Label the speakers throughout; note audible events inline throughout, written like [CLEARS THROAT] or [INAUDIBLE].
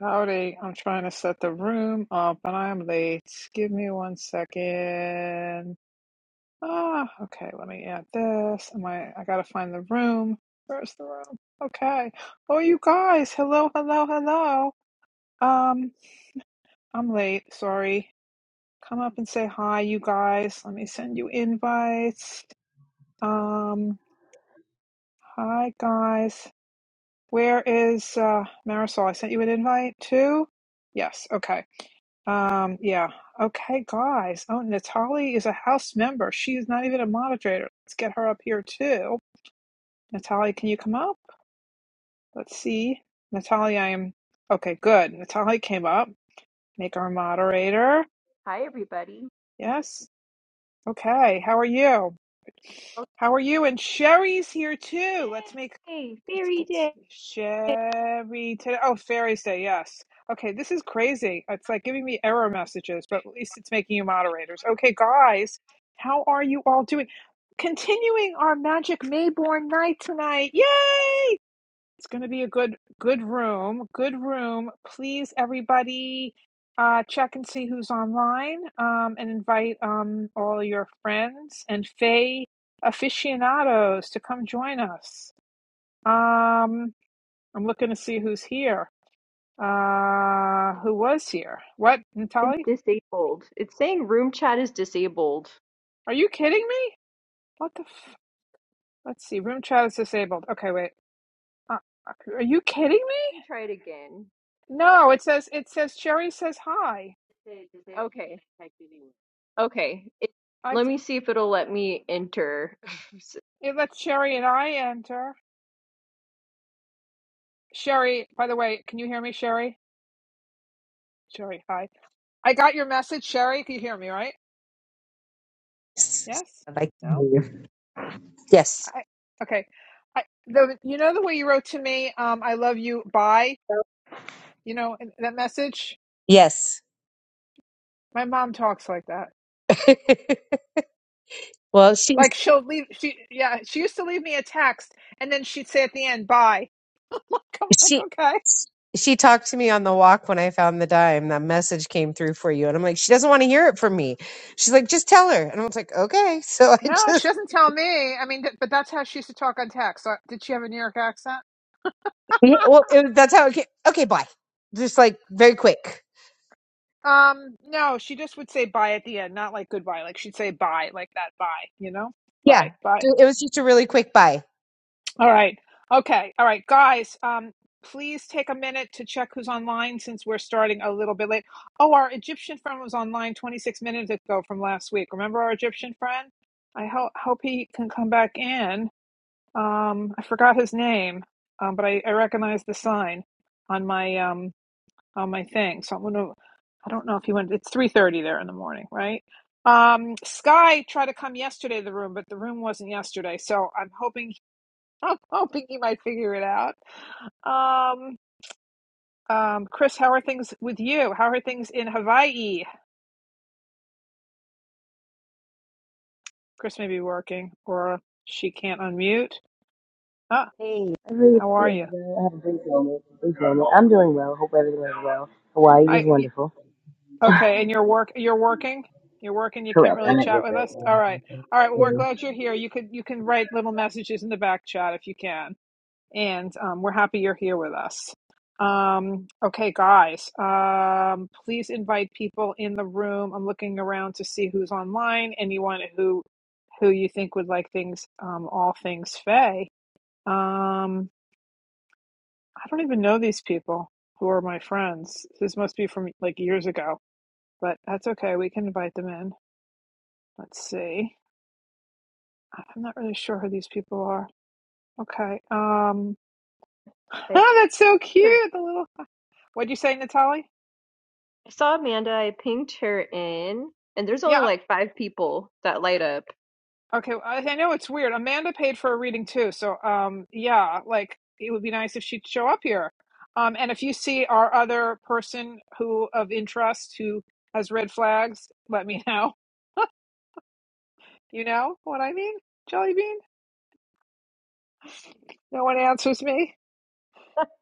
Speaker 1: Howdy, I'm trying to set the room up and I'm late. Give me one second. Ah, okay, let me add this. Am I I gotta find the room. Where's the room? Okay. Oh you guys, hello, hello, hello. Um, I'm late, sorry. Come up and say hi, you guys. Let me send you invites. Um, hi guys. Where is uh Marisol? I sent you an invite too? Yes, okay. Um, yeah. Okay, guys. Oh, Natalie is a house member. She is not even a moderator. Let's get her up here too. Natalie, can you come up? Let's see. Natalie, I am okay, good. Natalie came up. Make her a moderator.
Speaker 2: Hi, everybody.
Speaker 1: Yes. Okay. How are you?
Speaker 2: Well,
Speaker 1: How are you? And Sherry's here too. Let's make
Speaker 2: Yay!
Speaker 1: It's
Speaker 2: Fairy
Speaker 1: good. to
Speaker 2: day!
Speaker 1: Sherry today. Oh, fairies day. Yes. Okay. This is crazy. It's like giving me error messages, but at least it's making you moderators. Okay, guys, how are you all doing? Continuing our magic Mayborn night tonight. Yay! It's going to be a good, good room. Good room. Please, everybody, uh, check and see who's online, um, and invite um all your friends and Faye aficionados to come join us. Um, I'm looking to see who's here. Uh,
Speaker 2: It's,
Speaker 1: who was here? What, Natali?
Speaker 2: it's disabled. It's saying room chat is disabled.
Speaker 1: Are you kidding me? What the f- Let's see. Room chat is disabled. Okay, wait. Uh, uh, are you kidding me?
Speaker 2: Let me try it again.
Speaker 1: No, it says it says Sherry says hi.
Speaker 2: Okay. Okay. It,
Speaker 1: I
Speaker 2: let
Speaker 1: t-
Speaker 2: me see if it'll let me enter. [LAUGHS] S-
Speaker 1: it lets Sherry and I enter. Sherry, by the way, can you hear me, Sherry? Sherry, hi. I got your message, Sherry. Can you hear me, right? Yes?
Speaker 3: I'd like to
Speaker 1: No?
Speaker 3: hear you. Yes.
Speaker 1: I Okay. I the you know the way you wrote to me, um I love you, bye. You know in that message?
Speaker 3: Yes.
Speaker 1: My mom talks like that.
Speaker 3: [LAUGHS] well, she
Speaker 1: Like she'll leave she yeah, she used to leave me a text and then she'd say at the end, bye. [LAUGHS] Like I'm like,
Speaker 3: she
Speaker 1: okay.
Speaker 3: she talked to me on the walk when I found the dime. That message came through for you, and I'm like, she doesn't want to hear it from me. She's like, just tell her, and I was like, okay. [LAUGHS] So I
Speaker 1: No, she
Speaker 3: just
Speaker 1: doesn't tell me. I mean, th- but that's how she used to talk on text. So, did she have a New York accent?
Speaker 3: yeah, well, it, that's how it came. Okay, bye. Just like very quick.
Speaker 1: Um, no, she just would say bye at the end, not like goodbye. Like she'd say bye, like that bye, you know?
Speaker 3: Yeah,
Speaker 1: Bye, bye.
Speaker 3: it was just a really quick bye.
Speaker 1: All right. Okay. All right, guys. Um, please take a minute to check who's online since we're starting a little bit late. Oh, our Egyptian friend was online 26 minutes ago from last week. Remember our Egyptian friend? I ho- hope he can come back in. Um, I forgot his name, um, but I, I recognize the sign on my um on my thing. So I'm gonna. I don't know if he went. It's 3:30 there in the morning, right? Um, Sky tried to come yesterday to the room, but the room wasn't yesterday. So I'm hoping [LAUGHS] I'm hoping you might figure it out. Um, um, Chris, how are things with you? How are things in Hawaii? Chris may be working, or she can't unmute. Ah,
Speaker 4: Hey, I really
Speaker 1: how are
Speaker 4: feels
Speaker 1: you?
Speaker 4: well. I had a great moment. Brief moment. I'm doing well. Hope everything is well. Hawaii is
Speaker 1: I y-
Speaker 4: wonderful.
Speaker 1: okay, and you're work. You're working. You're working. You can't
Speaker 4: Correct.
Speaker 1: really
Speaker 4: I'm at
Speaker 1: chat
Speaker 4: work
Speaker 1: with
Speaker 4: right
Speaker 1: us. All right, all right. Well, we're
Speaker 4: now.
Speaker 1: glad you're here. You could you can write little messages in the back chat if you can. and um, we're happy you're here with us. Um, okay, guys, um, please invite people in the room. I'm looking around to see who's online. Anyone who who you think would like things, um, all things Faye. Um, I don't even know these people who are my friends. This must be from like years ago, but that's okay. We can invite them in. Let's see. I'm not really sure who these people are. Okay. Um, [LAUGHS]
Speaker 2: I,
Speaker 1: oh, that's so
Speaker 2: sure.
Speaker 1: cute. The little. What'd you say, Natalie?
Speaker 2: I saw Amanda. I pinged her in, and there's only
Speaker 1: Yeah,
Speaker 2: like five people that light up.
Speaker 1: Okay, well, I I know it's weird. Amanda paid for a reading too, so um, yeah, like it would be nice if she'd show up here. Um, and if you see our other person who of interest who has red flags, let me [LAUGHS] know. You know what I mean, Jelly Bean? No one answers me.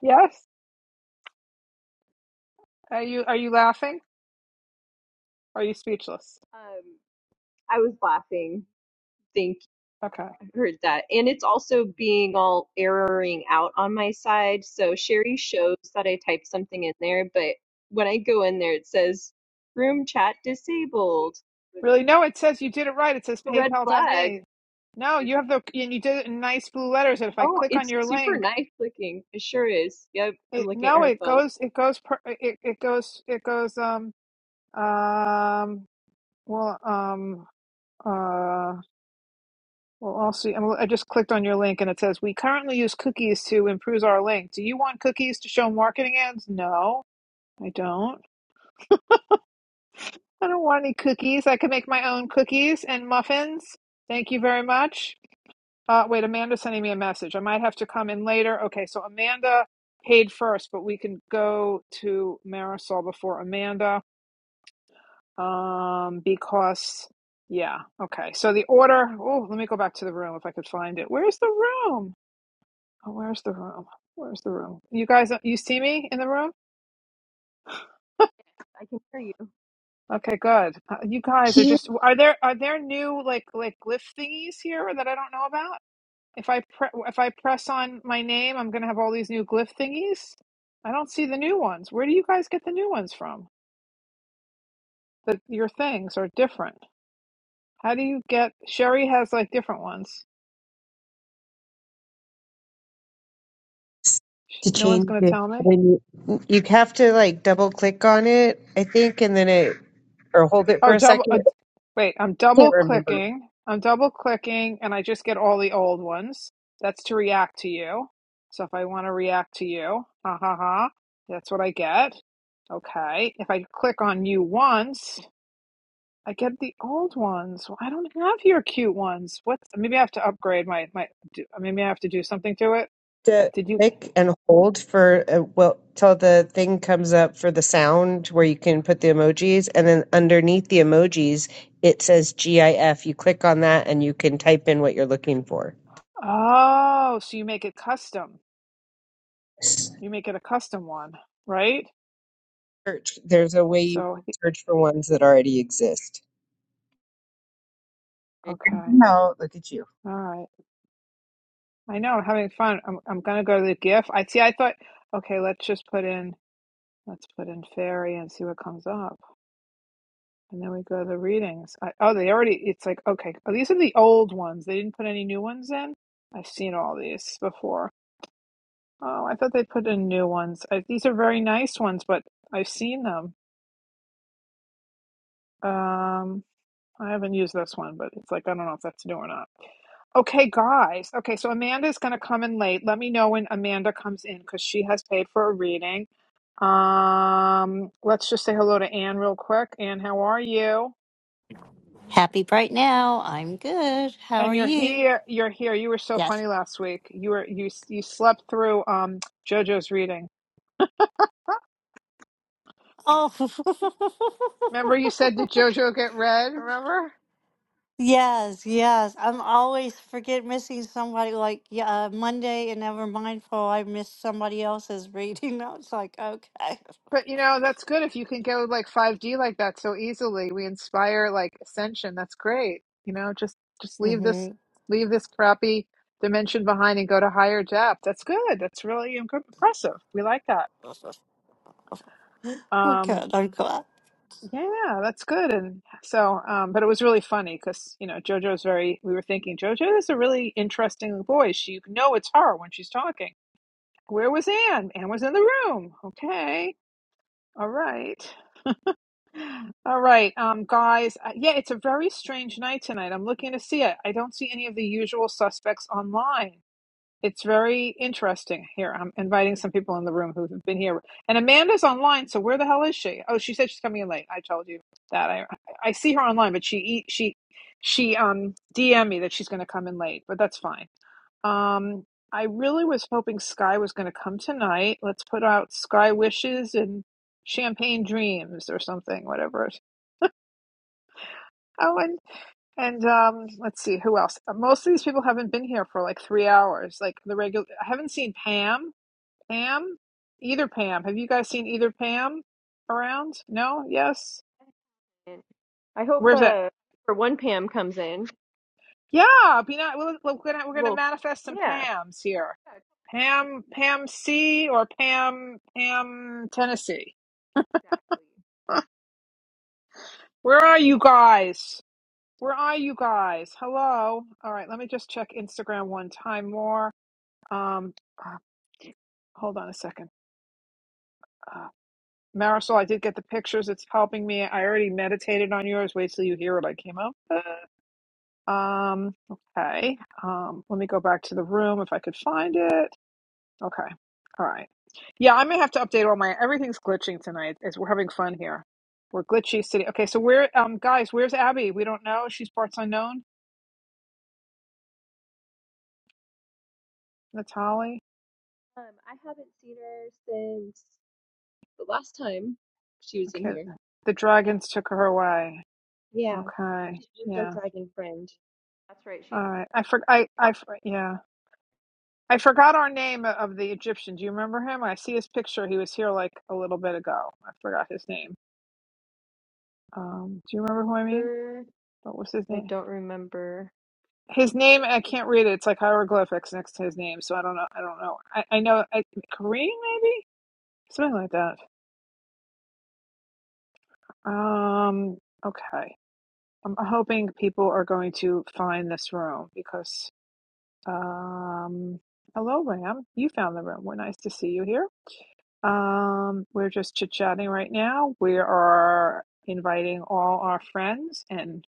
Speaker 1: Yes? Are you are you laughing? Are you speechless?
Speaker 2: Um, I was laughing thinking
Speaker 1: Okay.
Speaker 2: heard that. And it's also being all erroring out on my side. So Sherry shows that I typed something in there, but when I go in there, it says room chat disabled.
Speaker 1: Really? No, it says you did it right. It says
Speaker 2: A red flag.
Speaker 1: PayPal.me. No, you have the and you did it in nice blue letters. And if I
Speaker 2: Oh,
Speaker 1: click on
Speaker 2: it's
Speaker 1: your
Speaker 2: super
Speaker 1: link,
Speaker 2: nice looking. It sure is. Yep, I'm
Speaker 1: It,
Speaker 2: looking at
Speaker 1: no,
Speaker 2: her
Speaker 1: it
Speaker 2: phone.
Speaker 1: goes, it goes, per, it, it goes, it goes, um, um, well, um, uh, well, I'll see. I'm, I just clicked on your link and it says, we currently use cookies to improve our link. Do you want cookies to show marketing ads? No, I don't. I don't want any cookies. I can make my own cookies and muffins. Thank you very much. Uh, wait, Amanda's sending me a message. I might have to come in later. Okay, so Amanda paid first, but we can go to Marisol before Amanda. Um, because yeah, okay. So the order. Oh, let me go back to the room if I could find it. Where's the room? Oh, where's the room? Where's the room? You guys, you see me in the room?
Speaker 2: I can hear you.
Speaker 1: Okay, good. Uh, you guys are
Speaker 3: Here's
Speaker 1: just. Are there are there new like like glyph thingies here that I don't know about? If I pre- if I press on my name, I'm gonna have all these new glyph thingies. I don't see the new ones. Where do you guys get the new ones from? That your things are different. How do you get? Sherry has like different ones. Sh-
Speaker 3: to
Speaker 1: No one's
Speaker 3: change
Speaker 1: gonna
Speaker 3: it
Speaker 1: tell me.
Speaker 3: when you you have to like double click on it, I think, and then it or hold it for
Speaker 1: Oh,
Speaker 3: a
Speaker 1: double.
Speaker 3: second.
Speaker 1: Uh,
Speaker 3: I
Speaker 1: wait, I'm
Speaker 3: Can't
Speaker 1: double
Speaker 3: remember.
Speaker 1: clicking. I'm double clicking, and I just get all the old ones. That's to react to you. So if I want to react to you, ha ha ha, that's what I get. Okay. If I click on you once, I get the old ones. Well, I don't have your cute ones. What? Maybe I have to upgrade my my. do- Maybe I have to do something to it.
Speaker 3: to
Speaker 1: Did you?
Speaker 3: click and hold for uh, well till the thing comes up for the sound where you can put the emojis and then underneath the emojis it says gif you click on that and you can type in what you're looking for
Speaker 1: Oh, so you make it custom. You make it a custom one, right?
Speaker 3: search there's a way you
Speaker 1: So
Speaker 3: can search for ones that already exist
Speaker 1: okay,
Speaker 3: No, look at you.
Speaker 1: all right. I know, I'm having fun. I'm I'm gonna go to the GIF. I see. I thought, okay, let's just put in let's put in fairy and see what comes up, and then we go to the readings. I, oh, they already. It's like okay, oh, these are the old ones. They didn't put any new ones in. I've seen all these before. Oh, I thought they put in new ones. I, these are very nice ones, but I've seen them. Um, I haven't used this one, but it's like I don't know if that's new or not. Okay, guys. Okay, so Amanda's gonna come in late. Let me know when Amanda comes in because she has paid for a reading. Um, let's just say hello to Anne real quick. Anne, how are you?
Speaker 5: Happy right now. I'm good. How are
Speaker 1: And you're
Speaker 5: you?
Speaker 1: here. You're here. You were so
Speaker 5: Yes.
Speaker 1: funny last week. You were you you slept through um JoJo's reading.
Speaker 5: Oh,
Speaker 1: Remember you
Speaker 5: [LAUGHS]
Speaker 1: said did JoJo get read? Remember?
Speaker 5: yes, yes. I'm always forget missing somebody. Like yeah, uh, Monday, and never mindful, I missed somebody else's reading. [LAUGHS] I was like, okay. [LAUGHS]
Speaker 1: But you know that's good if you can go like 5D like that so easily. We inspire like ascension. That's great. You know, just just leave this
Speaker 5: Mm-hmm.
Speaker 1: leave this crappy dimension behind and go to higher depth. That's good. That's really im- impressive. We like that.
Speaker 5: Well,
Speaker 1: Um.
Speaker 5: good. I'm glad.
Speaker 1: Yeah, that's good. And so, um, but it was really funny because, you know, JoJo's very, we were thinking, JoJo is a really interesting voice. She, you know, it's her when she's talking. Where was Anne? Anne was in the room. Okay. All right. All right. Um, guys, uh, yeah, it's a very strange night tonight. I'm looking to see it. I don't see any of the usual suspects online. It's very interesting here. I'm inviting some people in the room who have been here. And Amanda's online, so where the hell is she? Oh, she said she's coming in late. I told you that. I I see her online, but she e, she she um DM me that she's going to come in late, but that's fine. Um I really was hoping Sky was going to come tonight. Let's put out Sky wishes and champagne dreams or something, whatever. Oh, and and um, let's see who else. Uh, Most of these people haven't been here for like three hours. Like the regular, I haven't seen Pam. Pam? Either Pam. Have you guys seen either Pam around? No? Yes?
Speaker 2: I hope
Speaker 1: Where's that?
Speaker 2: uh for one Pam comes in.
Speaker 1: Yeah, be not, we're, gonna we're gonna
Speaker 2: Well,
Speaker 1: manifest some
Speaker 2: yeah.
Speaker 1: Pams here.
Speaker 2: Yeah,
Speaker 1: Pam Pam C or Pam Pam Tennessee.
Speaker 2: exactly.
Speaker 1: Where are you guys? Where are you guys? Hello. All right, let me just check Instagram one time more. Um, uh, hold on a second. Uh, Marisol, I did get the pictures. It's helping me. I already meditated on yours. Wait till you hear what I came up. Um, okay. Um, let me go back to the room if I could find it. Okay. All right. Yeah, I may have to update all my everything's glitching tonight as we're having fun here. We're glitchy city. Okay, so where um guys, where's Abby? We don't know. She's parts unknown. That's Holly.
Speaker 2: Um, I haven't seen her since the last time she was in
Speaker 1: Okay.
Speaker 2: here.
Speaker 1: The dragons took her away.
Speaker 2: Yeah,
Speaker 1: Okay.
Speaker 2: she's she's our
Speaker 1: Yeah.
Speaker 2: dragon friend. That's right. She's
Speaker 1: All right. I for I I for- yeah. I forgot our name of the Egyptian. Do you remember him? I see his picture. He was here like a little bit ago. I forgot his name. Um, do you remember who I mean?
Speaker 2: popular.
Speaker 1: But what's his
Speaker 2: I
Speaker 1: name?
Speaker 2: don't remember.
Speaker 1: His name I can't read it. It's like hieroglyphics next to his name, so I don't know. I don't know. I, I know I, Kareem maybe something like that. Um. Okay. I'm hoping people are going to find this room because. Um. Hello, Ram. You found the room. We're nice to see you here. Um. We're just chit chatting right now. We are inviting all our friends and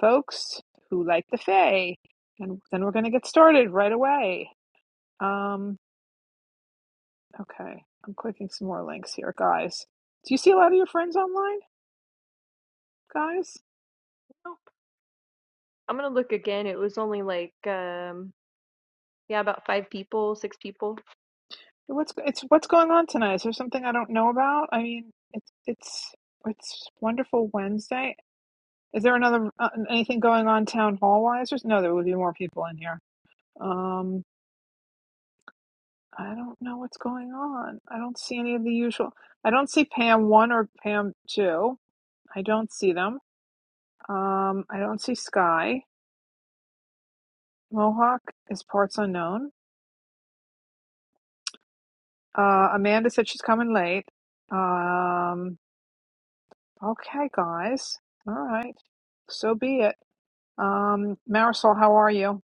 Speaker 1: folks who like the Fae, and then we're going to get started right away. Um, okay. I'm clicking some more links here, guys. Do you see a lot of your friends online, guys?
Speaker 2: Nope. I'm gonna look again. It was only like um yeah, about five people, six people.
Speaker 1: What's it's what's going on tonight? Is there something I don't know about? I mean, it's it's it's wonderful Wednesday. Is there another uh, anything going on town hall wise? No, there would be more people in here. Um, I don't know what's going on. I don't see any of the usual. I don't see Pam one or Pam two. I don't see them. Um, I don't see Sky. Mohawk is parts unknown. Uh, Amanda said she's coming late. Um, okay, guys. All right. So be it. Um, Marisol, how are you?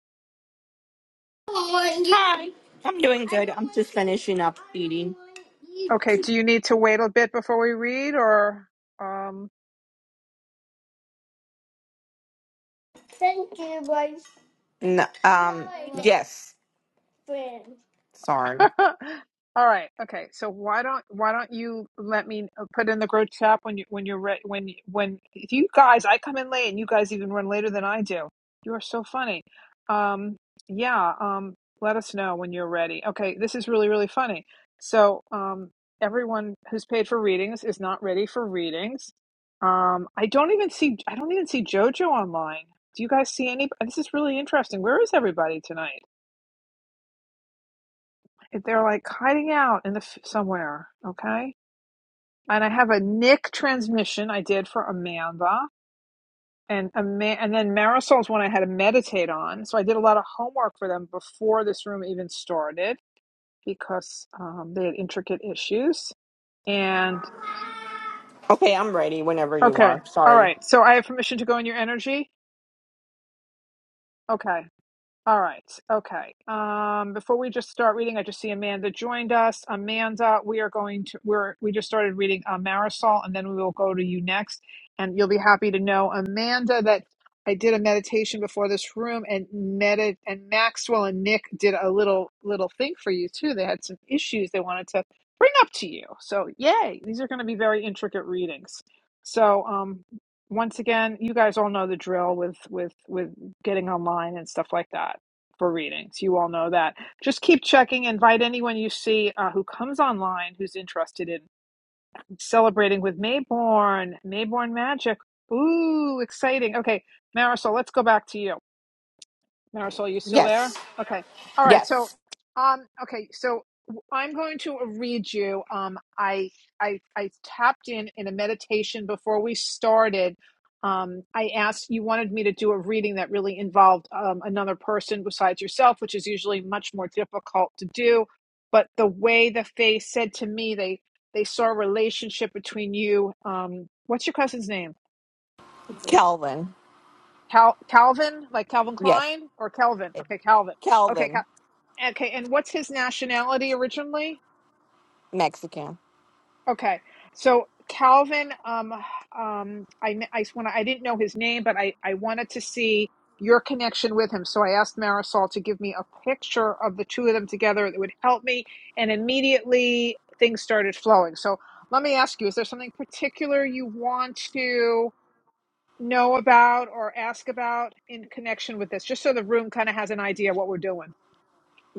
Speaker 6: I'm doing good. I'm just finishing up eating.
Speaker 1: Okay, do you need to wait a bit before we read or? Um,
Speaker 6: N- um, yes. Sorry.
Speaker 1: [LAUGHS] All right. Okay. So why don't why don't you let me uh, put in the group chat when you when you're re- when when if you guys I come in late and you guys even run later than I do. You are so funny. Um yeah, um let us know when you're ready. Okay, this is really really funny. So um everyone who's paid for readings is not ready for readings. Um I don't even see I don't even see Jojo online. Do you guys see any this is really interesting. Where is everybody tonight? They're like hiding out in the f- somewhere, okay? And I have a Nick transmission I did for Amanda, and Ama- and then Marisol's one I had to meditate on. So I did a lot of homework for them before this room even started because um, they had intricate issues. And
Speaker 6: Okay, I'm ready whenever you
Speaker 1: okay,
Speaker 6: are.
Speaker 1: all
Speaker 6: Sorry.
Speaker 1: right. So I have permission to go in your energy. Okay. All right. Okay. Um, before we just start reading, I just see Amanda joined us. Amanda, we are going to we're we just started reading uh, Marisol, and then we will go to you next. And you'll be happy to know, Amanda, that I did a meditation before this room, and medi and Maxwell and Nick did a little little thing for you too. They had some issues they wanted to bring up to you. So yay! These are going to be very intricate readings. So um, once again, you guys all know the drill with with with getting online and stuff like that for readings. You all know that. Just keep checking. Invite anyone you see uh, who comes online who's interested in celebrating with Mayborn, Mayborn Magic. Ooh, exciting. Okay, Marisol, let's go back to you. Marisol, you still
Speaker 6: Yes.
Speaker 1: there? Okay. All right. So,
Speaker 6: Yes.
Speaker 1: um, okay. So i I'm going to read you. Um, I, I, I tapped in in a meditation before we started. Um, I asked you wanted me to do a reading that really involved um, another person besides yourself, which is usually much more difficult to do. But the way the fae said to me, they they saw a relationship between you. Um, what's your cousin's name?
Speaker 6: Kelvin.
Speaker 1: Cal- Calvin, like Calvin
Speaker 6: Yes.
Speaker 1: Klein or Kelvin? Okay, Calvin. Okay, Cal-
Speaker 6: Kelvin,
Speaker 1: Okay, and what's his nationality originally?
Speaker 6: Mexican.
Speaker 1: Okay, so Calvin, um, um, I kn- I want I didn't know his name, but I I wanted to see your connection with him, so I asked Marisol to give me a picture of the two of them together that would help me, and immediately things started flowing. So let me ask you: Is there something particular you want to? know about or ask about in connection with this, just so the room kind of has an idea what we're doing.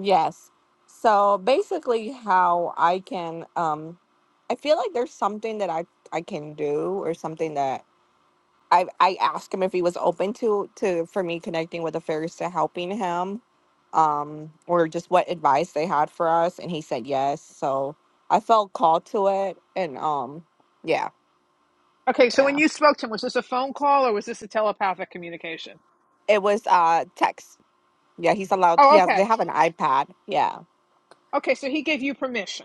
Speaker 6: Yes. So basically, how I can, um, I feel like there's something that I I can do or something that. I I asked him if he was open to to for me connecting with the fairies to helping him, um, or just what advice they had for us, and he said yes. So I felt called to it, and um, yeah,
Speaker 1: Okay, so when
Speaker 6: yeah,
Speaker 1: you spoke to him, was this a phone call or was this a telepathic communication?
Speaker 6: it was uh text. Yeah, he's allowed. He
Speaker 1: Oh,
Speaker 6: has. They
Speaker 1: okay.
Speaker 6: have an iPad. Yeah.
Speaker 1: Okay, so he gave you permission.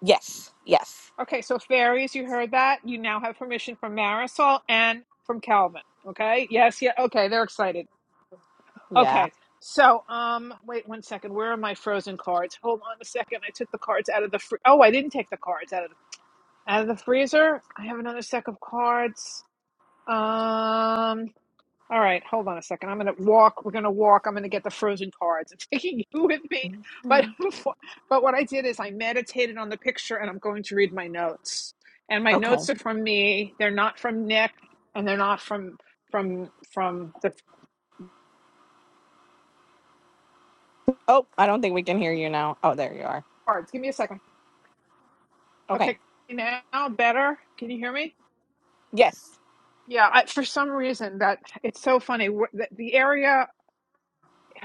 Speaker 6: Yes. Yes.
Speaker 1: Okay, so fairies, you heard that. You now have permission from Marisol and from Calvin. Okay. Yes. Yeah. Okay. They're excited.
Speaker 6: Yeah.
Speaker 1: Okay. So, um, wait one second. Where are my frozen cards? Hold on a second. I took the cards out of the. Fr- oh, I didn't take the cards out of the out of the freezer. I have another stack of cards. Um. All right, hold on a second. I'm gonna walk. We're gonna walk. I'm gonna get the frozen cards. [LAUGHS] I'm taking you with me. But
Speaker 6: Mhm.
Speaker 1: [LAUGHS] before- but what I did is I meditated on the picture, and I'm going to read my notes. And my
Speaker 6: Okay.
Speaker 1: notes are from me. They're not from Nick, and they're not from from from the
Speaker 6: Oh, I don't think we can hear you now. Oh, there you are.
Speaker 1: cards. Give me a second.
Speaker 6: Okay.
Speaker 1: Okay, now better. Can you hear me?
Speaker 6: Yes.
Speaker 1: Yeah. I, for some reason, that it's so funny. Wh- The, the area.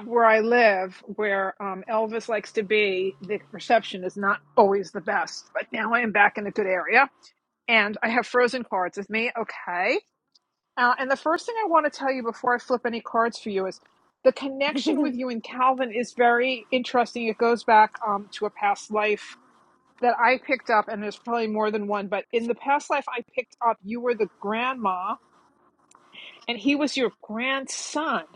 Speaker 1: where I live, where um, Elvis likes to be, the reception is not always the best. But now I am back in a good area and I have frozen cards with me. Okay. Uh, and the first thing I want to tell you before I flip any cards for you is the connection
Speaker 6: [LAUGHS]
Speaker 1: with you and Calvin is very interesting. It goes back um, to a past life that I picked up, and there's probably more than one, but in the past life I picked up, you were the grandma and he was your grandson.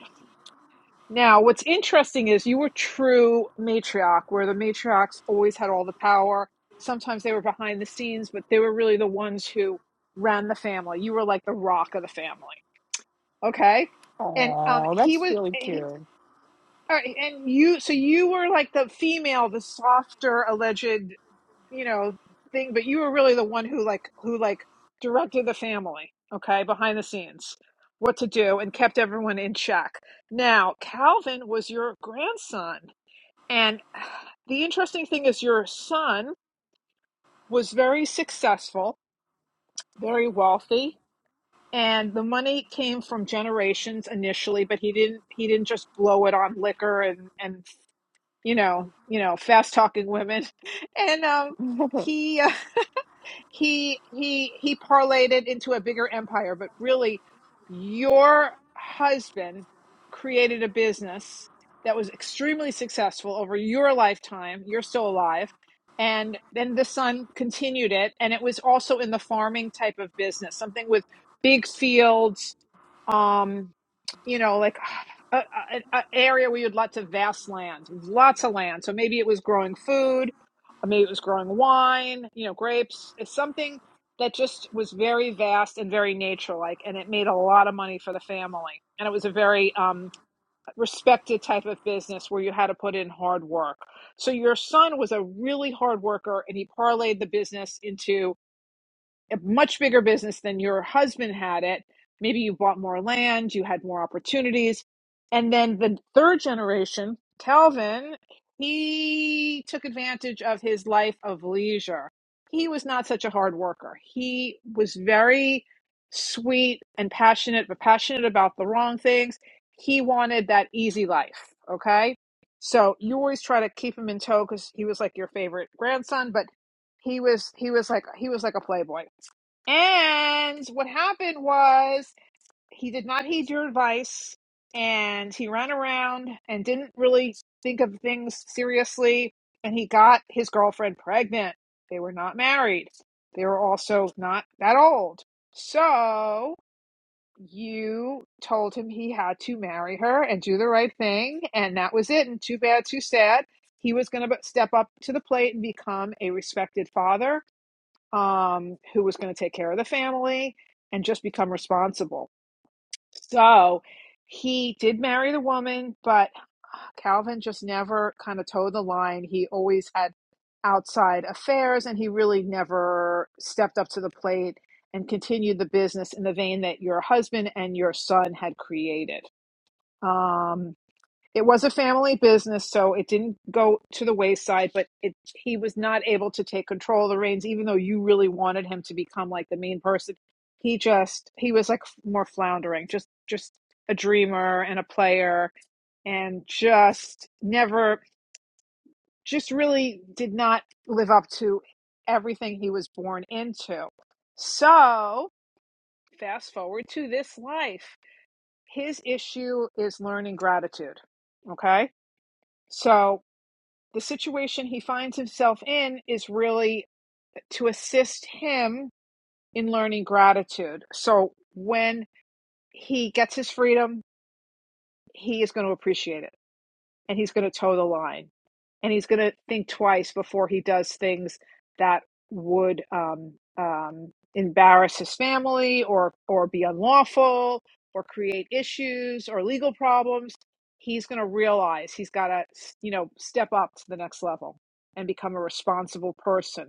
Speaker 1: Now, what's interesting is you were true matriarch, where the matriarchs always had all the power. Sometimes they were behind the scenes, but they were really the ones who ran the family. You were like the rock of the family, okay? And um,
Speaker 6: Oh,
Speaker 1: he
Speaker 6: that's
Speaker 1: was,
Speaker 6: really
Speaker 1: he,
Speaker 6: cute.
Speaker 1: all right, and you, so you were like the female, the softer, alleged you know thing but you were really the one who like who like directed the family okay behind the scenes what to do and kept everyone in check now calvin was your grandson and [SIGHS] the interesting thing is your son was very successful very wealthy and the money came from generations initially but he didn't he didn't just blow it on liquor and and you know you know fast talking women [LAUGHS] and um
Speaker 6: [LAUGHS]
Speaker 1: he [LAUGHS] he he he parlayed it into a bigger empire but really your husband created a business that was extremely successful over your lifetime you're still alive and then the son continued it and it was also in the farming type of business something with big fields um you know like [SIGHS] an area where you had lots of vast land lots of land so maybe it was growing food uh, Maybe it was growing wine, you know, grapes. It's something that just was very vast and very nature like, and it made a lot of money for the family. And it was a very um, respected type of business where you had to put in hard work. So your son was a really hard worker, and he parlayed the business into a much bigger business than your husband had it. Maybe you bought more land, you had more opportunities. And then the third generation, Calvin, he took advantage of his life of leisure. He was not such a hard worker. He was very sweet and passionate, but passionate about the wrong things. He wanted that easy life. Okay. So you always try to keep him in tow because he was like your favorite grandson, but he was he was like he was like a playboy and what happened was he did not heed your advice and he ran around and didn't really think of things seriously. And he got his girlfriend pregnant. They were not married, they were also not that old. So you told him he had to marry her and do the right thing. And that was it. And too bad, too sad. He was going to step up to the plate and become a respected father um, who was going to take care of the family and just become responsible. So he did marry the woman, but uh, Calvin just never kind of towed the line. He always had outside affairs and he really never stepped up to the plate and continued the business in the vein that your husband and your son had created. Um, it was a family business, so it didn't go to the wayside, but it he was not able to take control of the reins, even though you really wanted him to become like the mean person. He just he was like more floundering, just just a dreamer and a player and just never just really did not live up to everything he was born into. So fast forward to this life. His issue is learning gratitude. Okay. So the situation he finds himself in is really to assist him in learning gratitude. So when he gets his freedom, he is going to appreciate it and he's going to toe the line and he's going to think twice before he does things that would um, um, embarrass his family or or be unlawful or create issues or legal problems. He's going to realize he's got to you know step up to the next level and become a responsible person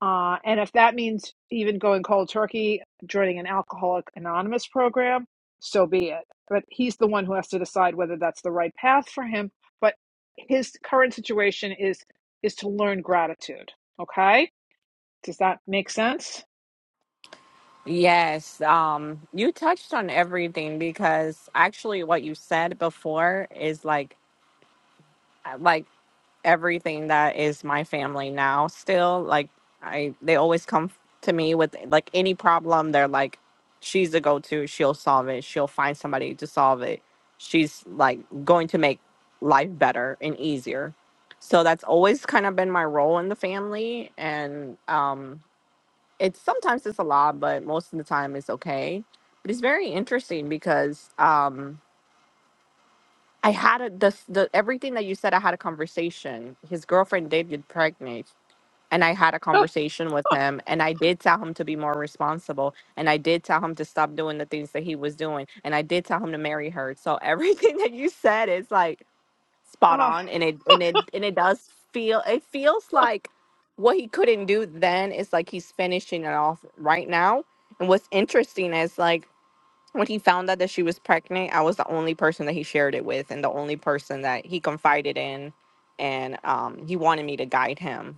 Speaker 1: uh, and if that means even going cold turkey, joining an alcoholic anonymous program, so be it. But he's the one who has to decide whether that's the right path for him. But his current situation is is to learn gratitude. Okay, does that make sense?
Speaker 6: Yes, um, you touched on everything because actually what you said before is like uh, like everything that is my family now still like I they always come f- to me with like any problem they're like she's the go-to, she'll solve it, she'll find somebody to solve it. She's like going to make life better and easier. So that's always kind of been my role in the family and um it's sometimes it's a lot, but most of the time it's okay. But it's very interesting because um I had a the the everything that you said. I had a conversation. His girlfriend did get pregnant, and I had a
Speaker 1: [LAUGHS]
Speaker 6: conversation with him, and I did tell him to be more responsible, and I did tell him to stop doing the things that he was doing, and I did tell him to marry her. So everything [LAUGHS] that you said is like spot
Speaker 1: Oh,
Speaker 6: on and it and it and it does feel it feels like what he couldn't do then is like he's finishing it off right now and what's interesting is like when he found out that she was pregnant i was the only person that he shared it with and the only person that he confided in and um he wanted me to guide him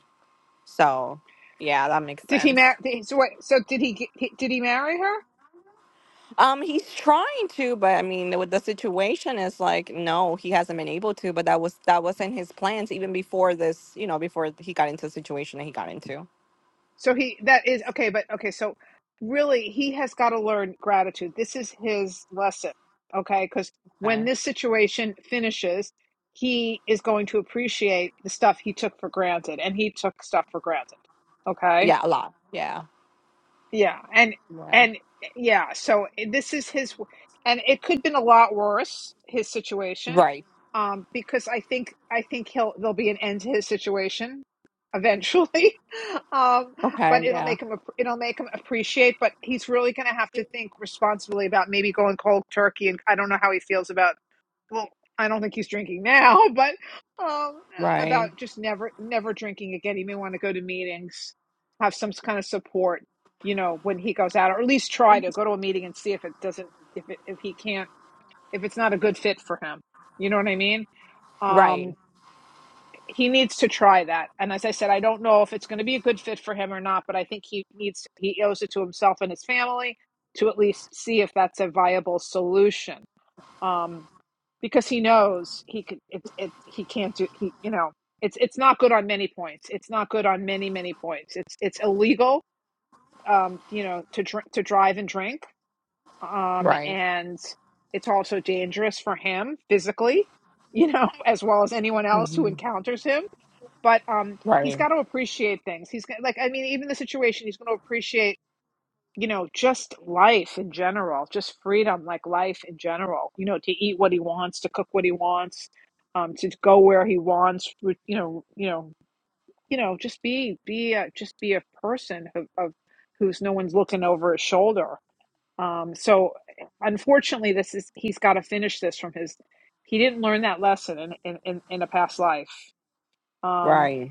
Speaker 6: so yeah that makes
Speaker 1: did he
Speaker 6: sense
Speaker 1: marry? So wait, so did he? Did he marry her?
Speaker 6: Um, he's trying to, but I mean, with the situation is like, no, he hasn't been able to. But that was that wasn't his plans even before this. You know, before he got into the situation that he got into.
Speaker 1: So he that is okay, but okay, so really he has got to learn gratitude. This is his lesson, okay? Because
Speaker 6: Okay.
Speaker 1: when this situation finishes, he is going to appreciate the stuff he took for granted, and he took stuff for granted, okay?
Speaker 6: Yeah, a lot. Yeah.
Speaker 1: Yeah, and
Speaker 6: Yeah.
Speaker 1: and yeah, so eh, this is his, and it could have been a lot worse his situation,
Speaker 6: Right.
Speaker 1: um, because I think I think he'll there'll be an end to his situation eventually, [LAUGHS] um,
Speaker 6: Okay.
Speaker 1: but it'll
Speaker 6: Yeah.
Speaker 1: make him ap- it'll make him appreciate. But he's really going to have to think responsibly about maybe going cold turkey, and I don't know how he feels about well, I don't think he's drinking now, [LAUGHS] but um, about
Speaker 6: Right.
Speaker 1: just never, never drinking again. He may want to go to meetings, have some kind of support, you know, when he goes out, or at least try to go to a meeting and see if it doesn't, if it, if he can't, if it's not a good fit for him. You know what I mean? Um,
Speaker 6: Right.
Speaker 1: he needs to try that. And as I said, I don't know if it's going to be a good fit for him or not, but I think he needs, he owes it to himself and his family to at least see if that's a viable solution um, because he knows he could. It's it. He can't do. He you know. It's it's not good on many points. It's not good on many many points. It's it's illegal. Um, you know to drink to drive and drink. Um,
Speaker 6: Right.
Speaker 1: and it's also dangerous for him physically. You know, [LAUGHS] as well as anyone else who
Speaker 6: hmm
Speaker 1: encounters him but um he's
Speaker 6: Right.
Speaker 1: got to appreciate things he's got- like i mean even the situation he's going to appreciate you know, just life in general, just freedom, like life in general, you know, to eat what he wants, to cook what he wants, um, to go where he wants, you know, you know, you know, just be, be, a, just be a person of, of who's no one's looking over his shoulder. Um, so unfortunately, this is, he's got to finish this from his, he didn't learn that lesson in, in, in, in a past life. Um,
Speaker 6: Right.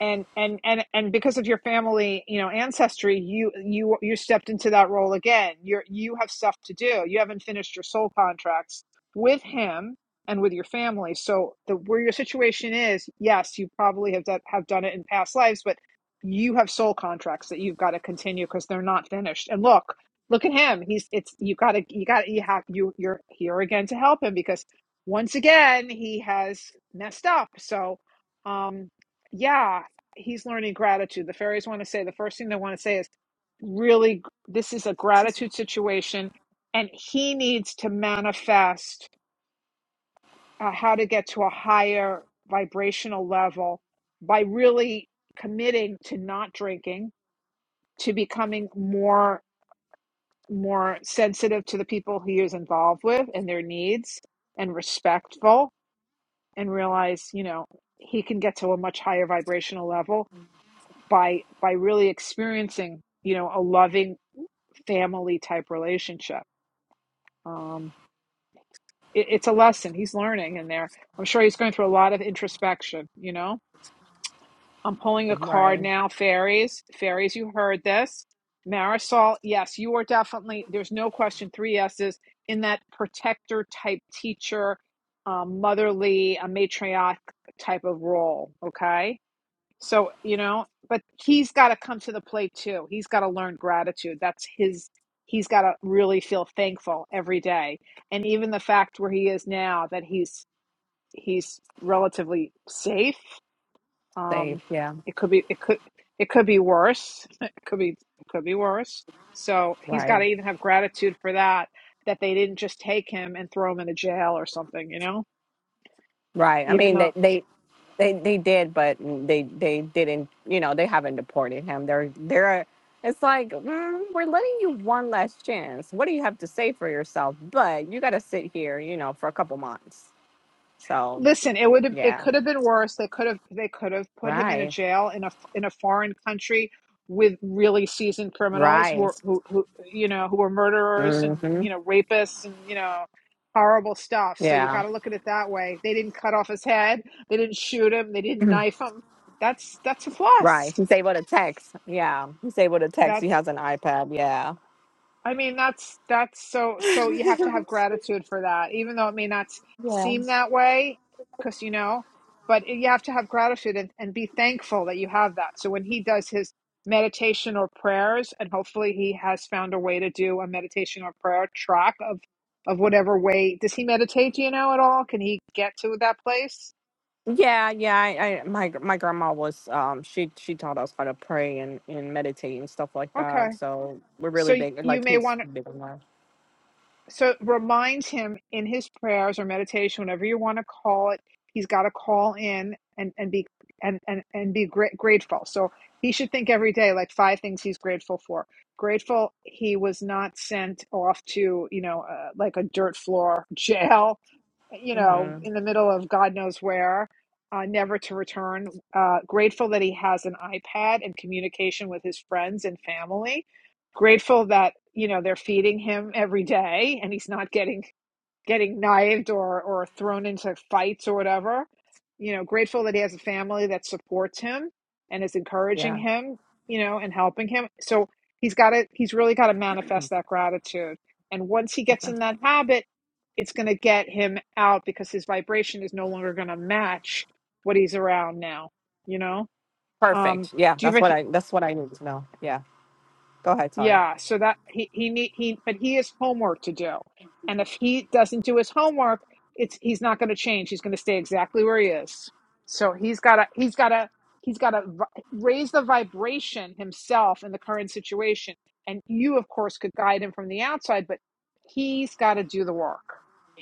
Speaker 1: and and and and because of your family you know ancestry you you you stepped into that role again you're you have stuff to do you haven't finished your soul contracts with him and with your family so the where your situation is yes you probably have done have done it in past lives but you have soul contracts that you've got to continue because they're not finished and look look at him he's it's you gotta you gotta you have you you're here again to help him because once again he has messed up so um yeah he's learning gratitude. The fairies want to say the first thing they want to say is really this is a gratitude situation, and he needs to manifest uh, how to get to a higher vibrational level by really committing to not drinking, to becoming more more sensitive to the people he is involved with and their needs, and respectful, and realize you know he can get to a much higher vibrational level by by really experiencing you know a loving family type relationship um it, it's a lesson he's learning in there i'm sure he's going through a lot of introspection you know i'm pulling a card
Speaker 6: Right.
Speaker 1: now fairies fairies you heard this marisol yes you are definitely there's no question three s's in that protector type teacher um, motherly a matriarch type of role okay So, you know, but he's got to come to the plate too. He's got to learn gratitude. That's his, he's got to really feel thankful every day. And even the fact where he is now that he's, he's relatively safe.
Speaker 6: Safe.
Speaker 1: Um,
Speaker 6: Yeah.
Speaker 1: it could be, it could, it could be worse. [LAUGHS] It could be, it could be worse. So he's got
Speaker 6: Right.
Speaker 1: to even have gratitude for that, that they didn't just take him and throw him in a jail or something, you know,
Speaker 6: Right. I
Speaker 1: even
Speaker 6: mean,
Speaker 1: though
Speaker 6: they, they They they did, but they they didn't. You know, they haven't deported him. They're they're. It's like mm, we're letting you one last chance. What do you have to say for yourself? But you got to sit here, you know, for a couple months. So
Speaker 1: Listen, it would have, it
Speaker 6: yeah,
Speaker 1: could have been worse. They could have they could have put him in a
Speaker 6: right,
Speaker 1: jail in a in a foreign country with really seasoned criminals who
Speaker 6: right.
Speaker 1: are who, who you know who were murderers and
Speaker 6: hmm
Speaker 1: you know rapists and you know horrible stuff. So you
Speaker 6: Yeah,
Speaker 1: got to look at it that way. They didn't cut off his head. They didn't shoot him. They
Speaker 6: [CLEARS THROAT]
Speaker 1: didn't knife him. That's that's a
Speaker 6: right.
Speaker 1: plus.
Speaker 6: He's able to text. Yeah, he's able to
Speaker 1: That's
Speaker 6: text. He has an iPad. Yeah.
Speaker 1: I mean, that's that's so so you have to have gratitude for that, even though it may not s-
Speaker 6: Yeah.
Speaker 1: seem that way, because you know, but you have to have gratitude and, and be thankful that you have that. So when he does his meditation or prayers, and hopefully he has found a way to do a meditation or prayer track of of whatever way. Does he meditate, do you know, at all? Can he get to that place?
Speaker 6: Yeah, yeah. I, I my my grandma was um she she taught us how to pray and and meditate and stuff like
Speaker 1: Okay.
Speaker 6: that. So we're really
Speaker 1: So y-
Speaker 6: big.
Speaker 1: you
Speaker 6: Like
Speaker 1: may
Speaker 6: he's
Speaker 1: want
Speaker 6: big on that.
Speaker 1: so reminds him in his prayers or meditation whenever you want to call it he's got to call in and and be and and, and be gra- grateful so he should think every day like five things he's grateful for grateful he was not sent off to you know uh, like a dirt floor [LAUGHS] jail you know
Speaker 6: Mm-hmm.
Speaker 1: in the middle of god knows where uh, never to return uh, grateful that he has an ipad and communication with his friends and family grateful that you know they're feeding him every day and he's not getting getting knifed or or thrown into fights or whatever you know grateful that he has a family that supports him and is encouraging
Speaker 6: Yeah,
Speaker 1: him you know and helping him so he's got to he's really got to manifest that gratitude and once he gets in that habit it's going to get him out because his vibration is no longer going to match what he's around now you know um
Speaker 6: perfect. Yeah,
Speaker 1: do you
Speaker 6: that's
Speaker 1: ever
Speaker 6: what I that's what I need to know. Yeah, go ahead. Sorry.
Speaker 1: Yeah, so that he he need he but he has homework to do. And if he doesn't do his homework, it's he's not going to change. He's going to stay exactly where he is. So he's got to he's got to he's got to vi- raise the vibration himself in the current situation. And you of course could guide him from the outside, but he's got to do the work.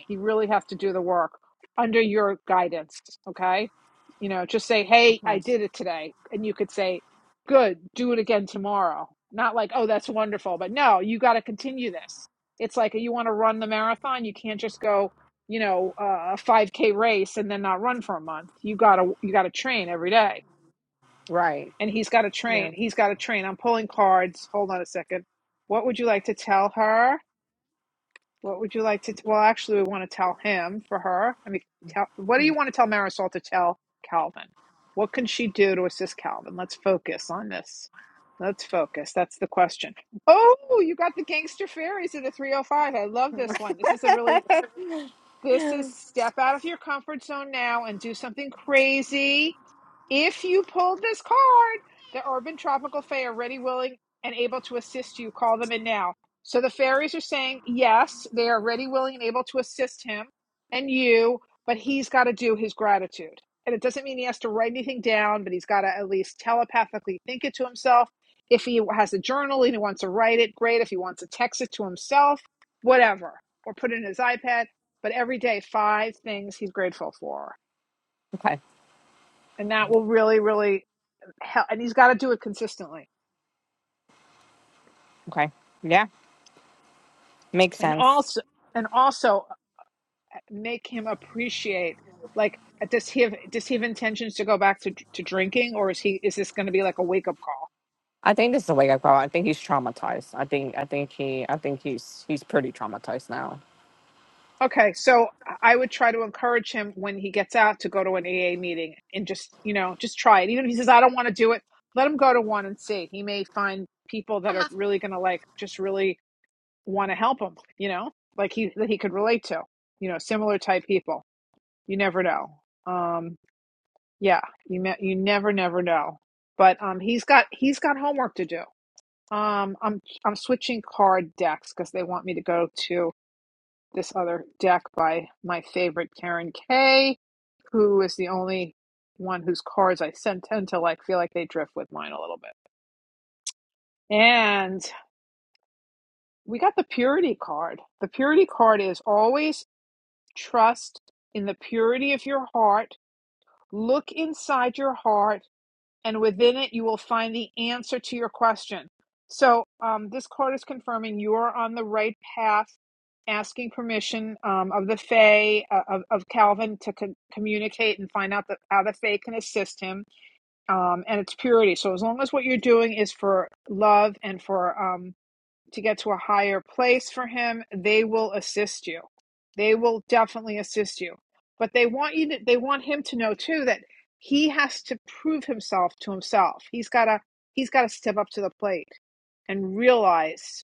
Speaker 1: He really has to do the work under your guidance, okay? You know, just say, "Hey, I
Speaker 6: Okay.
Speaker 1: did it today." And you could say, good do it again tomorrow not like oh that's wonderful but no you got to continue this it's like you want to run the marathon you can't just go you know uh, a 5k race and then not run for a month you got to you got to train every day
Speaker 6: Right.
Speaker 1: and he's got to
Speaker 6: Yeah.
Speaker 1: train he's got to train i'm pulling cards hold on a second what would you like to tell her what would you like to? T- Well, actually, we want to tell him for her. I mean, tell, what do you want to tell Marisol to tell Calvin? What can she do to assist Calvin? Let's focus on this. Let's focus. That's the question. Oh, you got the gangster fairies in the 305. I love this one.
Speaker 6: [LAUGHS]
Speaker 1: This is a really this is step out of your comfort zone now and do something crazy. If you pulled this card, the Urban Tropical Fae are ready, willing, and able to assist you. Call them in now. So the fairies are saying, yes, they are ready, willing, and able to assist him and you, but he's got to do his gratitude. And it doesn't mean he has to write anything down, but he's got to at least telepathically think it to himself. If he has a journal and he wants to write it, great. If he wants to text it to himself, whatever or put it in his iPad but every day five things he's grateful for
Speaker 6: okay.
Speaker 1: and that will really really help and he's got to do it consistently
Speaker 6: Okay. Yeah, makes
Speaker 1: and
Speaker 6: sense.
Speaker 1: also and also uh, make him appreciate like does he have does he have intentions to go back to, to drinking or is he is this going to be like a wake up call
Speaker 6: I think this is the way I grow. up. I think he's traumatized. I think I think he I think he's he's pretty traumatized now.
Speaker 1: okay so i would try to encourage him when he gets out to go to an aa meeting and just you know just try it even if he says i don't want to do it let him go to one and see he may find people that are really going to like just really want to help him, you know, like he that he could relate to, you know, similar type people. You never know. Um, yeah, you ne- you never never know. But um, he's got he's got homework to do. Um, I'm I'm switching card decks because they want me to go to this other deck by my favorite Karen Kay, who is the only one whose cards I sent tend to like feel like they drift with mine a little bit. And we got the purity card. The purity card is always trust in the purity of your heart. Look inside your heart, and within it, you will find the answer to your question. So, um, this card is confirming you are on the right path, asking permission um, of the Fae, uh, of, of Calvin, to con- communicate and find out the, how the Fae can assist him um, and its purity. So, as long as what you're doing is for love and for. Um, to get to a higher place for him, they will assist you. They will definitely assist you. But they want you to, they want him to know too that he has to prove himself to himself. He's got to he's got to step up to the plate and realize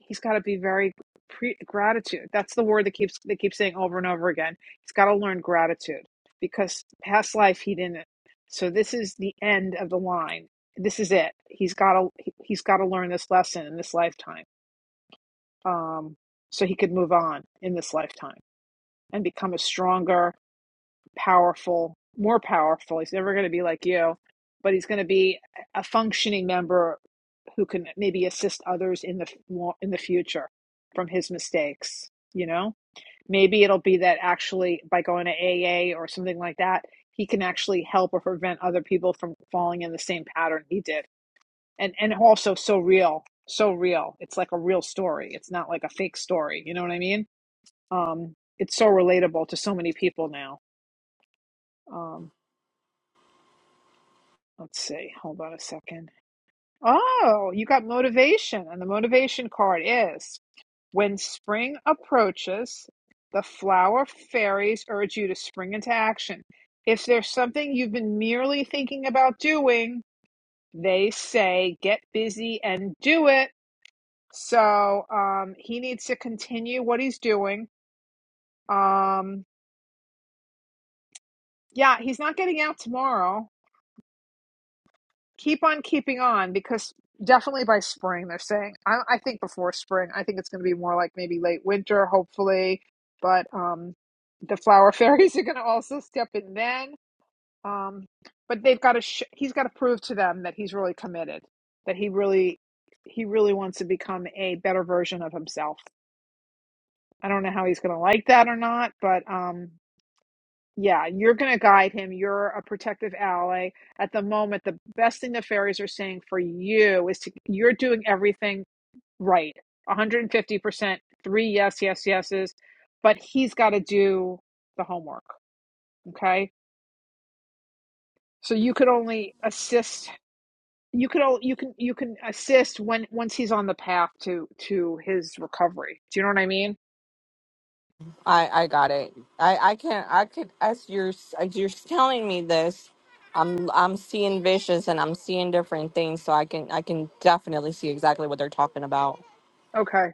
Speaker 1: he's got to be very pre- gratitude. That's the word that keeps they keep saying over and over again. He's got to learn gratitude because past life he didn't. So this is the end of the line. This is it. He's got to he's got to learn this lesson in this lifetime um, so he could move on in this lifetime and become a stronger, powerful, more powerful. He's never going to be like you, but he's going to be a functioning member who can maybe assist others in the in the future from his mistakes. You know, maybe it'll be that actually by going to AA or something like that, he can actually help or prevent other people from falling in the same pattern he did and and also so real so real it's like a real story it's not like a fake story you know what i mean um it's so relatable to so many people now um let's see hold on a second oh you got motivation and the motivation card is when spring approaches the flower fairies urge you to spring into action if there's something you've been merely thinking about doing they say get busy and do it So um, he needs to continue what he's doing. Um, yeah, he's not getting out tomorrow. Keep on keeping on because definitely by spring, they're saying. I, I think before spring, I think it's going to be more like maybe late winter, hopefully. But um, the flower [LAUGHS] fairies are going to also step in then. Um, but they've got to. Sh- he's got to prove to them that he's really committed. That he really, he really wants to become a better version of himself. I don't know how he's going to like that or not, but um, Yeah, you're going to guide him. You're a protective ally. At the moment, the best thing the fairies are saying for you is to, you're doing everything right. 150%, three yes, yes, yeses, but he's got to do the homework, okay? So you could only assist you could all you can you can assist when once he's on the path to to his recovery. Do you know what I mean?
Speaker 6: I I got it. I I can't. I could as you're s- as you're telling me this, I'm I'm seeing visions and I'm seeing different things, so I can I can definitely see exactly what they're talking about.
Speaker 1: Okay.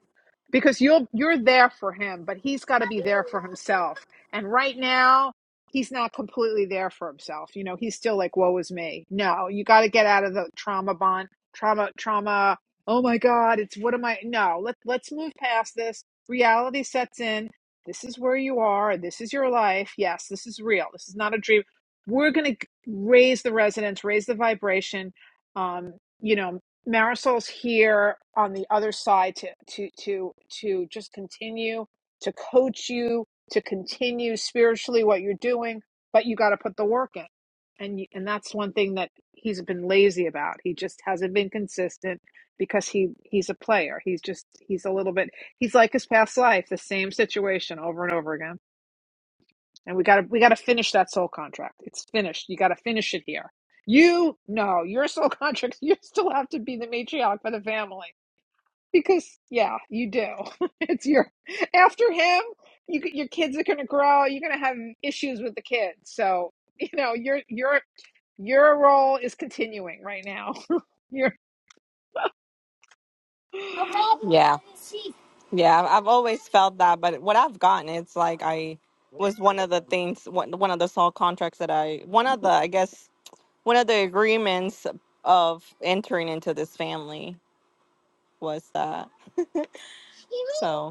Speaker 1: because you'll you're there for him but he's got to be there for himself and right now he's not completely there for himself you know he's still like woe is me no you got to get out of the trauma bond trauma trauma oh my god it's what am i no let, let's move past this reality sets in this is where you are this is your life yes this is real this is not a dream we're going to raise the resonance raise the vibration um, you know Marisol's here on the other side to to to to just continue to coach you to continue spiritually what you're doing, but you got to put the work in, and you- and that's one thing that he's been lazy about. He just hasn't been consistent because he he's a player. He's just he's a little bit he's like his past life, the same situation over and over again and we got to we got to finish that soul contract. It's finished. You got to finish it here. You no, your soul [LAUGHS] contract. You still have to be the matriarch for the family because yeah, you do. [LAUGHS] it's your after him. You your kids are gonna grow. You're gonna have issues with the kids. So you know your your your role is continuing right now. [LAUGHS] Your
Speaker 6: Yeah, yeah. I've I've always felt that, but what I've gotten, it's like I was one of the things, one one of the soul contracts that I, one of the I guess one of the agreements of entering into this family was that. [LAUGHS] So.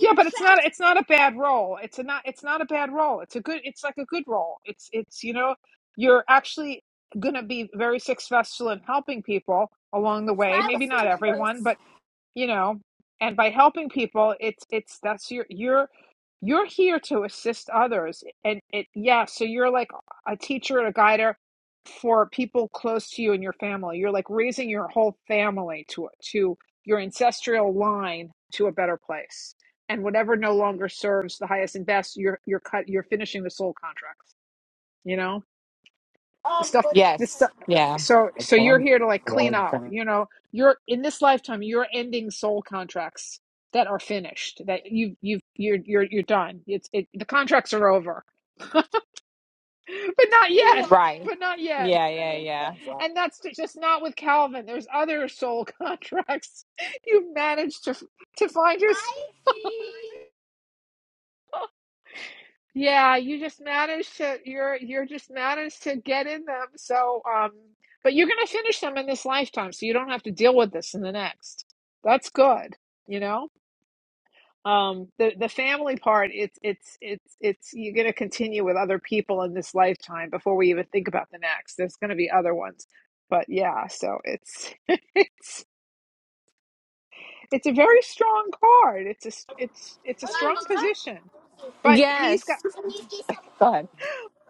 Speaker 1: Yeah, but it's not it's not a bad role. It's a not it's not a bad role. It's a good it's like a good role. It's it's you know, you're actually gonna be very successful in helping people along the way. Maybe not everyone, but you know and by helping people it's it's that's your you're you're here to assist others and it yeah so you're like a teacher and a guider for people close to you and your family you're like raising your whole family to to your ancestral line to a better place and whatever no longer serves the highest and best you're you're cut you're finishing the soul contracts you know the stuff this
Speaker 6: Yes.
Speaker 1: stuff
Speaker 6: Yeah.
Speaker 1: so so you're here to like clean up you know you're in this lifetime you're ending soul contracts that are finished that you you've you're you're you're done it's it, the contracts are over [LAUGHS] but not yet
Speaker 6: Right.
Speaker 1: but not yet
Speaker 6: Yeah. Yeah. Yeah.
Speaker 1: and that's ju- just not with calvin there's other soul [LAUGHS] contracts you've managed to to find yours Yeah, you just managed to you're you're just managed to get in them. So um but you're gonna finish them in this lifetime, so you don't have to deal with this in the next. That's good, you know? Um the the family part it's it's it's it's you're gonna continue with other people in this lifetime before we even think about the next. There's gonna be other ones. But yeah, so it's [LAUGHS] it's it's a very strong card. It's a it's it's a strong position. But he's got.
Speaker 6: Yes. Go ahead.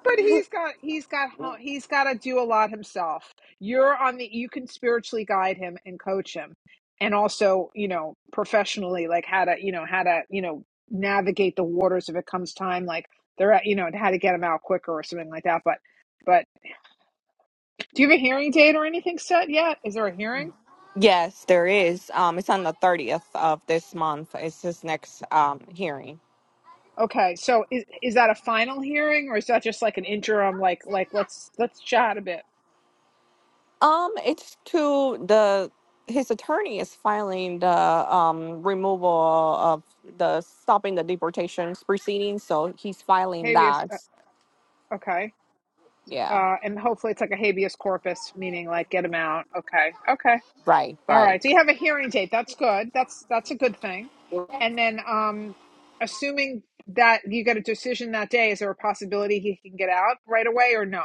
Speaker 1: But he's got he's got he's got to do a lot himself. You're on the you can spiritually guide him and coach him, and also you know professionally like how to you know how to you know navigate the waters if it comes time like they're at you know how to get him out quicker or something like that. But but do you have a hearing date or anything set yet? Is there a hearing?
Speaker 6: Yes, there is. Um, it's on the thirtieth of this month. It's his next um hearing.
Speaker 1: Okay, so is is that a final hearing or is that just like an interim like like let's let's chat a bit?
Speaker 6: Um, it's to the his attorney is filing the um removal of the stopping the deportations proceedings, so he's filing
Speaker 1: Maybe we-
Speaker 6: that.
Speaker 1: uh, okay.
Speaker 6: Yeah.
Speaker 1: Uh, and hopefully it's like a habeas corpus, meaning like get him out. Okay. Okay.
Speaker 6: Right.
Speaker 1: All
Speaker 6: Right.
Speaker 1: right. So you have a hearing date. That's good. That's that's a good thing. And then um assuming that you get a decision that day, is there a possibility he can get out right away or no?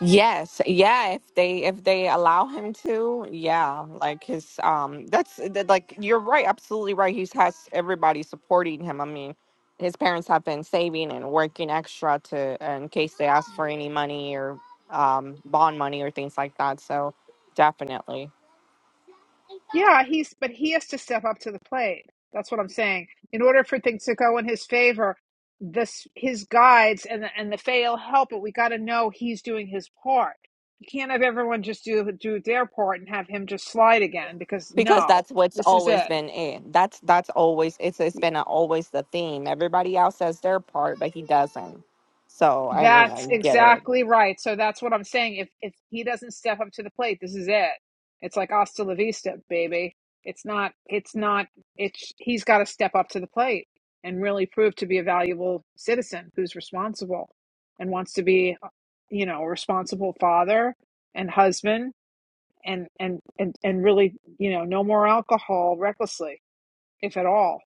Speaker 6: Yes, yeah, if they if they allow him to, yeah, like his um that's that, like you're right, absolutely right. He's has everybody supporting him. I mean, his parents have been saving and working extra to in case they ask for any money or um bond money or things like that. So, definitely.
Speaker 1: Yeah, he's but he has to step up to the plate. That's what I'm saying. In order for things to go in his favor, this his guides and the and the fail help it. We got to know he's doing his part. You can't have everyone just do do their part and have him just slide again because
Speaker 6: Because
Speaker 1: no,
Speaker 6: that's what's
Speaker 1: this is
Speaker 6: always
Speaker 1: it.
Speaker 6: been it. That's that's always it's it's been a, always the theme. Everybody else has their part, but he doesn't. So, I mean,
Speaker 1: That's
Speaker 6: I get it.
Speaker 1: exactly right. So that's what I'm saying. If if he doesn't step up to the plate, this is it. It's like hasta la vista, baby. It's not. It's not. It's he's got to step up to the plate and really prove to be a valuable citizen who's responsible and wants to be, you know, a responsible father and husband and and and and really, you know, no more alcohol recklessly, if at all.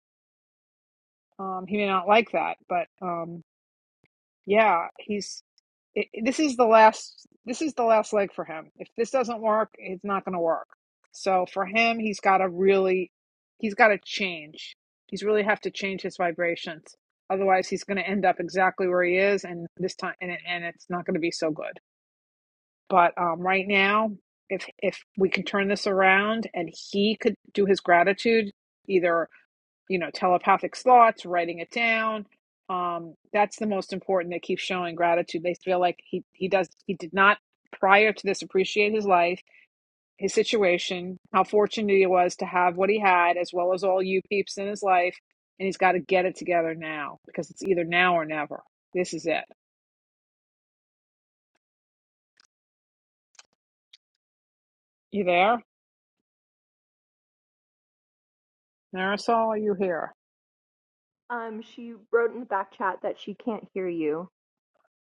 Speaker 1: Um, he may not like that, but um, yeah, he's i this is the last this is the last leg for him. If this doesn't work, it's not going to work. So for him, he's got to really he's got to change. He's really have to change his vibrations. Otherwise, he's going to end up exactly where he is and this time and it, and it's not going to be so good. But um right now, if if we can turn this around and he could do his gratitude either you know telepathic thoughts writing it down um that's the most important they keep showing gratitude they feel like he he does he did not prior to this appreciate his life his situation how fortunate he was to have what he had as well as all you peeps in his life and he's got to get it together now because it's either now or never this is it you there marisol are you here
Speaker 2: Um, she wrote in the back chat that she can't hear you.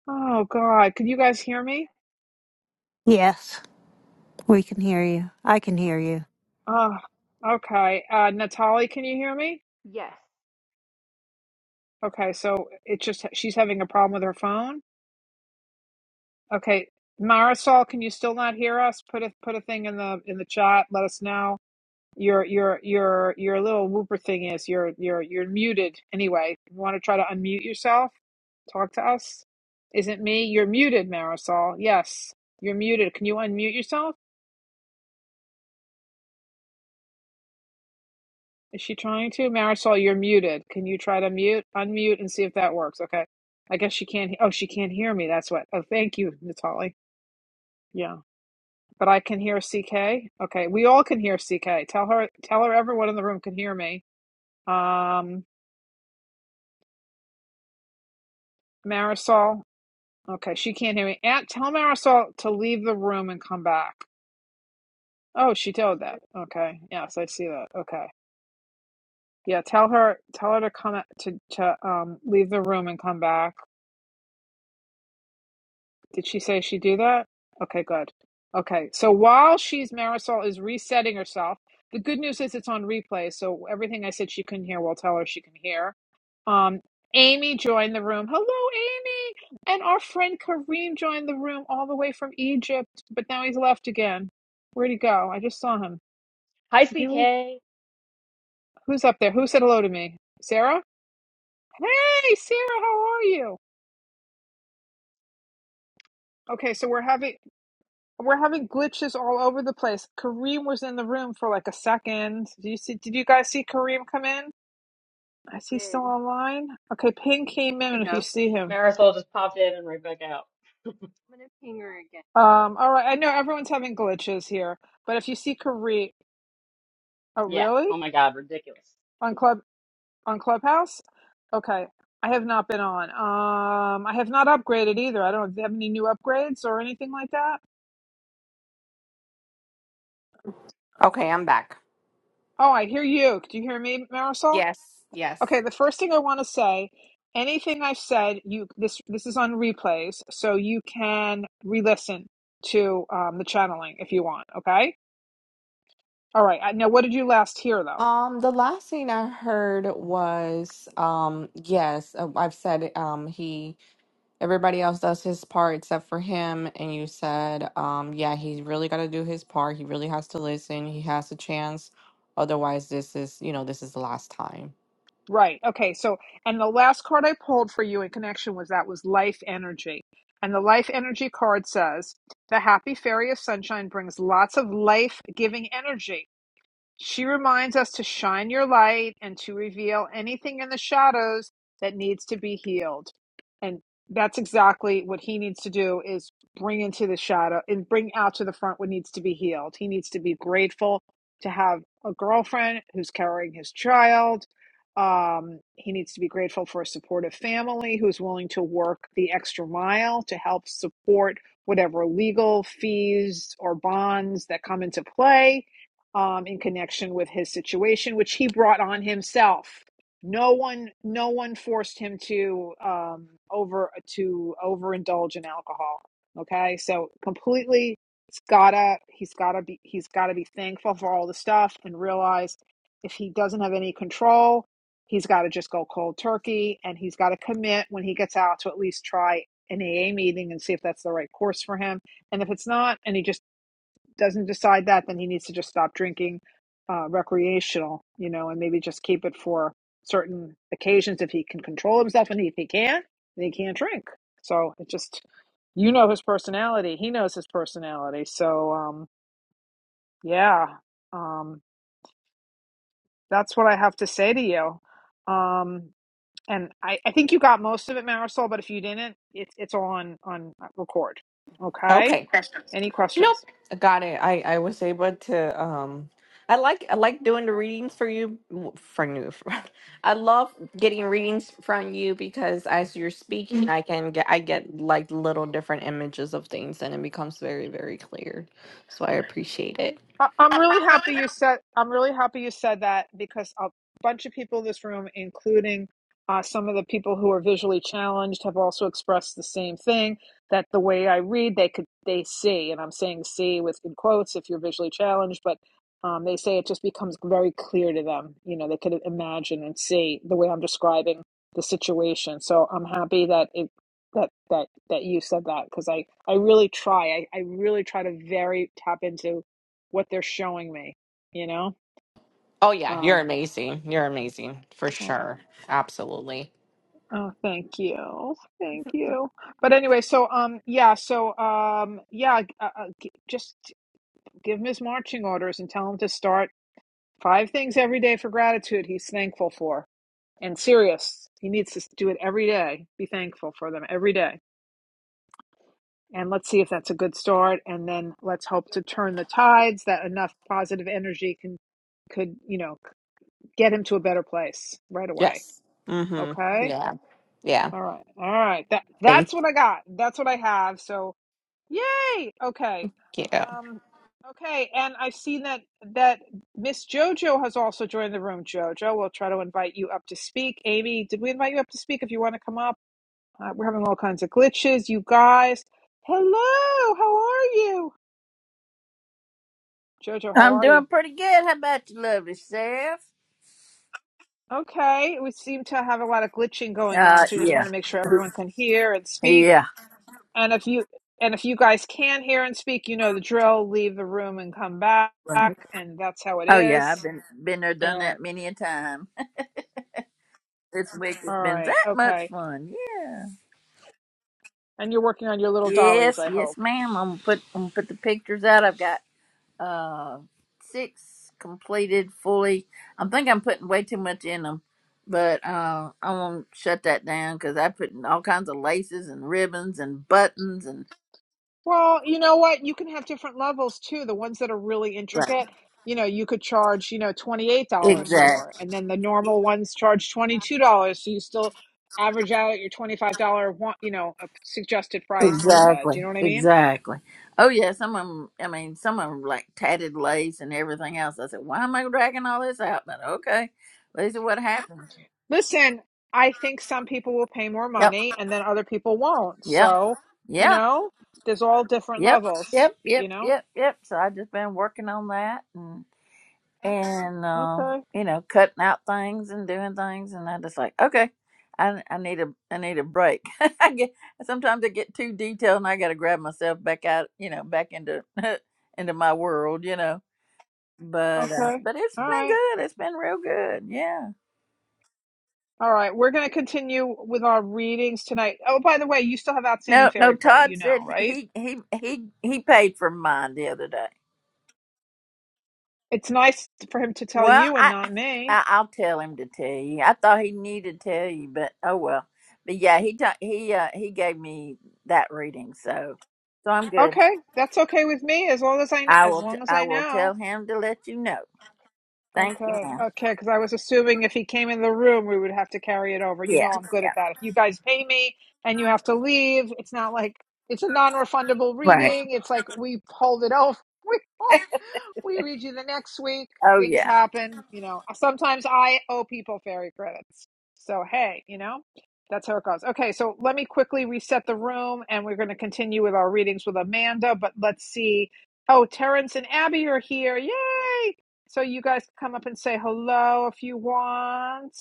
Speaker 1: oh god can you guys hear me
Speaker 5: Yes, we can hear you. I can hear you.
Speaker 1: oh okay uh natalie can you hear me
Speaker 2: Yes,
Speaker 1: okay so it's just she's having a problem with her phone Okay, Marisol, can you still not hear us? Put a put a thing in the in the chat. Let us know. Your your your your little whooper thing is you're you're you're muted anyway. You want to try to unmute yourself? Talk to us. Is it me? You're muted, Marisol. Yes, you're muted. Can you unmute yourself? Is she trying to? Marisol, you're muted. Can you try to mute, unmute, and see if that works? Okay. I guess she can't. he- Oh, she can't hear me. That's what. Oh, thank you, Natali. Yeah. But I can hear CK. Okay, we all can hear CK. Tell her, tell her everyone in the room can hear me. Um, Marisol. Okay, she can't hear me. Aunt, tell Marisol to leave the room and come back. Oh, she told
Speaker 2: I
Speaker 1: that. Okay. Yes, I see that. Okay. Yeah, tell her, tell her to come to to um leave the room and come back. Did she say she do that? Okay, good. Okay, so while she's Marisol is resetting herself, the good news is it's on replay, so everything I said she couldn't hear, we'll tell her she can hear. Um, Amy joined the room. Hello, Amy! And our friend Kareem joined the room all the way from Egypt, but now he's left again. Where'd he go? I just saw him.
Speaker 7: Hi,
Speaker 1: Did he leave?
Speaker 7: CK.
Speaker 1: Who's up there? Who said hello to me? Sarah? Hey, Sarah, how are you? Okay, so we're having We're having glitches all over the place. Kareem was in the room for like a second. Did you see? Did you guys see Kareem come in? Is he still
Speaker 2: did.
Speaker 1: online? Okay, Ping came
Speaker 2: There you
Speaker 1: in. If
Speaker 2: go.
Speaker 1: you see him,
Speaker 7: Marisol just popped in and right back out.
Speaker 2: I'm gonna ping her again.
Speaker 1: um, all right. I know everyone's having glitches here, but if you see Kareem, oh
Speaker 7: Yeah. Oh
Speaker 1: really?
Speaker 7: my God, ridiculous.
Speaker 1: On club on Clubhouse? Okay, I have not been on. Um, I have not upgraded either. I don't do you have any new upgrades or anything like that.
Speaker 6: Okay, I'm back.
Speaker 1: Oh, I hear you. Do you hear me, Marisol?
Speaker 6: Yes, yes.
Speaker 1: Okay, the first thing I want to say, anything I've said, you this this is on replays, so you can re-listen to um, the channeling if you want. Okay, all right. I- Now, what did you last hear though?
Speaker 6: Um, the last thing I heard was, um, yes, uh, I've said, um, he, everybody else does his part except for him. And you said, um, yeah, he's really got to do his part. He really has to listen. He has a chance. Otherwise, this is, you know, this is the last time.
Speaker 1: Right. Okay. So, and the last card I pulled for you in connection was that was life energy, and the life energy card says the happy fairy of sunshine brings lots of life-giving energy She reminds us to shine your light and to reveal anything in the shadows that needs to be healed. And that's exactly what he needs to do is bring into the shadow and bring out to the front what needs to be healed. He needs to be grateful to have a girlfriend who's carrying his child. Um, he needs to be grateful for a supportive family who's willing to work the extra mile to help support whatever legal fees or bonds that come into play um, in connection with his situation, which he brought on himself. No one, no one forced him to um, over to overindulge in alcohol. Okay, so completely, it's gotta he's gotta be he's gotta be thankful for all the stuff and realize if he doesn't have any control, he's got to just go cold turkey and he's got to commit when he gets out to at least try an AA meeting and see if that's the right course for him. And if it's not, and he just doesn't decide that, then he needs to just stop drinking uh, recreational, you know, and maybe just keep it for certain occasions if he can control himself. And if he can't, then he can't drink. So it just, you know, his personality. He knows his personality. So, um, yeah, um, that's what I have to say to you. Um, and I, I think you got most of it, Marisol, but if you didn't, it's, it's on, on uh, record. Okay.
Speaker 6: Okay.
Speaker 1: Any questions?
Speaker 6: Got it. I I was able to um I like I like doing the readings for you w- from you. [LAUGHS] I love getting readings from you because as you're speaking, I can get I get like little different images of things and it becomes very very clear. So I appreciate it.
Speaker 1: I- I'm really happy you said. I'm really happy you said that because a bunch of people in this room, including uh, some of the people who are visually challenged, have also expressed the same thing that the way I read, they could they see, and I'm saying see with in quotes if you're visually challenged, but um, they say it just becomes very clear to them. You know, they could imagine and see the way I'm describing the situation. So I'm happy that it that that that you said that because I I really try. I I really try to very tap into what they're showing me, you know?
Speaker 6: Oh yeah, you're
Speaker 1: Um,
Speaker 6: amazing. You're amazing for
Speaker 1: oh,
Speaker 6: sure. Absolutely.
Speaker 1: oh, thank you. Thank you. But anyway, so, um, yeah, so, um, yeah, uh, uh, g- just give him his marching orders and tell him to start five things every day for gratitude he's thankful for. And serious, he needs to do it every day. Be thankful for them every day. And let's see if that's a good start. And then let's hope to turn the tides that enough positive energy can, could, you know, get him to a better place right away.
Speaker 6: Yes. Mhm.
Speaker 1: Okay.
Speaker 6: Yeah. Yeah.
Speaker 1: All right. All right. That
Speaker 6: Thank
Speaker 1: that's what I got. That's what I have. So yay. Okay.
Speaker 6: you.
Speaker 1: Um okay, and I've seen that that Miss Jojo has also joined the room. Jojo, we'll try to invite you up to speak. Amy, did we invite you up to speak if you want to come up? Uh, we're having all kinds of glitches, you guys. Hello, how are you? Jojo, how
Speaker 8: I'm
Speaker 1: are you?
Speaker 8: doing pretty good. How about you, lovely self?
Speaker 1: Okay, we seem to have a lot of glitching going on,
Speaker 8: Uh,
Speaker 1: so we just want
Speaker 8: yeah,
Speaker 1: to make sure everyone can hear and speak.
Speaker 8: yeah.
Speaker 1: And if you and if you guys can hear and speak, you know the drill. Leave the room and come back,
Speaker 8: Right.
Speaker 1: and that's how it
Speaker 8: Oh yeah, I've
Speaker 1: is.
Speaker 8: been been there, done that
Speaker 1: And
Speaker 8: many a time. [LAUGHS] This week has
Speaker 1: all
Speaker 8: been
Speaker 1: right,
Speaker 8: that much
Speaker 1: okay.
Speaker 8: fun. Yeah.
Speaker 1: And you're working on your little dollies,
Speaker 8: Yes,
Speaker 1: I
Speaker 8: yes,
Speaker 1: hope.
Speaker 8: ma'am. I'm gonna put I'm gonna put the pictures out. I've got uh six completed fully. I think I'm putting way too much in them, but uh, I won't shut that down because I put in all kinds of laces and ribbons and buttons and
Speaker 1: Well, you know what? You can have different levels too. The ones that are really
Speaker 8: like,
Speaker 1: intricate, you know, you could charge, you know, $28
Speaker 8: exactly.
Speaker 1: for, and then the normal ones charge $22. So you still average out your $25 one, you know, a suggested price in your head. Do you
Speaker 8: Exactly.
Speaker 1: know what I mean?
Speaker 8: Exactly. Oh yeah, some of them. I mean, some of them like tatted lace and everything else. I said, why am I dragging all this out? But okay, these are what happens.
Speaker 1: Listen, I think some people will pay more
Speaker 8: Yep.
Speaker 1: money and then other people won't.
Speaker 8: Yep.
Speaker 1: So, you
Speaker 8: Yeah.
Speaker 1: know, there's all different
Speaker 8: Yep.
Speaker 1: levels,
Speaker 8: Yep.
Speaker 1: you
Speaker 8: Yep.
Speaker 1: know?
Speaker 8: Yep. Yep. So I just been working on that and and uh,
Speaker 1: Okay.
Speaker 8: you know cutting out things and doing things and I just like okay. I, I need a I need a break. [LAUGHS] I get sometimes I get too detailed and I got to grab myself back out, you know, back into [LAUGHS] into my world, you know but uh,
Speaker 1: Okay.
Speaker 8: but it's
Speaker 1: All right.
Speaker 8: been good. It's been real good. Yeah.
Speaker 1: All right. We're going to continue with our readings tonight. Oh, by the way, you still have outstanding
Speaker 8: No, no.
Speaker 1: fairy credit,
Speaker 8: Todd
Speaker 1: you know,
Speaker 8: said
Speaker 1: right?
Speaker 8: he he he he paid for mine the other day.
Speaker 1: It's nice for him to tell
Speaker 8: Well,
Speaker 1: you and
Speaker 8: I,
Speaker 1: not me.
Speaker 8: I I'll tell him to tell you. I thought he needed to tell you, but oh well. But yeah, he ta- he uh, he gave me that reading, so so I'm good.
Speaker 1: Okay, that's okay with me as long as I kn-
Speaker 8: I
Speaker 1: as
Speaker 8: will t-
Speaker 1: long as
Speaker 8: I
Speaker 1: I
Speaker 8: will
Speaker 1: know.
Speaker 8: tell him to let you know. Thank you,
Speaker 1: Okay,
Speaker 8: ma'am.
Speaker 1: okay, because I was assuming if he came in the room, we would have to carry it over. You
Speaker 8: Yeah,
Speaker 1: know, I'm good
Speaker 8: yeah,
Speaker 1: at that. If you guys pay me and you have to leave, it's not like it's a non-refundable
Speaker 8: right.
Speaker 1: reading. It's like we hold it over. [LAUGHS] We hold we read you the next week.
Speaker 8: Oh
Speaker 1: Things
Speaker 8: yeah.
Speaker 1: happen. You know, sometimes I owe people fairy credits. So, hey, you know, that's how it goes. Okay, so let me quickly reset the room and we're going to continue with our readings with Amanda, but let's see. Oh, Terrence and Abby are here. Yay! So, you guys come up and say hello if you want.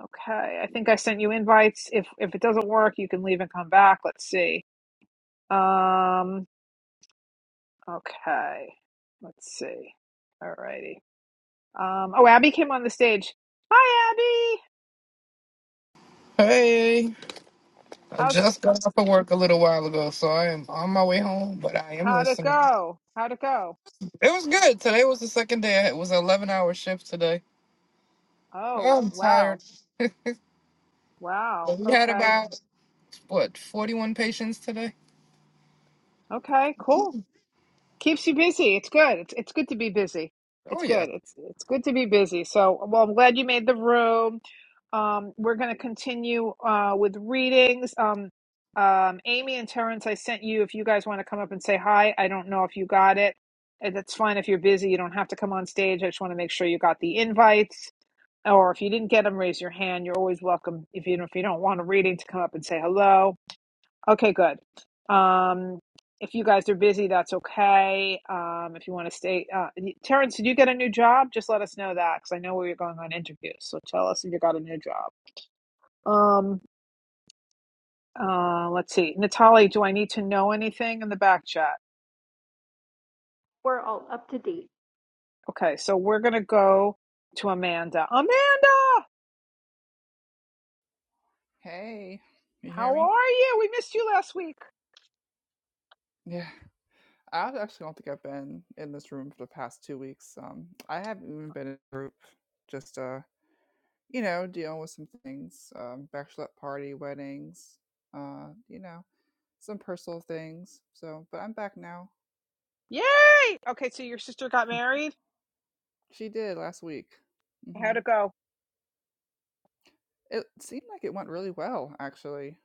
Speaker 1: Okay, I think I sent you invites. If if it doesn't work, you can leave and come back. Let's see. Um, okay. Let's see. All righty. Um, oh, Abby came on the stage. Hi, Abby.
Speaker 9: Hey, I
Speaker 1: How's
Speaker 9: just got off of work a little while ago, so I am on my way home, but I am
Speaker 1: how'd it
Speaker 9: listening.
Speaker 1: go? How'd it go?
Speaker 9: It was good. Today was the second day. I- It was an 11 hour shift today.
Speaker 1: Oh,
Speaker 9: I'm
Speaker 1: wow,
Speaker 9: tired.
Speaker 1: wow.
Speaker 9: We had
Speaker 1: Okay,
Speaker 9: about, what, 41 patients today?
Speaker 1: okay, cool. Keeps you busy. It's good. It's it's good to be busy.
Speaker 9: Oh,
Speaker 1: It's
Speaker 9: yeah.
Speaker 1: good. It's it's good to be busy. So, well, I'm glad you made the room. Um, we're going to continue uh, with readings. Um, um, Amy and Terrence, I sent you. If you guys want to come up and say hi, I don't know if you got it. And That's fine if you're busy. You don't have to come on stage. I just want to make sure you got the invites. or if you didn't get them, raise your hand. You're always welcome, if you if you don't want a reading, to come up and say hello. Okay, good. Um, if you guys are busy, that's okay. Um, if you want to stay, uh, Terrence, did you get a new job? Just let us know that because I know we were going on interviews. So tell us if you got a new job. Um, uh, let's see, Natalie, do I need to know anything in the back chat?
Speaker 2: We're all up to date.
Speaker 1: Okay, so we're gonna go to Amanda. Amanda,
Speaker 10: Hey, you hear
Speaker 1: how
Speaker 10: me?
Speaker 1: are you? We missed you last week.
Speaker 10: Yeah. I actually don't think I've been in this room for the past two weeks. Um, I haven't even been in a group, just uh, you know, dealing with some things, um, bachelorette party, weddings, uh, you know, some personal things. So, but I'm back now.
Speaker 1: Yay! Okay, so your sister got
Speaker 10: [LAUGHS]
Speaker 1: married.
Speaker 10: she did last week.
Speaker 1: How
Speaker 10: hmm
Speaker 1: to go?
Speaker 10: It seemed like it went really well, actually,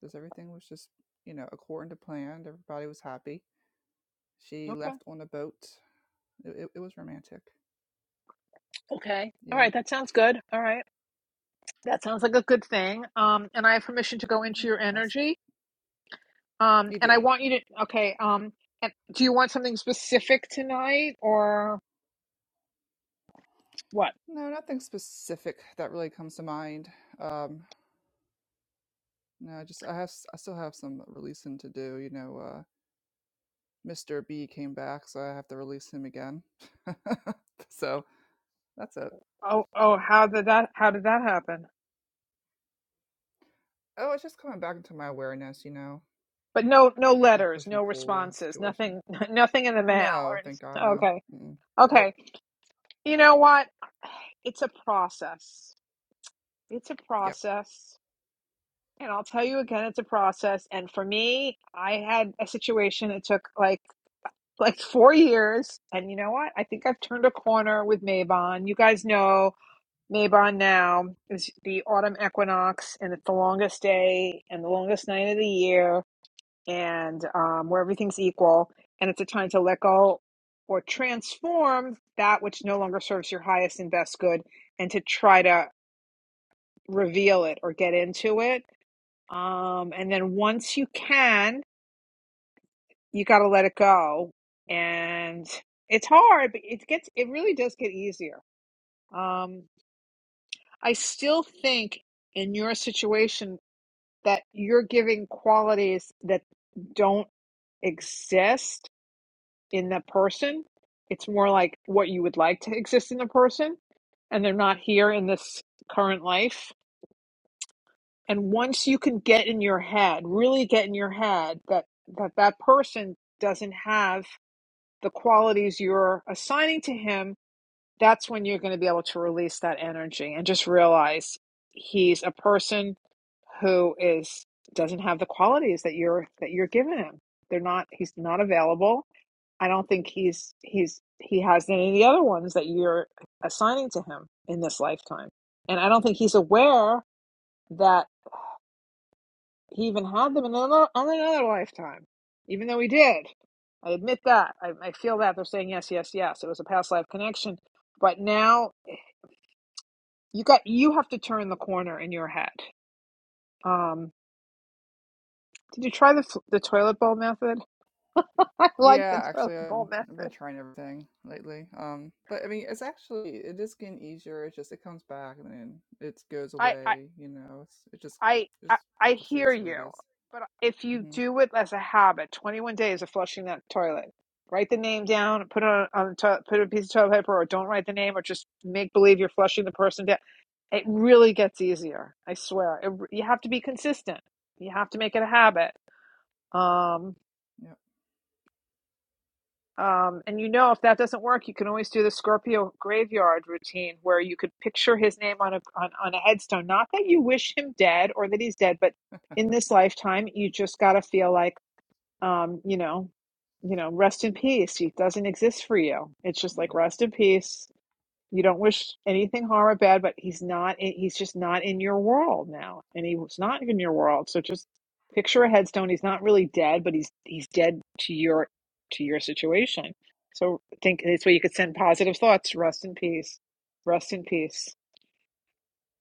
Speaker 10: because everything was just, you know, according to plan. Everybody was happy. She
Speaker 1: Okay.
Speaker 10: left on a boat. It, it, it was romantic.
Speaker 1: Okay. All
Speaker 10: Yeah,
Speaker 1: right. That sounds good. All right. That sounds like a good thing. Um, and I have permission to go into your
Speaker 10: that's
Speaker 1: energy. Um,
Speaker 10: You
Speaker 1: and I
Speaker 10: do,
Speaker 1: want
Speaker 10: yeah.
Speaker 1: you to. Okay. Um, and do you want something specific tonight or what?
Speaker 10: No, nothing specific that really comes to mind. Um, no, just I have I still have some releasing to do. You know, uh, Mr. B came back, so I have to release him again. [LAUGHS] so that's it.
Speaker 1: Oh, oh, how did that? How did that happen?
Speaker 10: Oh, it's just coming back into my awareness. You know,
Speaker 1: But no, no
Speaker 10: got that
Speaker 1: letters,
Speaker 10: push and
Speaker 1: no
Speaker 10: pull uh,
Speaker 1: responses,
Speaker 10: situation.
Speaker 1: nothing, [LAUGHS] nothing in the mail or
Speaker 10: No, thank God,
Speaker 1: anything.
Speaker 10: no. Mm-mm.
Speaker 1: Okay.
Speaker 10: Nope.
Speaker 1: Okay. You know what? It's a process. It's a
Speaker 10: Yep.
Speaker 1: process. And I'll tell you again, it's a process. And for me, I had a situation that took like like four years. And you know what? I think I've turned a corner with Maybon. You guys know Maybon now is the autumn equinox, and it's the longest day and the longest night of the year, and um, where everything's equal, and it's a time to let go or transform that which no longer serves your highest and best good, and to try to reveal it or get into it um, and then once you can, you got to let it go. And it's hard, but it gets, it really does get easier. Um, I still think in your situation that you're giving qualities that don't exist in the person. It's more like what you would like to exist in the person, and they're not here in this current life and once you can get in your head really get in your head that that that person doesn't have the qualities you're assigning to him that's when you're going to be able to release that energy and just realize he's a person who is doesn't have the qualities that you're that you're giving him they're not he's not available i don't think he's he's he has any of the other ones that you're assigning to him in this lifetime and i don't think he's aware that he even had them in another, on another lifetime, even though he did. I admit that. I, I feel that they're saying yes, yes, yes. It was a past life connection, but now you got you have to turn the corner in your head. Um, did you try the the toilet bowl method? [LAUGHS] I like the
Speaker 10: Yeah,
Speaker 1: toilet
Speaker 10: actually,
Speaker 1: bowl
Speaker 10: um, I've been
Speaker 1: method.
Speaker 10: trying everything lately. Um, but I mean, it's actually it is getting easier. It's just it comes back and then it goes
Speaker 1: I, I
Speaker 10: away. You know, it's it just
Speaker 1: I, I
Speaker 10: just it
Speaker 1: I
Speaker 10: just
Speaker 1: hear
Speaker 10: is what it
Speaker 1: you,
Speaker 10: is.
Speaker 1: but if you
Speaker 10: Mm-hmm.
Speaker 1: do it as a habit, 21 days of flushing that toilet. Write the name down, put it on, on the to- put a piece of toilet paper, or don't write the name, or just make believe you're flushing the person down. It really gets easier. I swear. It, you have to be consistent. You have to make it a habit. Um,
Speaker 10: Yep.
Speaker 1: Um, and you know, if that doesn't work, you can always do the Scorpio graveyard routine where you could picture his name on a on, on a headstone. Not that you wish him dead or that he's dead, but in this lifetime, you just got to feel like, um, you know, you know, rest in peace. He doesn't exist for you. It's just like
Speaker 10: Yeah.
Speaker 1: rest in peace. You don't wish anything harm or bad, but he's not. He's just not in your world now, and he was not in your world. So just picture a headstone. He's not really dead, but he's he's dead to your to your situation. So think this way. You could send positive thoughts. Rest in peace. Rest in peace.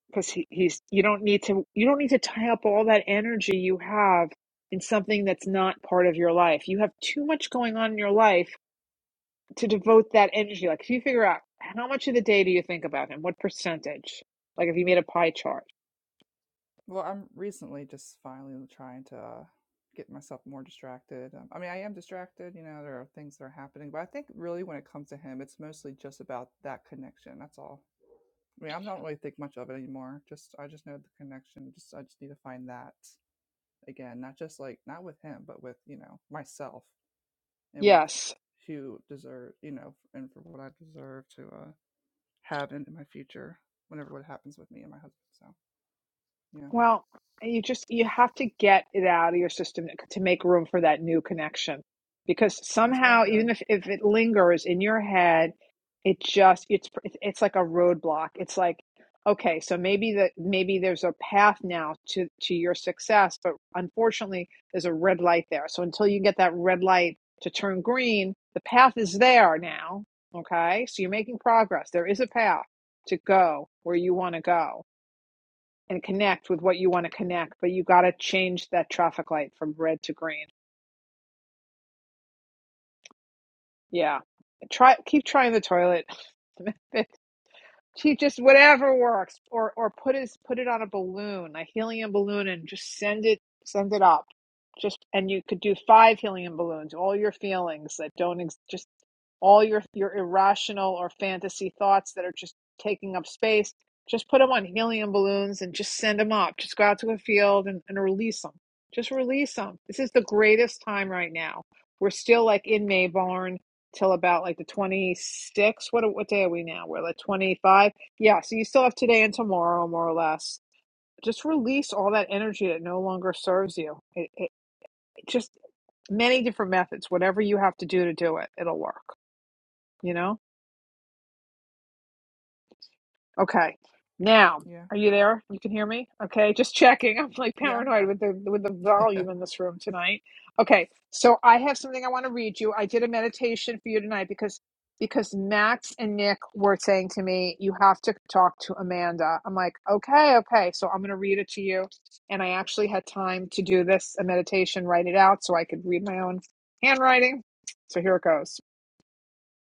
Speaker 1: Because he, he's you don't need to you don't need to tie up all that energy you have in something that's not part of your life. You have too much going on in your life to devote that energy. Like if you figure out how much of the day do you think about him, what percentage? Like if you made a pie chart.
Speaker 10: Well, I'm recently just finally trying to uh, get myself more distracted. Um, I mean, I am distracted. You know, there are things that are happening, but I think really when it comes to him, it's mostly just about that connection. That's all. I mean, I'm not really think much of it anymore. Just I just know the connection. Just I just need to find that. again not just like not with him but with you know myself and with
Speaker 1: Yes.
Speaker 10: who deserve you know and for what i deserve to uh have in my future whenever what happens with me and my husband so yeah
Speaker 1: Well, you just you have to get it out of your system to make room for that new connection. Because
Speaker 10: that's what i'm
Speaker 1: somehow, even
Speaker 10: doing
Speaker 1: if, if it lingers in your head, it just it's it's like a roadblock. It's like, okay, so maybe that maybe there's a path now to to your success, but unfortunately, there's a red light there. So until you get that red light to turn green, the path is there now. Okay, so you're making progress. There is a path to go where you want to go and connect with what you want to connect, but you got to change that traffic light from red to green. Yeah. Try keep trying the toilet. method. [LAUGHS] She just whatever works or or put his put it on a balloon, a helium balloon and just send it send it up. Just and you could do five helium balloons, all your feelings that don't ex- just. all your your irrational or fantasy thoughts that are just taking up space just put them on helium balloons and just send them up just go out to a field and, and release them just release them this is the greatest time right now we're still like in mayborn till about like the twenty sixth. what what day are we now we're like 25 yeah so you still have today and tomorrow more or less just release all that energy that no longer serves you it, it, it just many different methods whatever you have to do to do it it'll work you know Okay. Now,
Speaker 10: yeah
Speaker 1: are you there? You can hear me? Okay, just checking. [LAUGHS] I'm like
Speaker 10: yeah i'm
Speaker 1: paranoid
Speaker 10: here
Speaker 1: with the with the
Speaker 10: [LAUGHS] yeah
Speaker 1: volume in this room tonight. Okay. So I have something I want to read you. I did a meditation for you tonight because because Max and Nick were saying to me, you have to talk to Amanda. I'm like, okay, okay. So I'm going to read it to you. And I actually had time to do this, a meditation, write it out so I could read my own handwriting. So here it goes.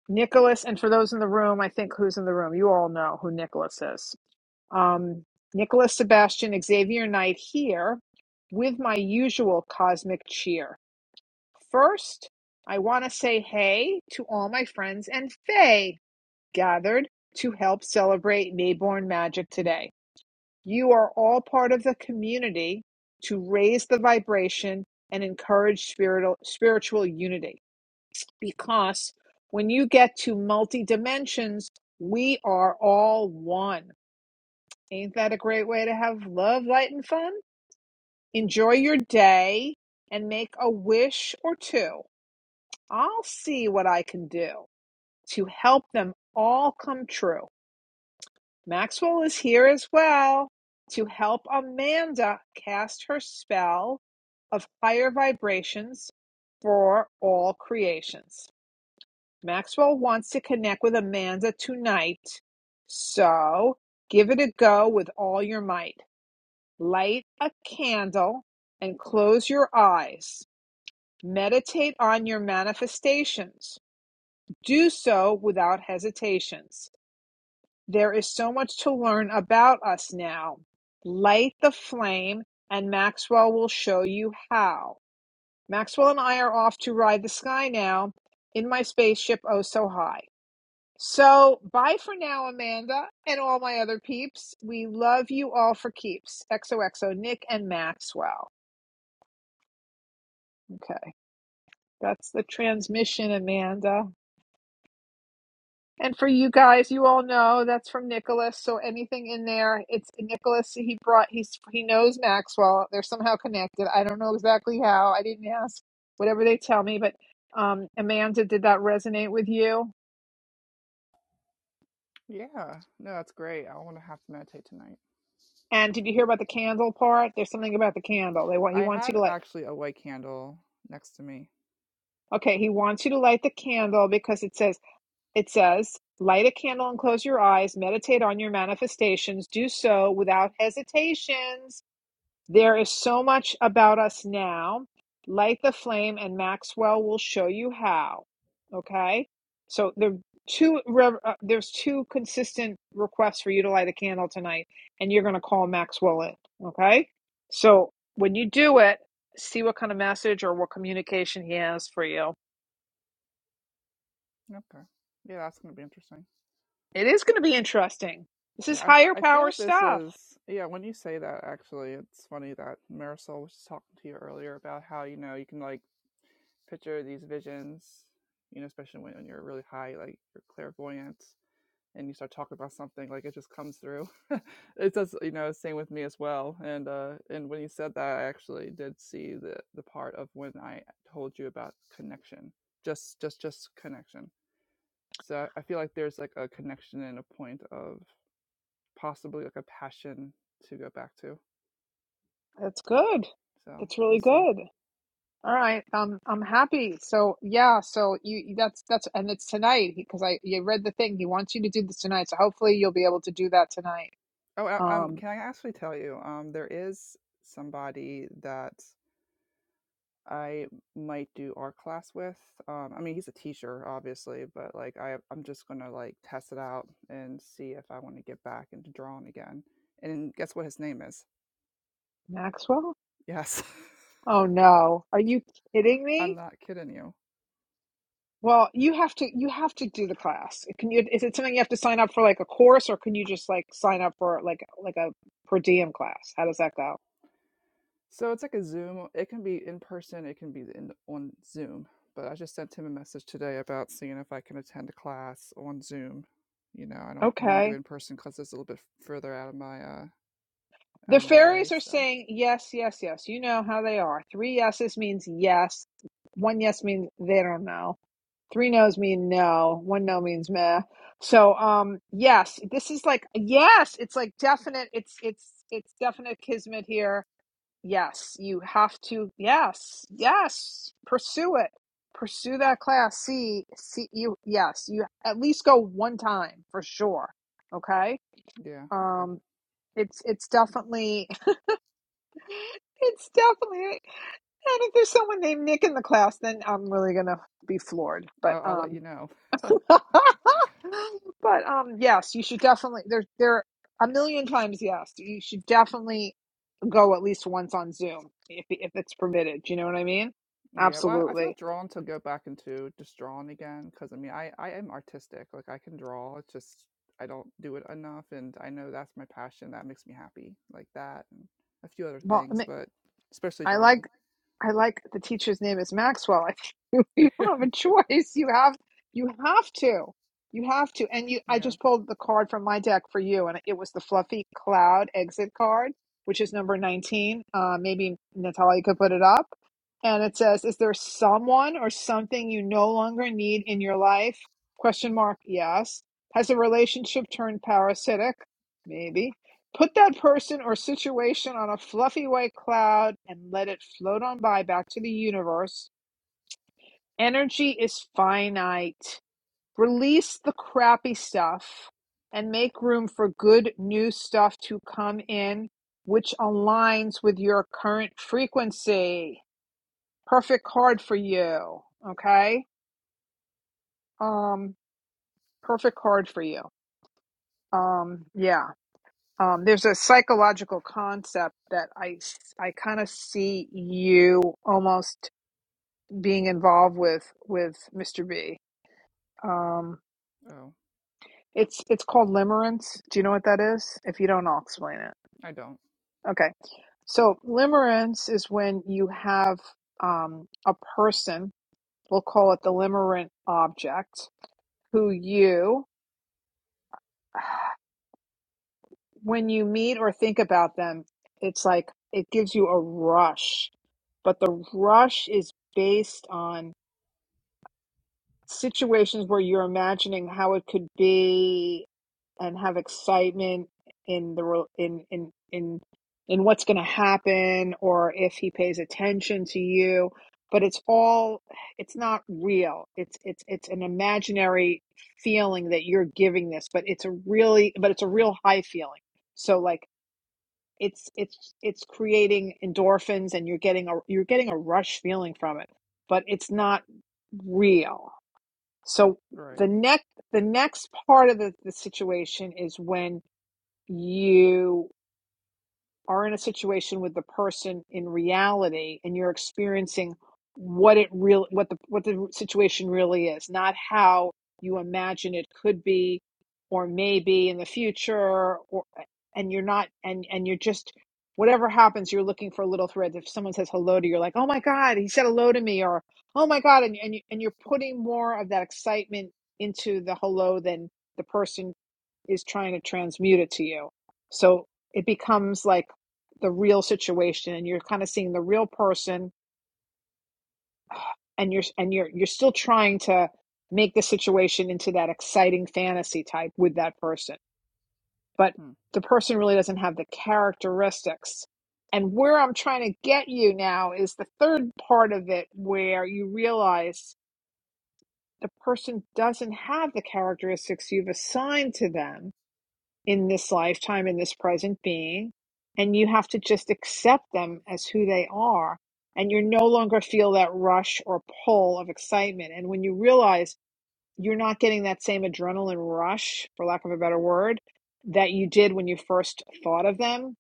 Speaker 1: Nicholas, and for those in the room, I think who's in the room, you all know who Nicholas is um, Nicholas Sebastian Xavier Knight here with my usual cosmic cheer. First, I want to say hey to all my friends and Faye gathered to help celebrate Mayborn Magic today. You are all part of the community to raise the vibration and encourage spiritual, spiritual unity because when you get to multi dimensions, we are all one. Ain't that a great way to have love, light, and fun? Enjoy your day and make a wish or two. I'll see what I can do to help them all come true. Maxwell is here as well to help Amanda cast her spell of higher vibrations for all creations. Maxwell wants to connect with Amanda tonight, so give it a go with all your might. Light a candle and close your eyes. Meditate on your manifestations. Do so without hesitations. There is so much to learn about us now. Light the flame, and Maxwell will show you how. Maxwell and I are off to ride the sky now in my spaceship oh so high. So, bye for now, Amanda, and all my other peeps. We love you all for keeps. XOXO, Nick and Maxwell. Okay. That's the transmission, Amanda. And for you guys, you all know that's from Nicholas. So anything in there, it's Nicholas. He brought he's he knows Maxwell. They're somehow connected. I don't know exactly how. I didn't ask. Whatever they tell me, but um, Amanda, did that resonate with you?
Speaker 10: yeah no that's great i want to have to meditate tonight
Speaker 1: And did you hear about the candle part? There's something about the candle. They want he
Speaker 10: i
Speaker 1: wants you
Speaker 10: have
Speaker 1: to light.
Speaker 10: actually a white candle next to me
Speaker 1: Okay, he wants you to light the candle because it says it says light a candle and close your eyes. Meditate on your manifestations. Do so without hesitations There is so much about us now. Light the flame, and Maxwell will show you how. Okay, so there are two uh, there's two consistent requests for you to light a candle tonight, and you're going to call Maxwell in. Okay, so when you do it, see what kind of message or what communication he has for you.
Speaker 10: okay yeah that's going to be interesting
Speaker 1: It is going to be interesting. This is
Speaker 10: yeah, I,
Speaker 1: higher
Speaker 10: I
Speaker 1: power
Speaker 10: feel this
Speaker 1: stuff.
Speaker 10: is yeah. When you say that, actually, it's funny that Marisol was talking to you earlier about how you know you can like picture these visions, you know, especially when, when you're really high, like you're clairvoyant and you start talking about something, like it just comes through. [LAUGHS] it does, you know, same with me as well. And uh and when you said that I actually did see the the part of when I told you about connection. Just just just connection. So I feel like there's like a connection and a point of possibly like a passion to go back to.
Speaker 1: That's good.
Speaker 10: So
Speaker 1: That's
Speaker 10: we'll
Speaker 1: really
Speaker 10: see.
Speaker 1: good. All right, um, I'm happy. So yeah, so you that's that's and it's tonight because I you read the thing. He wants you to do this tonight, so hopefully you'll be able to do that tonight.
Speaker 10: Oh, um,
Speaker 1: Um,
Speaker 10: can I actually tell you? Um, there is somebody that I might do art class with. Um, I mean, he's a teacher, obviously, but like I, I'm just gonna like test it out and see if I want to get back into drawing again. And guess what his name is?
Speaker 1: Maxwell?
Speaker 10: Yes,
Speaker 1: Oh no, are you kidding
Speaker 10: [LAUGHS] I'm
Speaker 1: me?
Speaker 10: not kidding you.
Speaker 1: Well, you have to you have to do the class. Can you? Is it something you have to sign up for, like a course, or can you just like sign up for like like a per diem class? How does that go?
Speaker 10: So it's like a Zoom. It can be in person. It can be in, on Zoom. But I just sent him a message today about seeing if I can attend a class on Zoom. You know, I don't want to do it
Speaker 1: Okay.
Speaker 10: in person because it's a little bit further out of my uh, out
Speaker 1: The
Speaker 10: of my way.
Speaker 1: fairies are
Speaker 10: So
Speaker 1: saying yes, yes, yes. You know how they are. Three yeses means yes. One yes means they don't know Three no's mean no. One no means meh. So um yes, this is like yes, it's like definite it's it's it's definite kismet here. Yes, you have to yes, yes, pursue it. Pursue that class. See see you yes, you at least go one time for sure. Okay?
Speaker 10: yeah, okay.
Speaker 1: Um it's it's definitely [LAUGHS] it's definitely and if there's someone named Nick in the class, then I'm really gonna be floored. But
Speaker 10: I'll, I'll let you
Speaker 1: um
Speaker 10: know.
Speaker 1: [LAUGHS] [SIGHS] [LAUGHS] But um, yes, you should definitely. There, there a million times. Yes, you should definitely go at least once on Zoom if if it's permitted. Do you know what I mean?
Speaker 10: Yeah, well, I feel
Speaker 1: Absolutely.
Speaker 10: drawn to go back into just drawing again because I mean, I I am artistic. Like I can draw. It's just I don't do it enough, and I know that's my passion. That makes me happy, like that, and a few other
Speaker 1: Well,
Speaker 10: things, but especially
Speaker 1: I like
Speaker 10: drawing.
Speaker 1: I like the teacher's name is Maxwell. I think [LAUGHS] you don't have a choice. You have you have to. You have to. And you I
Speaker 10: Yeah.
Speaker 1: just pulled the card from my deck for you and it was the fluffy cloud exit card, which is number 19. Uh maybe Natalia could put it up. And it says, "Is there someone or something you no longer need in your life?" Question mark. Yes. Has a relationship turned parasitic? Maybe. Put that person or situation on a fluffy white cloud and let it float on by back to the universe. Energy is finite. Release the crappy stuff and make room for good new stuff to come in, which aligns with your current frequency. Perfect card for you. Okay. Um, perfect card for you. Um, yeah. Um, there's a psychological concept that I, I kind of see you almost being involved with with Mr. B. Um,
Speaker 10: Oh,
Speaker 1: it's it's called limerence. Do you know what that is? If you don't, I'll explain it.
Speaker 10: I don't.
Speaker 1: Okay. So limerence is when you have um, a person, we'll call it the limerent object, who you when you meet or think about them, it's like it gives you a rush, but the rush is based on situations where you're imagining how it could be and have excitement in the re- in in in in what's going to happen or if he pays attention to you but it's all it's not real it's it's it's an imaginary feeling that you're giving this but it's a really but it's a
Speaker 10: Hmm.
Speaker 1: real high feeling so like it's it's it's creating endorphins and you're getting a you're getting a rush feeling from it but it's not real so
Speaker 10: Right.
Speaker 1: the next the next part of the, the situation is when you are in a situation with the person in reality and you're experiencing what it real what the what the situation really is not how you imagine it could be or maybe in the future or and you're not and and you're just whatever happens you're looking for little threads if someone says hello to you you're like oh my god he said hello to me or oh my god and and, you, and you're putting more of that excitement into the hello than the person is trying to transmute it to you. So it becomes like the real situation and you're kind of seeing the real person and you're and you're you're still trying to make the situation into that exciting fantasy type with that person. But
Speaker 10: Hmm.
Speaker 1: the person really doesn't have the characteristics. And where I'm trying to get you now is the third part of it where you realize the person doesn't have the characteristics you've assigned to them in this lifetime, in this present being, and you have to just accept them as who they are. And you no longer feel that rush or pull of excitement. And when you realize you're not getting that same adrenaline rush, for lack of a better word, that you did when you first thought of them,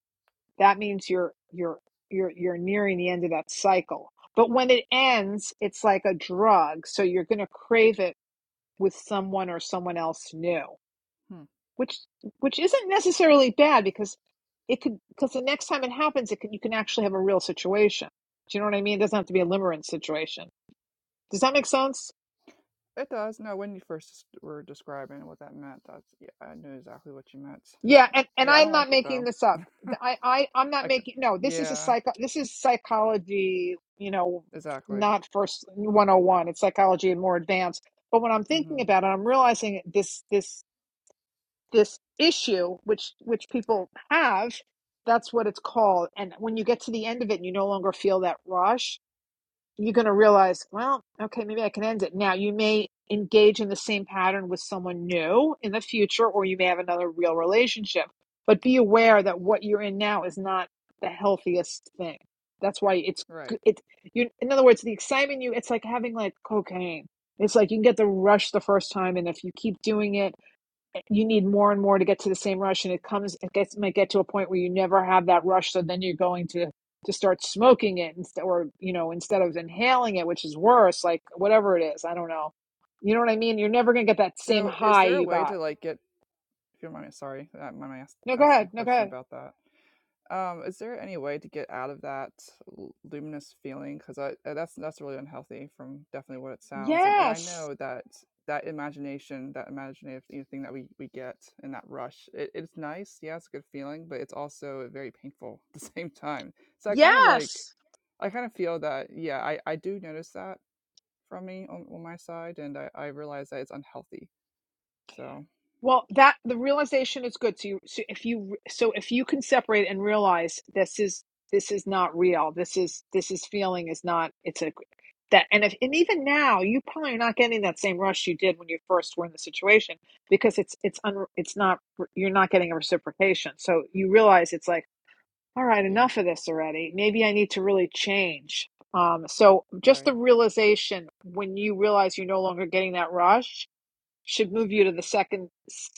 Speaker 1: that means you're you're you're you're nearing the end of that cycle. But when it ends, it's like a drug, so you're going to crave it with someone or someone else new
Speaker 10: Hmm.
Speaker 1: which which isn't necessarily bad because it could because the next time it happens it can you can actually have a real situation do you know what i mean it doesn't have to be a limerence situation does that make sense
Speaker 10: It does. No, when you first s- were describing what that meant, that's yeah, I knew exactly what you meant.
Speaker 1: yeah
Speaker 10: Um,
Speaker 1: and, and
Speaker 10: yeah, I don't
Speaker 1: i'm not
Speaker 10: like it
Speaker 1: making
Speaker 10: though.
Speaker 1: this up I, I i'm not
Speaker 10: I could.
Speaker 1: making no this is a
Speaker 10: Yeah,
Speaker 1: psycho this is psychology you know
Speaker 10: exactly.
Speaker 1: not first 101 it's psychology and more advanced but when i'm thinking
Speaker 10: Mm-hmm.
Speaker 1: about it i'm realizing this this this issue which which people have that's what it's called and when you get to the end of it and you no longer feel that rush you're going to realize well okay maybe i can end it now you may engage in the same pattern with someone new in the future or you may have another real relationship but be aware that what you're in now is not the healthiest thing that's why it's
Speaker 10: Right.
Speaker 1: it you in other words the excitement you it's like having like cocaine it's like you can get the rush the first time and if you keep doing it you need more and more to get to the same rush and it comes it gets might get to a point where you never have that rush so then you're going to to start smoking it instead or you know instead of inhaling it which is worse like whatever it is i don't know you know what i mean you're never going to get that same
Speaker 10: So, is
Speaker 1: high
Speaker 10: there a
Speaker 1: you
Speaker 10: way
Speaker 1: got
Speaker 10: to like get If you remind me, sorry, I might ask
Speaker 1: no go
Speaker 10: asking a
Speaker 1: ahead no go
Speaker 10: question
Speaker 1: ahead
Speaker 10: about that. Um, is there any way to get out of that l- luminous feeling? Because I, uh, that's that's really unhealthy from definitely what it sounds. And and I
Speaker 1: yes
Speaker 10: know that that imagination, that imaginative you know, thing that we we get in that rush, it, it's nice. Yeah, it's a good feeling, but it's also very painful [LAUGHS] at the same time. So I kind of like,
Speaker 1: yes
Speaker 10: I kind of feel that. Yeah, I I do notice that from me on, on my side, and I I realize that it's unhealthy. So
Speaker 1: Well, that the realization is good. So, you, so if you so if you can separate and realize this is this is not real. This is this is feeling is not. It's a that and if and even now you probably are not getting that same rush you did when you first were in the situation because it's it's un it's not you're not getting a reciprocation. So you realize it's like all right,
Speaker 10: yeah,
Speaker 1: enough of this already. Maybe I need to really change. Um, so just
Speaker 10: right.
Speaker 1: the realization when you realize you're no longer getting that rush should move you to the second s-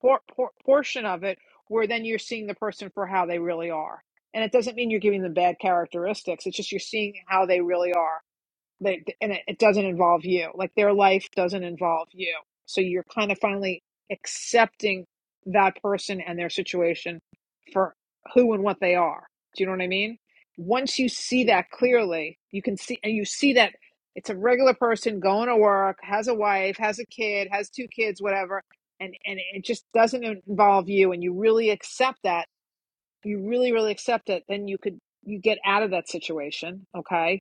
Speaker 1: por- por- portion of it where then you're seeing the person for how they really are and it doesn't mean you're giving them bad characteristics it's just you're seeing how they really are they, and it, it doesn't involve you. Like their life doesn't involve you. So you're kind of finally accepting that person and their situation for who and what they are. Do you know what I mean? Once you see
Speaker 10: Yeah,
Speaker 1: that
Speaker 10: yeah.
Speaker 1: clearly, you can see, and you see that it's a regular person going to work, has a wife, has a kid, has two kids, whatever, and, and it just doesn't involve you. And you really accept that. You really, really accept it. Then you could, you get out of that situation. Okay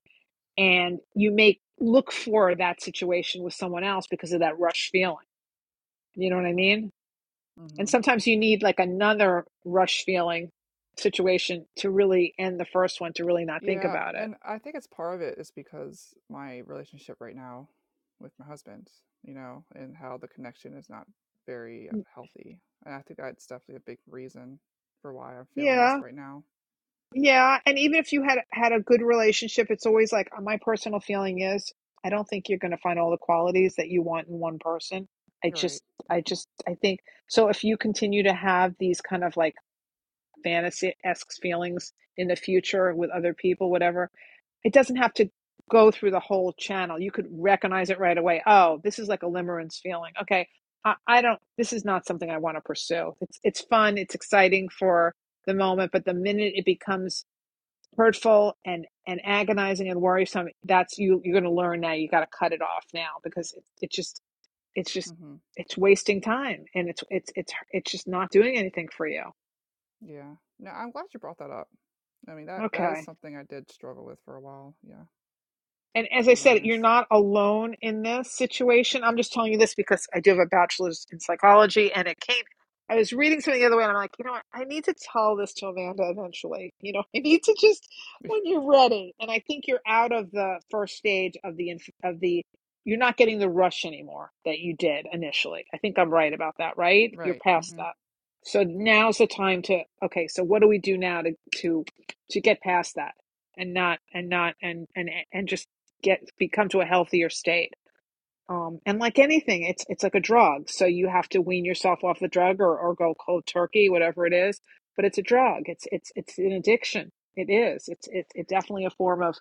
Speaker 1: and you may look for that situation with someone else because of that rush feeling. You know what I mean? And
Speaker 10: hmm
Speaker 1: sometimes you need like another rush feeling situation to really end the first one to really not think
Speaker 10: Yeah,
Speaker 1: about it.
Speaker 10: and I think it's part of it is because my relationship right now with my husband, you know, and how the connection is not very healthy. And I think that's definitely a big reason for why I'm feeling this
Speaker 1: Yeah.
Speaker 10: right now.
Speaker 1: Yeah, and even if you had had a good relationship, it's always like uh, my personal feeling is I don't think you're going to find all the qualities that you want in one person. I
Speaker 10: Right.
Speaker 1: just I just I think so if you continue to have these kind of like fantasy-esque feelings in the future with other people whatever, It doesn't have to go through the whole channel. You could recognize it right away. Oh, this is like a limerence feeling. Okay, I, I don't. This is not something I want to pursue. It's it's fun. It's exciting for the moment, but the minute it becomes hurtful and and agonizing and worrisome, that's you. You're going to learn now. You got to cut it off now because it, it just it's just
Speaker 10: Mm-hmm.
Speaker 1: it's wasting time and it's it's it's it's just not doing anything for you.
Speaker 10: Yeah. No, I'm glad you brought that up. I mean, that that is
Speaker 1: Okay.
Speaker 10: something I did struggle with for a while. Yeah,
Speaker 1: And as
Speaker 10: to
Speaker 1: I
Speaker 10: be
Speaker 1: said, you're
Speaker 10: honest.
Speaker 1: not alone in this situation. I'm just telling you this because I do have a bachelor's in psychology and it came. I was reading something the other way and I'm like, you know what? I need to tell this to Amanda eventually. You know, [LAUGHS] I need to just
Speaker 10: [LAUGHS]
Speaker 1: when you're ready. And I think you're out of the first stage of the of the you're not getting the rush anymore that you did initially. I think I'm right about that, right? You're
Speaker 10: right.
Speaker 1: past
Speaker 10: Mm-hmm.
Speaker 1: that. So
Speaker 10: Yep.
Speaker 1: now's the time to okay, so what do we do now to to to get past that? and not and not and and and just get become to a healthier state. Um, and like anything, it's it's like a drug. So you have to wean yourself off the drug or, or go cold turkey, whatever it is. But it's a drug. It's it's it's an addiction. It is. It's it's it's definitely a form of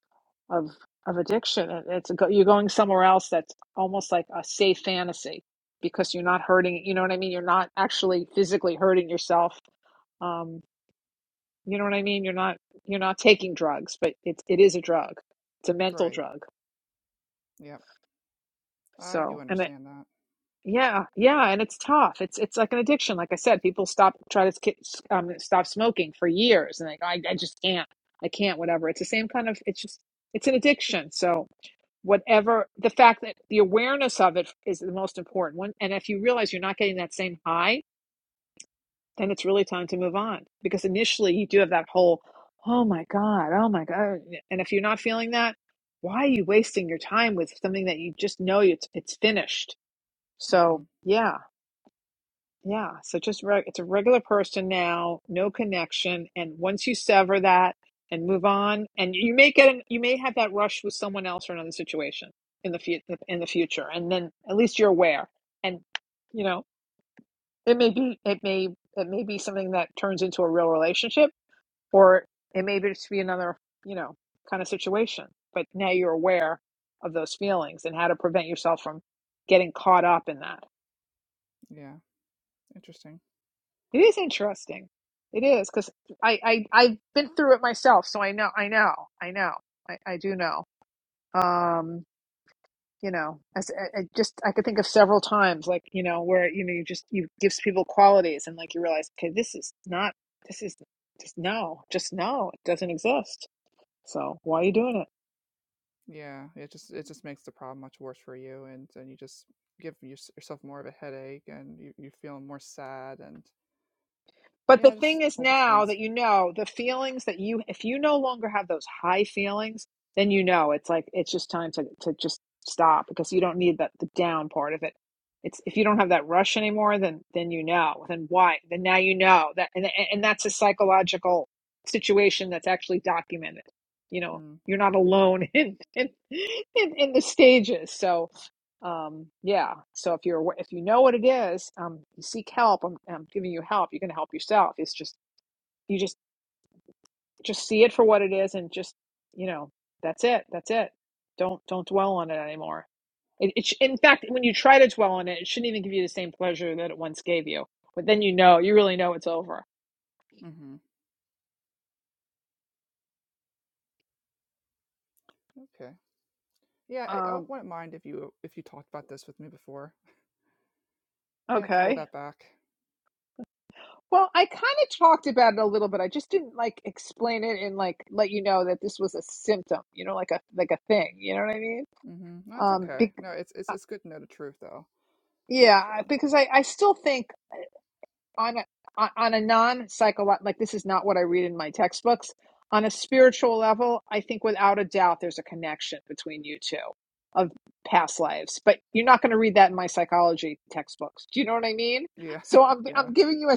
Speaker 1: of of addiction. It- It's a go, you're going somewhere else that's almost like a safe fantasy because you're not hurting. You know what I mean? You're not actually physically hurting yourself. Um, you know what I mean? You're not you're not taking drugs, but it it is a drug. It's a mental
Speaker 10: Right.
Speaker 1: drug.
Speaker 10: Yep. I do
Speaker 1: So, and
Speaker 10: understand that.
Speaker 1: Yeah, yeah, and it's tough. It's it's like an addiction. Like I said, people stop try to sk- s- um, stop smoking for years, and they go, I, I just can't, I can't, whatever. It's the same kind of. It's just it's an addiction. So whatever the fact that the awareness of it is the most important one, and if you realize you're not getting that same high, then it's really time to move on because initially you do have that whole, oh my god, oh my god, and if you're not feeling that, why are you wasting your time with something that you just know it's it's finished? So
Speaker 10: Mm-hmm.
Speaker 1: yeah yeah, so just reg- it's a regular person now, no connection, and once you sever that and move on, and you may get an, you may have that rush with someone else or another situation in the fu- in the future, and then at least you're aware, and you know it may be it may it may be something that turns into a real relationship, or it may be just be another you know kind of situation, but now you're aware of those feelings and how to prevent yourself from getting caught up in that.
Speaker 10: Yeah. Interesting.
Speaker 1: It is interesting. It is because I, I I've been through it myself, so I know I know I know I, I do know. Um, you know, as I, I just I could think of several times like you know where you know you just you gives people qualities and like you realize okay this is not this is just no just no it doesn't exist. So why are you doing it?
Speaker 10: Yeah, it just it just makes the problem much worse for you, and and you just give your, yourself more of a headache, and you you feel more sad, and
Speaker 1: But the
Speaker 10: yeah, just a
Speaker 1: thing is
Speaker 10: whole bunch of
Speaker 1: now
Speaker 10: things.
Speaker 1: that you know the feelings that you if you no longer have those high feelings, then you know it's like it's just time to to just stop because you don't need that the down part of it. It's if you don't have that rush anymore, then then you know. Then why? Then now you know that and and that's a psychological situation that's actually documented. You know,
Speaker 10: Mm,
Speaker 1: you're not
Speaker 10: okay.
Speaker 1: alone [LAUGHS] in in in, in the stages. So um, yeah. So if you're if you know what it is, um, you seek help. I'm, I'm giving you help. You are gonna help yourself. It's just you just just see it for what it is, and just you know that's it. That's it. Don't don't dwell on it anymore. It, it sh- in fact, when you try to dwell on it, it shouldn't even give you the same pleasure that it once gave you. But then you know, you really know it's over.
Speaker 10: Mm-hmm. Okay. Yeah, I, I
Speaker 1: Um,
Speaker 10: wouldn't mind if you if you talked about this with me before. You didn't have to hold
Speaker 1: okay.
Speaker 10: that back.
Speaker 1: Well, I kind of talked about it a little bit. I just didn't like explain it and like let you know that this was a symptom, you know, like a like a thing. You know what I mean?
Speaker 10: Mm-hmm. No, it's
Speaker 1: Um,
Speaker 10: okay.
Speaker 1: be-
Speaker 10: No, it's it's
Speaker 1: uh,
Speaker 10: it's good to know the truth though, for
Speaker 1: yeah,
Speaker 10: sure.
Speaker 1: because I, I still think on a, on a non-psychological, like this is not what I read in my textbooks. On a spiritual level, I think without a doubt there's a connection between you two of past lives, but you're not going to read that in my psychology textbooks. Do you know what I mean?
Speaker 10: Yeah,
Speaker 1: So I'm
Speaker 10: [LAUGHS] yeah,
Speaker 1: I'm giving you a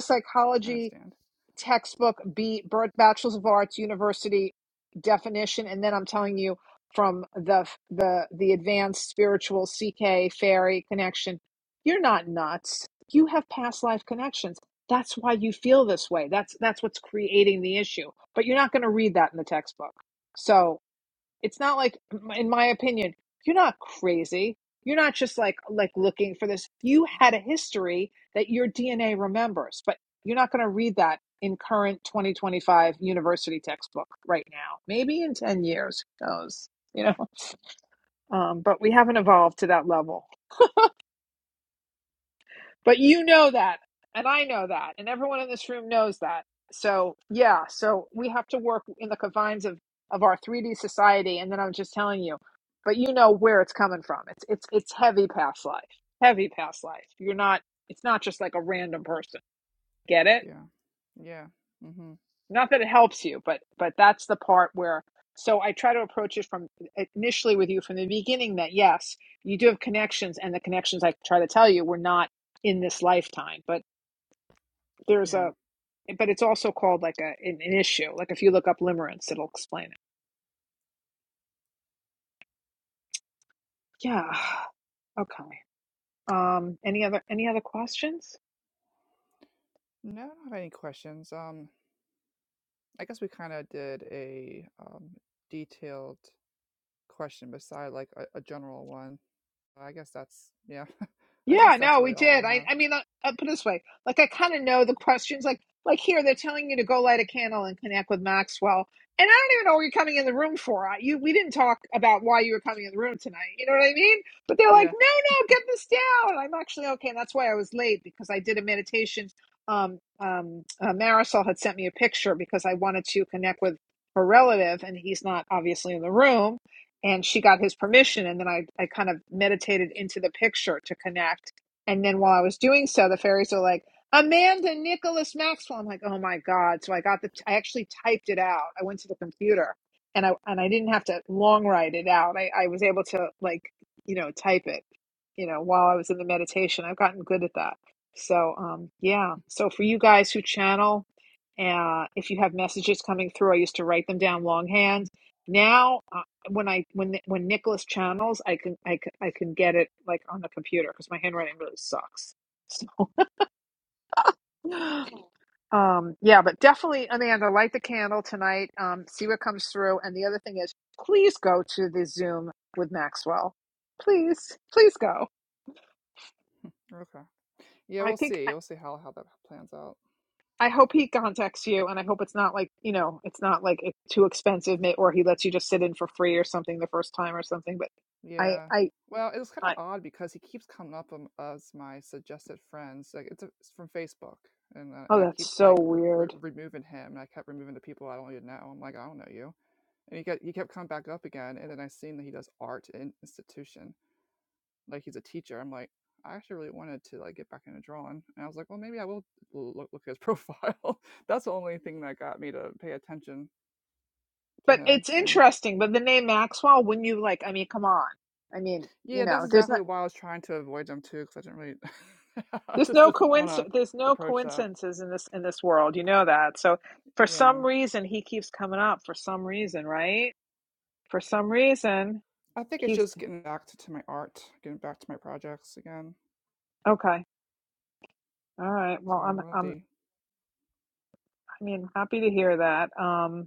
Speaker 10: I
Speaker 1: psychology
Speaker 10: understand.
Speaker 1: textbook, B, Bachelors of Arts University definition, and then I'm telling you from the the the advanced spiritual CK fairy connection, you're not nuts. You have past life connections. That's why you feel this way. That's that's what's creating the issue. But you're not going to read that in the textbook. So it's not like, in my opinion, you're not crazy. You're not just like like looking for this. You had a history that your DNA remembers, but you're not going to read that in current 2025 university textbook right now. Maybe in 10 years, who knows? You know, um, but we haven't evolved to that level. But you know that, and I know that, and everyone in this room knows that. So yeah, so we have to work in the confines of of our 3D society, and then I'm just telling you. But you know where it's coming from. It's it's it's heavy past life, heavy past life. You're not. It's not just like a random person. Get it?
Speaker 10: Yeah, yeah. Mm-hmm.
Speaker 1: Not that it helps you, but but that's the part where. So I try to approach it from initially with you from the beginning that yes, you do have connections, and the connections I try to tell you were not in this lifetime, but. There's
Speaker 10: Yeah.
Speaker 1: a but it's also called like a an, an issue. Like if you look up limerence, it'll explain it. Yeah. [SIGHS] Okay. Um. Any other any other questions?
Speaker 10: No, I don't have any questions. Um, I guess we kind of did a um, detailed question beside like a, a general one. I guess that's yeah. [LAUGHS] I guess
Speaker 1: Yeah,
Speaker 10: that's
Speaker 1: no,
Speaker 10: really
Speaker 1: we
Speaker 10: all they
Speaker 1: did. I,
Speaker 10: have.
Speaker 1: I mean, I, I put it this way, like I kind of know the questions. Like, like here, they're telling you to go light a candle and connect with Maxwell, and I don't even know what you're coming in the room for. I- You, we didn't talk about why you were coming in the room tonight. You know what I mean? But they're like,
Speaker 10: Yeah.
Speaker 1: no, no, get this down. I'm actually okay, and that's why I was late because I did a meditation. Um, um, uh, Marisol had sent me a picture because I wanted to connect with her relative, and he's not obviously in the room and she got his permission and then I, I kind of meditated into the picture to connect and then while i was doing so the fairies are like amanda nicholas maxwell i'm like oh my god so i got the i actually typed it out i went to the computer and i and i didn't have to long write it out i, I was able to like you know type it you know while i was in the meditation i've gotten good at that so um yeah so for you guys who channel uh, if you have messages coming through i used to write them down longhand now uh, when I when when Nicholas channels, I can I can I can get it like on the computer because my handwriting really sucks. So, [LAUGHS] um, yeah, but definitely, Amanda, light the candle tonight. Um, see what comes through. And the other thing is, please go to the Zoom with Maxwell. Please, please go.
Speaker 10: Okay. Yeah,
Speaker 1: I
Speaker 10: we'll
Speaker 1: think
Speaker 10: see.
Speaker 1: I,
Speaker 10: We'll see how how that plans out.
Speaker 1: I hope he contacts you, and I hope it's not like you know, it's not like it- too expensive, may- or he lets you just sit in for free or something the first time or something. But I
Speaker 10: Yeah.
Speaker 1: I
Speaker 10: Well, it was kind of
Speaker 1: I
Speaker 10: odd because he keeps coming up um, as my suggested friends. Like it's, a, it's from Facebook, and uh, and
Speaker 1: oh,
Speaker 10: I
Speaker 1: that's
Speaker 10: keep
Speaker 1: so
Speaker 10: like re-
Speaker 1: weird.
Speaker 10: re- removing him, and I kept removing the people I don't even know. I'm like, I don't know you, and he kept he kept coming back up again, and then I seen that he does art in institution, like he's a teacher. I'm like, I actually really wanted to like get back into drawing, and I was like, well, maybe I will look, look at his profile. [LAUGHS] that's the only thing that got me to pay attention to
Speaker 1: But
Speaker 10: him,
Speaker 1: it's
Speaker 10: and
Speaker 1: interesting. But the name Maxwell, when you like, I mean, come on. I mean, you
Speaker 10: yeah, that's
Speaker 1: know, there's
Speaker 10: exactly
Speaker 1: not,
Speaker 10: why I was trying to avoid them too, because I didn't really, [LAUGHS] I
Speaker 1: there's
Speaker 10: just
Speaker 1: no
Speaker 10: didn't want to
Speaker 1: coincidence, there's no
Speaker 10: approach that.
Speaker 1: coincidences in this in this world. You know that. So for
Speaker 10: Yeah,
Speaker 1: some reason, he keeps coming up. For some reason, right? For some reason,
Speaker 10: I think it's
Speaker 1: keeps.
Speaker 10: just getting back to, to my art, getting back to my projects again.
Speaker 1: Okay. All right. Well,
Speaker 10: So
Speaker 1: I'm
Speaker 10: we'll
Speaker 1: I'm.
Speaker 10: see.
Speaker 1: I mean, happy to hear that. Um.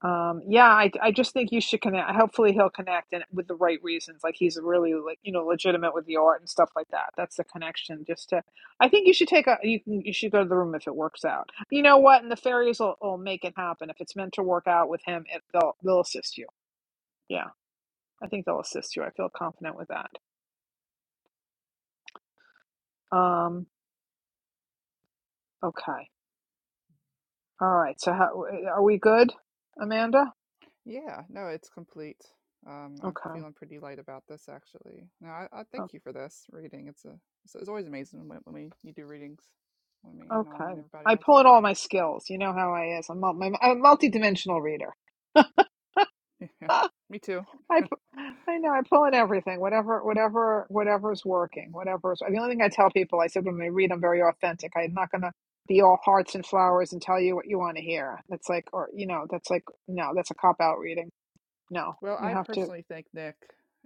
Speaker 1: Um, yeah, I, I just think you should connect. Hopefully, he'll connect and with the right reasons. Like he's really like you know legitimate with the art and stuff like that. That's the connection. Just to, I think you should take a you can you should go to the room if it works out. You know what? And the fairies will, will make it happen if it's meant to work out with him. It, they'll they'll assist you. Yeah, I think they'll assist you. I feel confident with that. Um. Okay. All right. So how are we good, Amanda?
Speaker 10: Yeah, no, it's complete. Um, I'm
Speaker 1: Okay.
Speaker 10: feeling pretty light about this actually. No, I, I thank
Speaker 1: Oh,
Speaker 10: you for this reading. It's a it's, it's always amazing when, when we you do readings with me and all and
Speaker 1: Okay.
Speaker 10: everybody
Speaker 1: I
Speaker 10: else.
Speaker 1: pull in all my skills. You know how I is. I'm mul- I'm a multi-dimensional reader.
Speaker 10: So, [LAUGHS]
Speaker 1: [LAUGHS]
Speaker 10: yeah,
Speaker 1: I,
Speaker 10: me too.
Speaker 1: pu- I know I pull in everything, whatever, whatever, whatever's working, whatever's. The only thing I tell people, I said when they read, I'm very authentic. I'm not gonna be all hearts and flowers and tell you what you want to hear. That's like, or you know, that's like, no, that's a cop out reading. No,
Speaker 10: Well,
Speaker 1: you
Speaker 10: I
Speaker 1: have to.
Speaker 10: personally thank Nick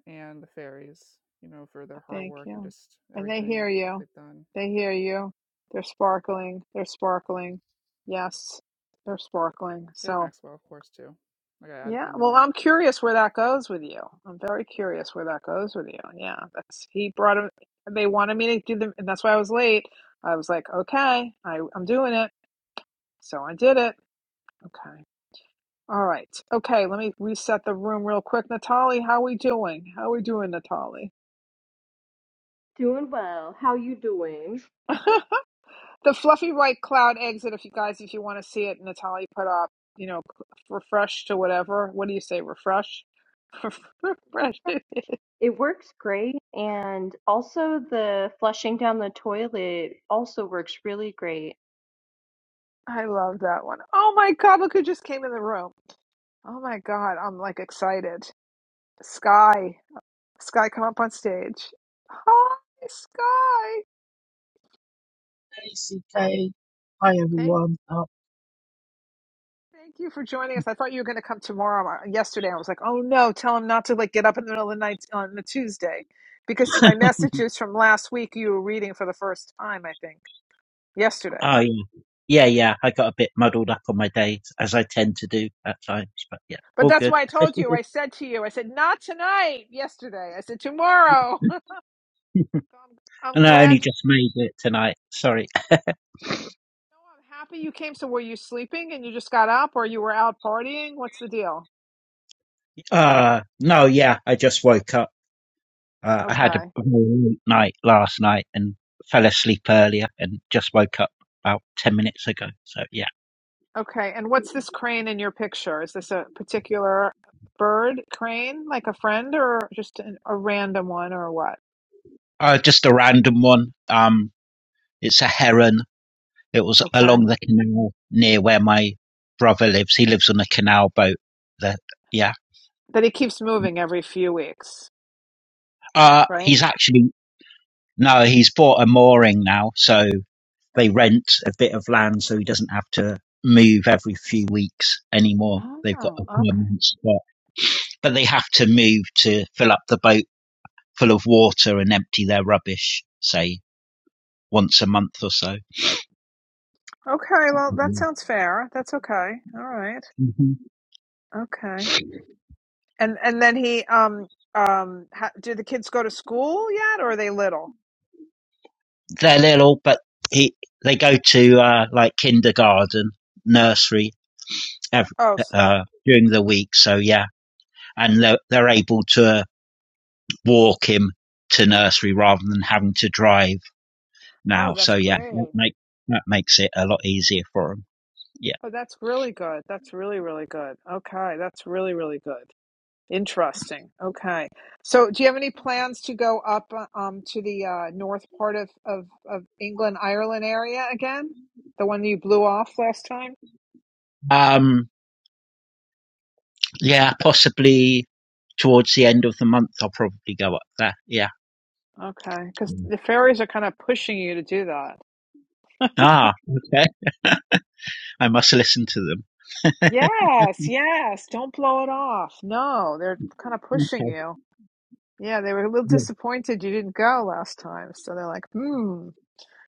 Speaker 10: and the fairies, you know, for their hard
Speaker 1: Thank
Speaker 10: work and
Speaker 1: you,
Speaker 10: just
Speaker 1: and they
Speaker 10: everything
Speaker 1: hear
Speaker 10: that
Speaker 1: you.
Speaker 10: they've done.
Speaker 1: They hear you. They're sparkling. They're sparkling. Yes, they're sparkling.
Speaker 10: We had
Speaker 1: So.
Speaker 10: Maxwell, of course, too. Like I added
Speaker 1: Yeah.
Speaker 10: him in
Speaker 1: Well,
Speaker 10: there.
Speaker 1: I'm curious where that goes with you. I'm very curious where that goes with you. Yeah. That's he brought him. They wanted me to do them, and that's why I was late. I was like, okay, I, I'm doing it. So I did it. Okay. All right. Okay. Let me reset the room real quick. Natalie, how we doing? How we doing, Natalie?
Speaker 2: Doing well. How you doing?
Speaker 1: [LAUGHS] the fluffy white cloud exit. If you guys, if you want to see it, Natalie put up. You know, refresh to whatever. What do you say? Refresh. [LAUGHS] refresh.
Speaker 2: It works great, and also the flushing down the toilet also works really great.
Speaker 1: I love that one. Oh my God, look who just came in the room. Oh my God, I'm like excited. Sky, Sky, come up on stage. Hi, Sky.
Speaker 11: Hey, CK. Hi,
Speaker 1: Thank,
Speaker 11: everyone. Uh,
Speaker 1: thank you for joining us. I thought you were going to come tomorrow. Uh, Yesterday, I was like, oh no, tell him not to like get up in the middle of the night on the Tuesday, because my messages from last week you were reading for the first time, I think, yesterday.
Speaker 11: Oh yeah, yeah, yeah. I got a bit muddled up on my days, as I tend to do at times. But yeah,
Speaker 1: But
Speaker 11: all
Speaker 1: that's
Speaker 11: good.
Speaker 1: why I told you. I
Speaker 11: [LAUGHS]
Speaker 1: said to you, I said not tonight. Yesterday, I said tomorrow. [LAUGHS] I'm, I'm
Speaker 11: and I only
Speaker 1: glad
Speaker 11: just made it tonight. Sorry.
Speaker 1: No, I'm happy you came. So were you sleeping and you just got up or you were out partying? What's the deal?
Speaker 11: Uh no, yeah. I just woke up. Uh, I had a
Speaker 1: Okay.
Speaker 11: very late night last night and fell asleep earlier, and just woke up about ten minutes ago. So yeah,
Speaker 1: Okay. And what's this crane in your picture? Is this a particular bird crane, like a friend or just an, a random one or what?
Speaker 11: uh, just a random one. Um, it's a heron. It was
Speaker 1: Okay.
Speaker 11: along the canal near where my brother lives. He lives on a canal boat. That yeah.
Speaker 1: That he keeps moving every few weeks,
Speaker 11: Uh
Speaker 1: right?
Speaker 11: he's actually no, he's bought a mooring now, so they rent a bit of land so he doesn't have to move every few weeks anymore. They've got
Speaker 1: Oh,
Speaker 11: a
Speaker 1: okay.
Speaker 11: permanent spot. But they have to move to fill up the boat full of water and empty their rubbish, say, once a month or so.
Speaker 1: Okay, well, that
Speaker 11: hmm
Speaker 1: sounds fair. That's okay. All right. Okay. And and then he um um ha, do the kids go to school yet or are they little?
Speaker 11: They're little, but he, they go to uh, like kindergarten, nursery, ev
Speaker 1: Oh, s-
Speaker 11: uh, during the week. So yeah, and they're, they're able to walk him to nursery rather than having to drive
Speaker 1: oh,
Speaker 11: now. So
Speaker 1: that's
Speaker 11: yeah, that
Speaker 1: great.
Speaker 11: make that makes it a lot easier for him. Yeah.
Speaker 1: Oh, that's really good. That's really, really good. Okay, that's really, really good. Interesting. Okay. So, do you have any plans to go up uh, um to the uh, north part of, of of England, Ireland area again? The one you blew off last time?
Speaker 11: Um. Yeah. Possibly towards the end of the month, I'll probably go up there. Yeah.
Speaker 1: Okay, because
Speaker 11: Mm.
Speaker 1: the fairies are kind of pushing you to do that.
Speaker 11: Ah. Okay. I must listen to them.
Speaker 1: Yes, yes. Don't blow it off. No, they're kind of pushing
Speaker 11: Okay.
Speaker 1: you. Yeah, they were a little
Speaker 11: Yeah.
Speaker 1: disappointed you didn't go last time, so they're like, hmm.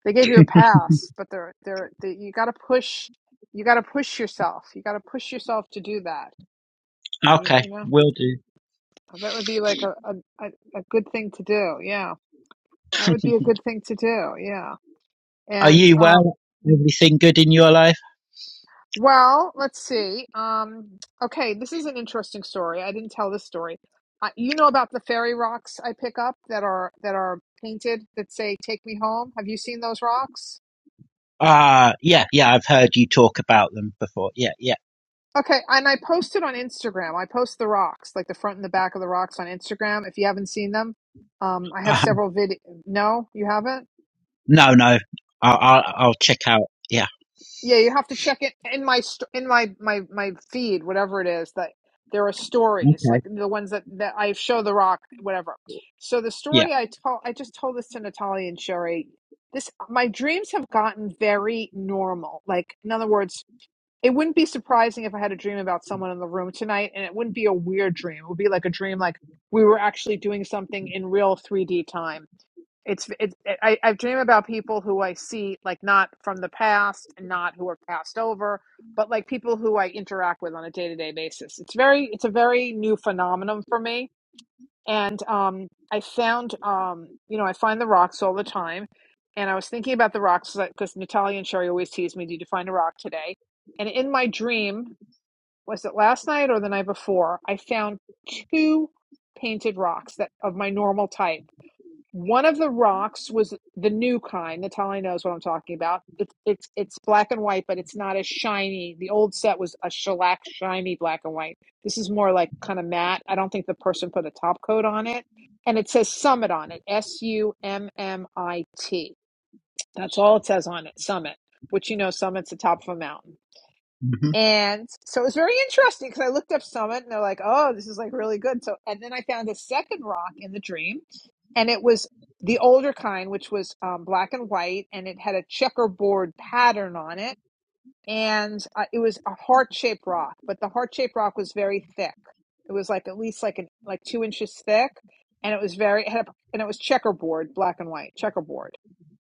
Speaker 1: They gave you a pass, but they're they're they, you got to push. You got to push yourself. You got to push yourself to do that. You,
Speaker 11: Okay.
Speaker 1: you know
Speaker 11: Will do.
Speaker 1: that would be like a, a a good thing to do. Yeah, that would be a good thing to do. Yeah,
Speaker 11: Are
Speaker 1: and
Speaker 11: you
Speaker 1: um.
Speaker 11: well? Everything good in your life?
Speaker 1: Well, let's see. Um, okay, this is an interesting story. I didn't tell this story. Uh, you know about the fairy rocks I pick up that are that are painted that say "Take me home." Have you seen those rocks?
Speaker 11: Ah, uh, yeah, yeah, I've heard you talk about them before. Yeah, yeah.
Speaker 1: Okay, and I posted on Instagram. I post the rocks, like the front and the back of the rocks on Instagram. If you haven't seen them, um, I have several vid. No, you haven't.
Speaker 11: No, no. I'll, I'll, I'll check out. Yeah.
Speaker 1: Yeah, you have to check it in my st- in my my my feed, whatever it is that there are stories like
Speaker 11: Okay.
Speaker 1: the ones that that I show the rock, whatever. So the
Speaker 11: Yeah.
Speaker 1: story I told, I just told this to Natalia and Sherry. This my dreams have gotten very normal. Like in other words, It wouldn't be surprising if I had a dream about someone in the room tonight, and it wouldn't be a weird dream. It would be like a dream like we were actually doing something in real 3D time. It's it, I i dream about people who I see like not from the past and not who are passed over, but like people who I interact with on a day-to-day basis. It's very it's a very new phenomenon for me and um, I found, um, you know, I find the rocks all the time, and I was thinking about the rocks because Natalia and Sherry always tease me, "Did you find a rock today?" And in my dream, was it last night or the night before? I found two painted rocks that of my normal type one of the rocks was the new kind. Natalia knows what I'm talking about. It's it's it's black and white, but it's not as shiny. The old set was a shellac shiny black and white. This is more like kind of matte. I don't think the person put a top coat on it. And it says Summit on it. S U M M I T. That's all it says on it. Summit. Which you know, Summit's the top of a mountain.
Speaker 11: hmm
Speaker 1: And so it was very interesting because I looked up Summit and they're like, oh, this is like really good. So, and then I found a second rock in the dream and it was the older kind, which was um, black and white and it had a checkerboard pattern on it. And uh, it was a heart shaped rock, but the heart shaped rock was very thick. It was like at least like an, like two inches thick and it was very, it had a, and it was checkerboard, black and white, checkerboard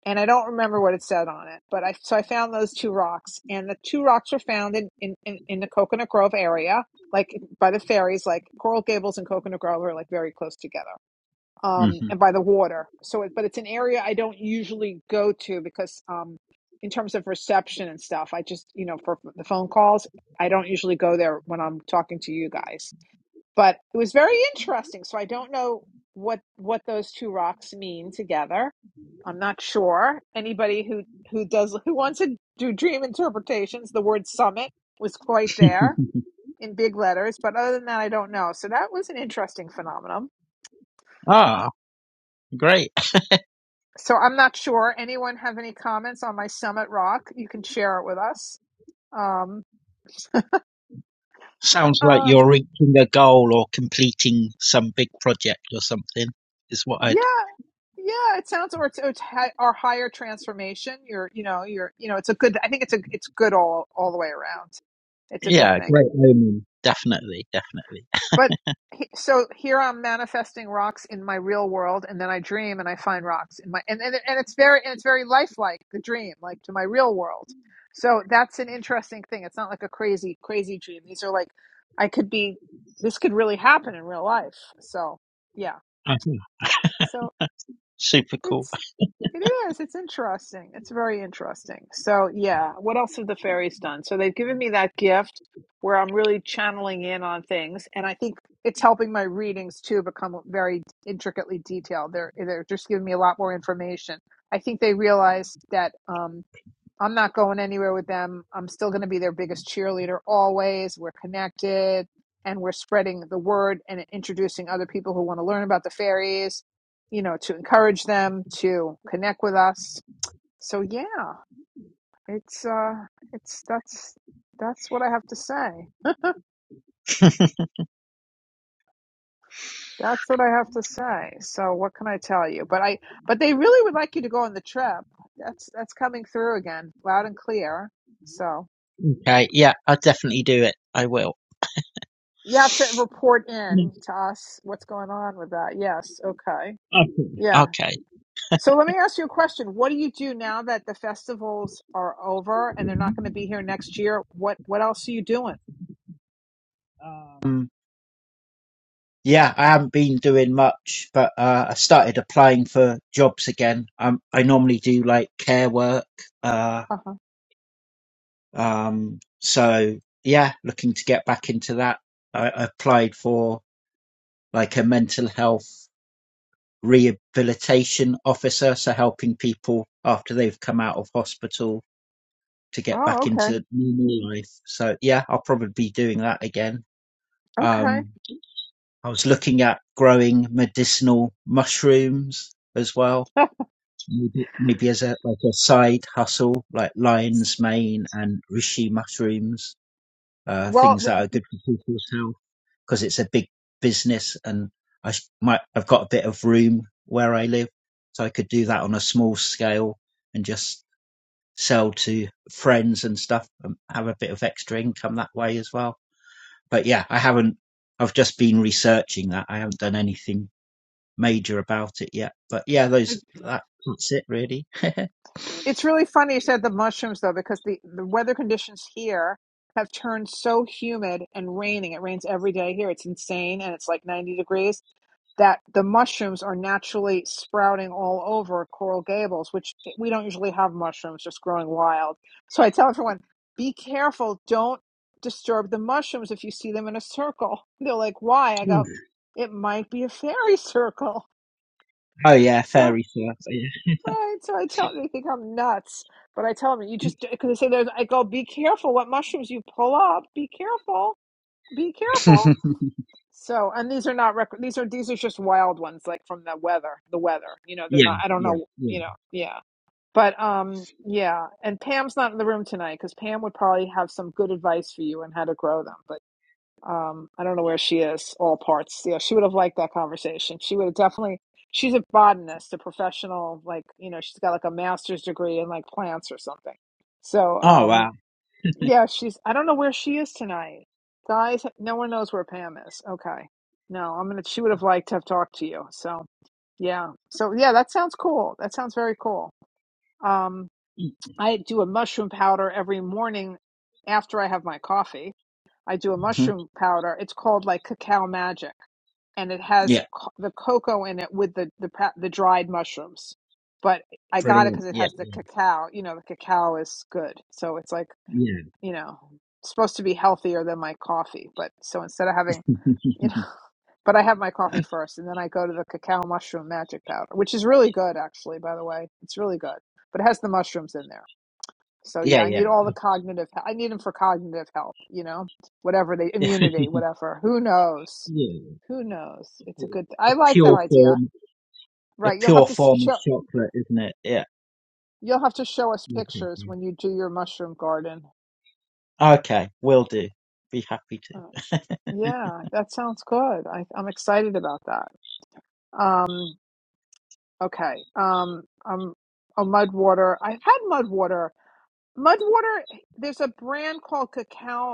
Speaker 1: and I don't remember what it said on it, but I so I found those two rocks, and the two rocks were found in in in, in the Coconut Grove area, like by the ferries, like Coral Gables and Coconut Grove are like very close together, um, and
Speaker 11: hmm
Speaker 1: by the water. So, it, but it's an area I don't usually go to because, um, in terms of reception and stuff, I just you know for the phone calls, I don't usually go there when I'm talking to you guys but it was very interesting. So I don't know what what those two rocks mean together. I'm not sure. Anybody who who does [LAUGHS] who wants to do dream interpretations, the word summit was quite there in big letters, but other than that I don't know. So that was an interesting phenomenon.
Speaker 11: [LAUGHS] Ah, great.
Speaker 1: So I'm not sure. Anyone have any comments on my summit rock? You can share it with us. Um
Speaker 11: Sounds like
Speaker 1: uh,
Speaker 11: you're reaching a goal or completing some big project or something is what I'd.
Speaker 1: Yeah, yeah, it sounds or it's, it's hi- or higher transformation. You're, you know, you're, you know, it's a good. I think it's a it's good all all the way around. It's a good
Speaker 11: Yeah.
Speaker 1: thing.
Speaker 11: Great omen. Definitely. Definitely.
Speaker 1: But he- so here I'm manifesting rocks in my real world, and then I dream and I find rocks in my and and, and it's very and it's very lifelike the dream, like to my real world. So that's an interesting thing. It's not like a crazy crazy dream. These are like I could be. This could really happen in real life. So yeah.
Speaker 11: uh
Speaker 1: So
Speaker 11: Super cool.
Speaker 1: it's It is. It's interesting. It's very interesting. So, yeah, what else have the fairies done? So, they've given me that gift where I'm really channeling in on things, and I think it's helping my readings too become very intricately detailed. They're they're just giving me a lot more information. I think they realized that. Um, I'm not going anywhere with them. I'm still going to be their biggest cheerleader always. We're connected and we're spreading the word and introducing other people who want to learn about the fairies, you know, to encourage them to connect with us. So yeah, it's uh it's that's that's what I have to say. That's what I have to say. So what can I tell you? But I but they really would like you to go on the trip. That's that's coming through again, loud and clear. So
Speaker 11: Okay. Yeah. I'll definitely do it. I will.
Speaker 1: You have to report
Speaker 11: Mm,
Speaker 1: in to us what's going on with that. Yes. Okay.
Speaker 11: uh,
Speaker 1: Yeah.
Speaker 11: Okay.
Speaker 1: So let me ask you a question. What do you do now that the festivals are over and they're not going to be here next year? What What else are you doing?
Speaker 11: Um, yeah, I haven't been doing much, but uh, I started applying for jobs again. Um, I normally do like care work, uh,
Speaker 1: Uh huh.
Speaker 11: Um, so yeah, looking to get back into that. I, I applied for like a mental health rehabilitation officer, so helping people after they've come out of hospital to get
Speaker 1: Oh,
Speaker 11: back
Speaker 1: okay.
Speaker 11: into normal life. So yeah, I'll probably be doing that again.
Speaker 1: Okay.
Speaker 11: Um, I was looking at growing medicinal mushrooms as well.
Speaker 1: [LAUGHS]
Speaker 11: Maybe, maybe as a like a side hustle, like lion's mane and reishi mushrooms, uh,
Speaker 1: well,
Speaker 11: things that are good for people's health. because it's a big business and I might, I've got a bit of room where I live. So I could do that on a small scale and just sell to friends and stuff and have a bit of extra income that way as well. But yeah, I haven't, I've just been researching that. I haven't done anything major about it yet. But yeah, those,
Speaker 1: th-
Speaker 11: that, that's it really.
Speaker 1: It's really funny you said the mushrooms though, because the, the weather conditions here have turned so humid and raining. It rains every day here. It's insane, and it's like 90 degrees. That the mushrooms are naturally sprouting all over Coral Gables, which we don't usually have mushrooms just growing wild. So I tell everyone, be careful. Don't disturb the mushrooms if you see them in a circle. [LAUGHS] They're like, why? I go,
Speaker 11: [LAUGHS]
Speaker 1: it might be a fairy circle. [LAUGHS]
Speaker 11: oh yeah,
Speaker 1: So.
Speaker 11: fairy surf. Yeah.
Speaker 1: Right, so I tell them, they think I'm nuts, but I tell them you just because they say there's. I go, be careful what mushrooms you pull up. Be careful, be
Speaker 11: [LAUGHS]
Speaker 1: careful. So, and these are not rec- these are these are just wild ones, like from the weather, the weather. You know, they're
Speaker 11: yeah,
Speaker 1: not. I don't
Speaker 11: yeah,
Speaker 1: know.
Speaker 11: yeah.
Speaker 1: You know, yeah, but um, yeah. And Pam's not in the room tonight because Pam would probably have some good advice for you on how to grow them. Um, I don't know where she is, all parts. Yeah, she would have liked that conversation. She would have definitely, she's a botanist, a professional, like, you know, she's got like a master's degree in like plants or something. So,
Speaker 11: Oh
Speaker 1: um,
Speaker 11: wow. [LAUGHS]
Speaker 1: yeah, she's, I don't know where she is tonight. Guys, no one knows where Pam is. Okay. No, I'm gonna, she would have liked to have talked to you. So, yeah. So, yeah, that sounds cool. That sounds very cool. Um, I do a mushroom powder every morning after I have my coffee I do a mushroom powder. It's called like cacao magic, and it has
Speaker 11: Yeah,
Speaker 1: co- the cocoa in it with the the pa- the dried mushrooms. But I got it
Speaker 11: brilliant.
Speaker 1: because it
Speaker 11: Yeah,
Speaker 1: has the
Speaker 11: Yeah,
Speaker 1: cacao. You know, the cacao is good, so it's like
Speaker 11: yeah.
Speaker 1: you know supposed to be healthier than my coffee. But so instead of having you know,
Speaker 11: [LAUGHS]
Speaker 1: [LAUGHS] but I have my coffee first, and then I go to the cacao mushroom magic powder, which is really good actually. By the way, it's really good, but it has the mushrooms in there. So
Speaker 11: yeah,
Speaker 1: yeah, I need
Speaker 11: yeah,
Speaker 1: all the cognitive. I need them for cognitive help. You know, whatever they
Speaker 11: [LAUGHS]
Speaker 1: immunity, whatever. Who knows?
Speaker 11: yeah.
Speaker 1: Who knows? It's a good.
Speaker 11: A
Speaker 1: I like that
Speaker 11: pure
Speaker 1: idea.
Speaker 11: form, a
Speaker 1: Right. You'll have
Speaker 11: pure
Speaker 1: to s
Speaker 11: form of
Speaker 1: show.
Speaker 11: chocolate, isn't it? Yeah.
Speaker 1: You'll have to show us
Speaker 11: Okay.
Speaker 1: pictures when you do your mushroom garden.
Speaker 11: Okay, will do. Be happy to.
Speaker 1: Uh, yeah, that sounds good. I, I'm excited about that. Um. Okay. Um. Um. Oh, mud water. I've had mud water. Mud water. There's a brand called Cacao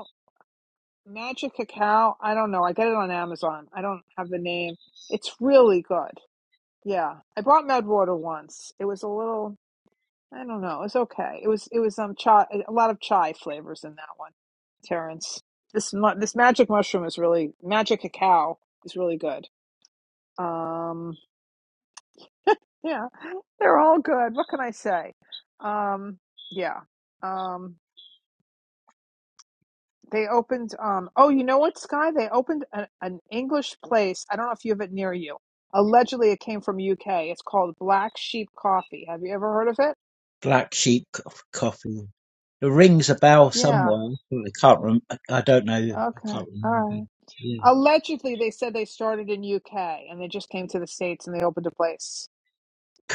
Speaker 1: Magic Cacao. I don't know. I get it on Amazon. I don't have the name. It's really good. Yeah, I bought Medwater once. It was a little. I don't know. It was okay. It was. It was um chai. A lot of chai flavors in that one. Terrence, this this magic mushroom is really magic cacao is really good. Um, yeah, they're all good. What can I say? Um, yeah. Um, They opened. Um. Oh, you know what, Sky? They opened a, an English place. I don't know if you have it near you. Allegedly, it came from UK. It's called Black Sheep Coffee. Have you ever heard of it?
Speaker 11: Black sheep co- coffee. It rings a bell
Speaker 1: Yeah.
Speaker 11: somewhere. I can't rem- I I don't know. I
Speaker 1: Okay.
Speaker 11: can't
Speaker 1: All
Speaker 11: remember.
Speaker 1: right.
Speaker 11: Yeah.
Speaker 1: Allegedly, they said they started in UK and they just came to the States and they opened a place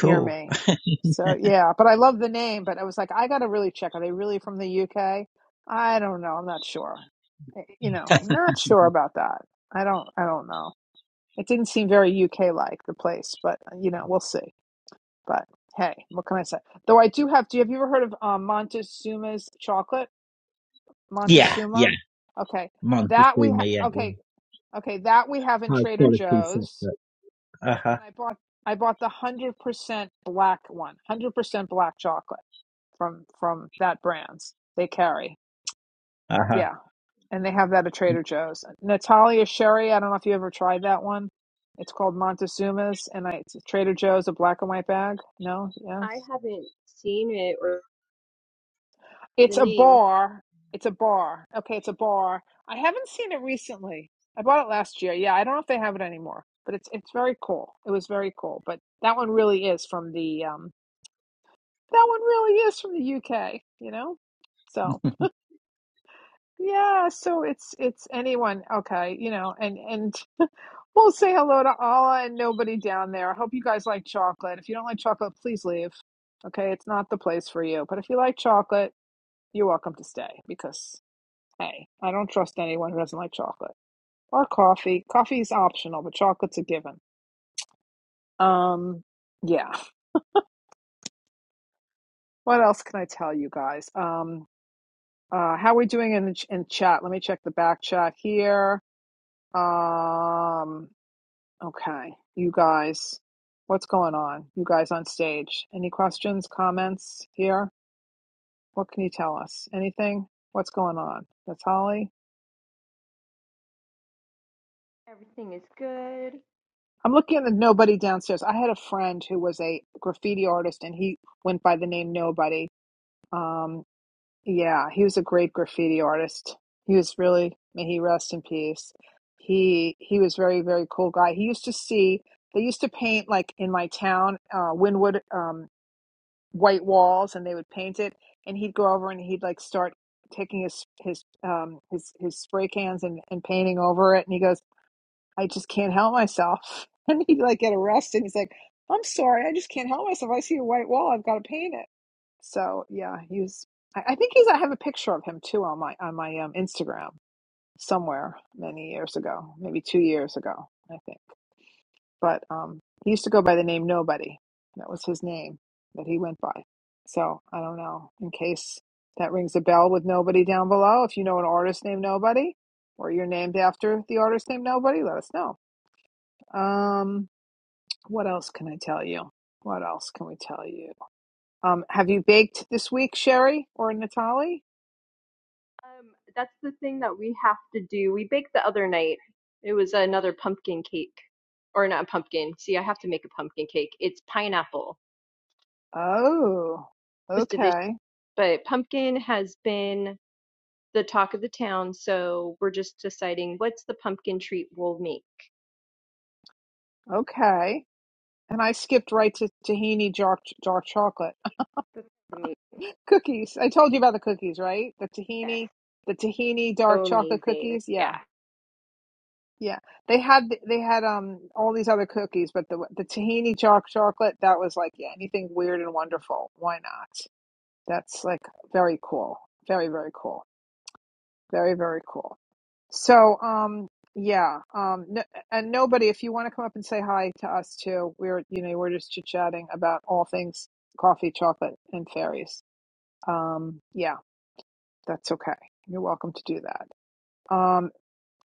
Speaker 1: near me. So yeah, but I love the name. But I was like, I gotta really check. Are they really from the UK? I don't know. I'm not sure. Eh, You know, I'm not sure about that. I don't. I don't know. It didn't seem very UK like the place, but uh, you know, we'll see. But hey, what can I say? Though I do have. Do you have you ever heard of um, Montezuma's chocolate?
Speaker 11: Yeah, yeah.
Speaker 1: Montezuma. Okay, that we
Speaker 11: Montezuma, yeah,
Speaker 1: ha-
Speaker 11: yeah.
Speaker 1: okay okay that we have in
Speaker 11: High
Speaker 1: Trader
Speaker 11: quality
Speaker 1: Joe's,
Speaker 11: chocolate. Uh huh.
Speaker 1: and I bought I bought the hundred percent black one, hundred percent black chocolate from from that brands they carry.
Speaker 11: Uh huh.
Speaker 1: Yeah. And they have that at Trader Joe's. Natalia Sherry, I don't know if you ever tried that one. It's called Montezuma's and I, it's at Trader Joe's, a black and white bag. No?
Speaker 2: I
Speaker 1: Yes.
Speaker 2: haven't seen it or the
Speaker 1: It's a
Speaker 2: name.
Speaker 1: bar. It's a bar. Okay, it's a bar. I haven't seen it recently. I bought it last year. Yeah, I don't know if they have it anymore, but it's it's very cool. It was very cool. But that one really is from the um that one really is from the UK, you know? So
Speaker 11: [LAUGHS]
Speaker 1: Yeah, so it's it's anyone, okay, you know, and and [LAUGHS] we'll say hello to Allah and nobody down there. I hope you guys like chocolate. If you don't like chocolate, please leave. Okay, it's not the place for you. But if you like chocolate, you're welcome to stay because hey, I don't trust anyone who doesn't like chocolate or coffee. Coffee is optional, but chocolate's a given. Um, yeah. What else can I tell you guys? Um, uh, how are we doing in the ch- in chat? Let me check the back chat here. Um, Okay, you guys, what's going on? You guys on stage, any questions, comments here? What can you tell us? Anything? What's going on? That's Holly.
Speaker 2: Everything is good.
Speaker 1: I'm looking at the nobody downstairs. I had a friend who was a graffiti artist and he went by the name Nobody. Um, yeah, he was a great graffiti artist. He was really, may he rest in peace. He he was very, very cool guy. He used to see, they used to paint like in my town, uh, Wynwood. um, white walls and they would paint it and he'd go over and he'd like start taking his his um his his spray cans and and painting over it and he goes i just can't help myself [LAUGHS] and he'd like get arrested he's like i'm sorry i just can't help myself i see a white wall i've got to paint it so yeah he's. i, I think he's i have a picture of him too on my on my um instagram somewhere many years ago maybe two years ago i think but um, he used to go by the name Nobody. That was his name that he went by. So I don't know. In case that rings a bell with Nobody down below, if you know an artist named Nobody, or you're named after the artist named Nobody, let us know. Um, what else can I tell you? What else can we tell you? Um, have you baked this week, Sherry or Natalie?
Speaker 2: Um, that's the thing that we have to do. We baked the other night. It was another pumpkin cake, or not a pumpkin. See, I have to make a pumpkin cake. It's pineapple.
Speaker 1: Oh,
Speaker 2: It was delicious,
Speaker 1: okay,
Speaker 2: but pumpkin has been the talk of the town. So we're just deciding what's the pumpkin treat we'll make.
Speaker 1: okay. And I skipped right to tahini dark, dark chocolate.
Speaker 2: That's amazing.
Speaker 1: Cookies. I told you about the cookies, right? The
Speaker 2: Yes,
Speaker 1: tahini, the tahini dark
Speaker 2: so
Speaker 1: chocolate
Speaker 2: amazing.
Speaker 1: cookies. Yeah.
Speaker 2: Yeah.
Speaker 1: Yeah. They had they had um all these other cookies, but the the tahini dark chocolate, that was like, yeah, anything weird and wonderful. Why not? That's like very cool. Very, very cool. Very, very cool. So, um, yeah, um, n and nobody, if you want to come up and say hi to us too, we're, you know, we're just chit-chatting about all things coffee, chocolate, and fairies. Um, yeah. That's okay. You're welcome to do that. Um,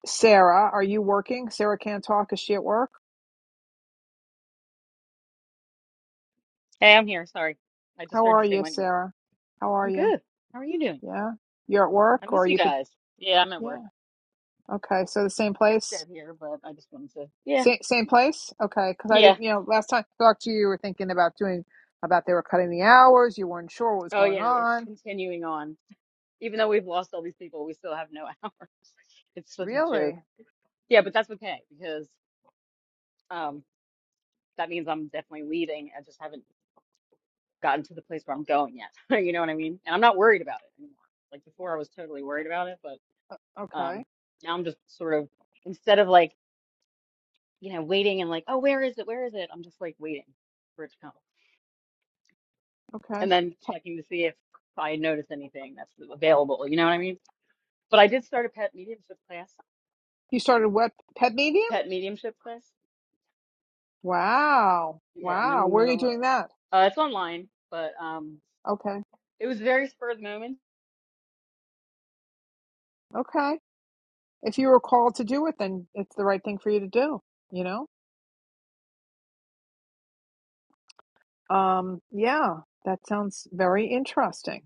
Speaker 1: Sarah, are you working? Sarah can't talk. Is she at work?
Speaker 7: Hey, I'm here. Sorry. I just
Speaker 1: How
Speaker 7: heard
Speaker 1: are
Speaker 7: you say
Speaker 1: you,
Speaker 7: my name.
Speaker 1: Sarah? How are
Speaker 7: I'm
Speaker 1: you?
Speaker 7: good. How are you doing?
Speaker 1: Yeah, you're at
Speaker 7: I
Speaker 1: work,
Speaker 7: miss
Speaker 1: or
Speaker 7: you
Speaker 1: you could.
Speaker 7: guys. Yeah, I'm at work.
Speaker 1: Yeah. Okay. So the same
Speaker 7: It's
Speaker 1: place.
Speaker 7: dead here, but I just wanted to. Yeah.
Speaker 1: Same same place. Okay. Because I
Speaker 7: Yeah.
Speaker 1: didn't. You know, last time I talked to you, you were thinking about doing about they were cutting the hours. You weren't sure what was
Speaker 7: Oh,
Speaker 1: going
Speaker 7: yeah. It's
Speaker 1: on.
Speaker 7: continuing on. Even though we've lost all these people, we still have no [LAUGHS] hour. It's such a joke.
Speaker 1: Really?
Speaker 7: Yeah, but that's okay because um, that means I'm definitely leaving. I just haven't gotten to the place where I'm going yet. [LAUGHS] You know what I mean? And I'm not worried about it anymore. Like before, I was totally worried about it, but. Um,
Speaker 1: Okay.
Speaker 7: now I'm just sort of instead of like, you know, waiting and like, oh, where is it? Where is it? I'm just like waiting for it to come.
Speaker 1: Okay.
Speaker 7: And then checking to see if I notice anything that's available. You know what I mean? But I did start a pet mediumship class.
Speaker 1: You started what? Pet Medium?
Speaker 7: Pet mediumship class.
Speaker 1: Wow.
Speaker 7: Yeah, I'm in
Speaker 1: Wow.
Speaker 7: the
Speaker 1: Where are you
Speaker 7: middle of
Speaker 1: doing that?
Speaker 7: uh it's online, but um
Speaker 1: Okay.
Speaker 7: it was very spur of the moment.
Speaker 1: Okay. if you were called to do it, then it's the right thing for you to do, you know? Um, yeah, that sounds very interesting.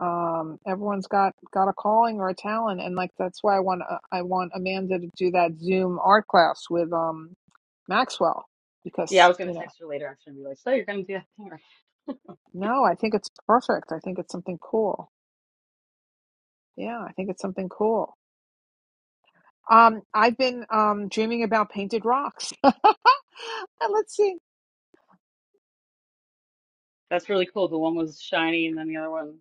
Speaker 1: Um, everyone's got got a calling or a talent, and like that's why I want uh, I want Amanda to do that Zoom art class with um Maxwell
Speaker 7: Yeah, I
Speaker 1: because
Speaker 7: was gonna
Speaker 1: you know
Speaker 7: text her later actually and be like, so you're gonna do that thing. right?"
Speaker 1: no, I think it's perfect. I think it's something cool. Yeah, I think it's something cool. Um, I've been um dreaming about painted rocks. [LAUGHS] Let's see.
Speaker 7: That's really cool. The one was shiny and then the other one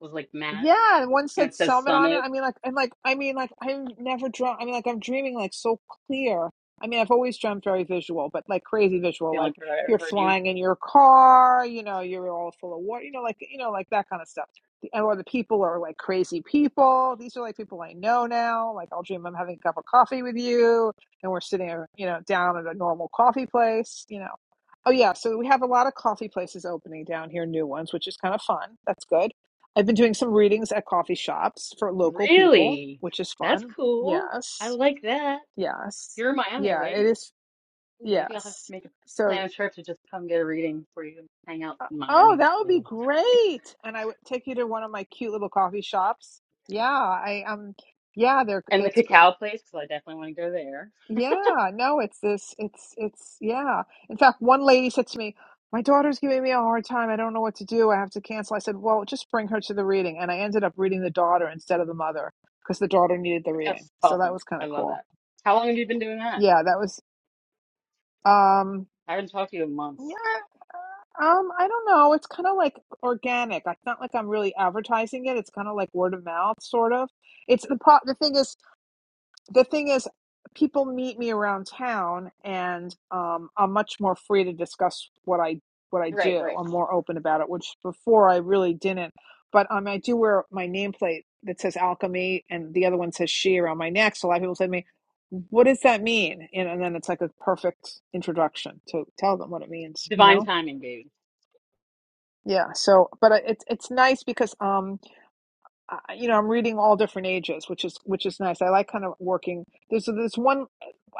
Speaker 7: was like matte
Speaker 1: Yeah, and one
Speaker 7: and
Speaker 1: said
Speaker 7: it says
Speaker 1: Summit on it.
Speaker 7: summit.
Speaker 1: I mean, like, and like, I mean, like, I've never dreamt. I mean, like, I'm dreaming like so clear. I mean, I've always dreamt very visual, but like crazy visual.
Speaker 7: The only
Speaker 1: Like
Speaker 7: part I ever
Speaker 1: you're
Speaker 7: heard you.
Speaker 1: flying in your car, you know, you're all full of water, you know, like, you know, like that kind of stuff. And Or the people are like crazy people. These are like people I know now. Like I'll dream I'm having a cup of coffee with you, and we're sitting, you know, down at a normal coffee place, you know. Oh yeah, so we have a lot of coffee places opening down here, new ones, which is kind of fun. That's good I've been doing some readings at coffee shops for local people,
Speaker 7: Really?
Speaker 1: which is
Speaker 7: That's
Speaker 1: fun.
Speaker 7: cool. I
Speaker 1: Yes.
Speaker 7: like that.
Speaker 1: Yes.
Speaker 7: You're in Miami,
Speaker 1: Yeah, it
Speaker 7: right?
Speaker 1: is.
Speaker 7: Ooh, maybe I'll have to
Speaker 1: Yes.
Speaker 7: make a
Speaker 1: So,
Speaker 7: plan a trip to just come get a reading for you and hang out
Speaker 1: uh,
Speaker 7: in
Speaker 1: oh,
Speaker 7: Miami.
Speaker 1: that would be great. And I would take you to one of my cute little coffee shops. Yeah, I um yeah, they're
Speaker 7: And the
Speaker 1: it's
Speaker 7: cacao place, because I definitely want to go there.
Speaker 1: Yeah, no, it's this, it's, it's, yeah. In fact, one lady said to me, My daughter's giving me a hard time. I don't know what to do. I have to cancel. I said, Well, just bring her to the reading. And I ended up reading the daughter instead of the mother because the daughter needed the
Speaker 7: That's
Speaker 1: reading. So that
Speaker 7: awesome.
Speaker 1: was kind
Speaker 7: I
Speaker 1: of
Speaker 7: love
Speaker 1: cool.
Speaker 7: that. How long have you been doing that?
Speaker 1: Yeah, that was, um,
Speaker 7: I haven't talked to you in months.
Speaker 1: yeah, um, I don't know. It's kind of like organic. It's not like I'm really advertising it. It's kind of like word of mouth, sort of. It's the pro the thing is, the thing is people meet me around town and um, i'm much more free to discuss what i what i
Speaker 7: Right,
Speaker 1: do
Speaker 7: right.
Speaker 1: i'm more open about it which before i really didn't but um, i do wear my nameplate that says alchemy and the other one says she around my neck so a lot of people say to me what does that mean and, and then it's like a perfect introduction to tell them what it means you
Speaker 7: Divine
Speaker 1: know
Speaker 7: timing, baby.
Speaker 1: yeah so but I- it's it's nice because um uh, you know, I'm reading all different ages, which is which is nice. I like kind of working. There's this one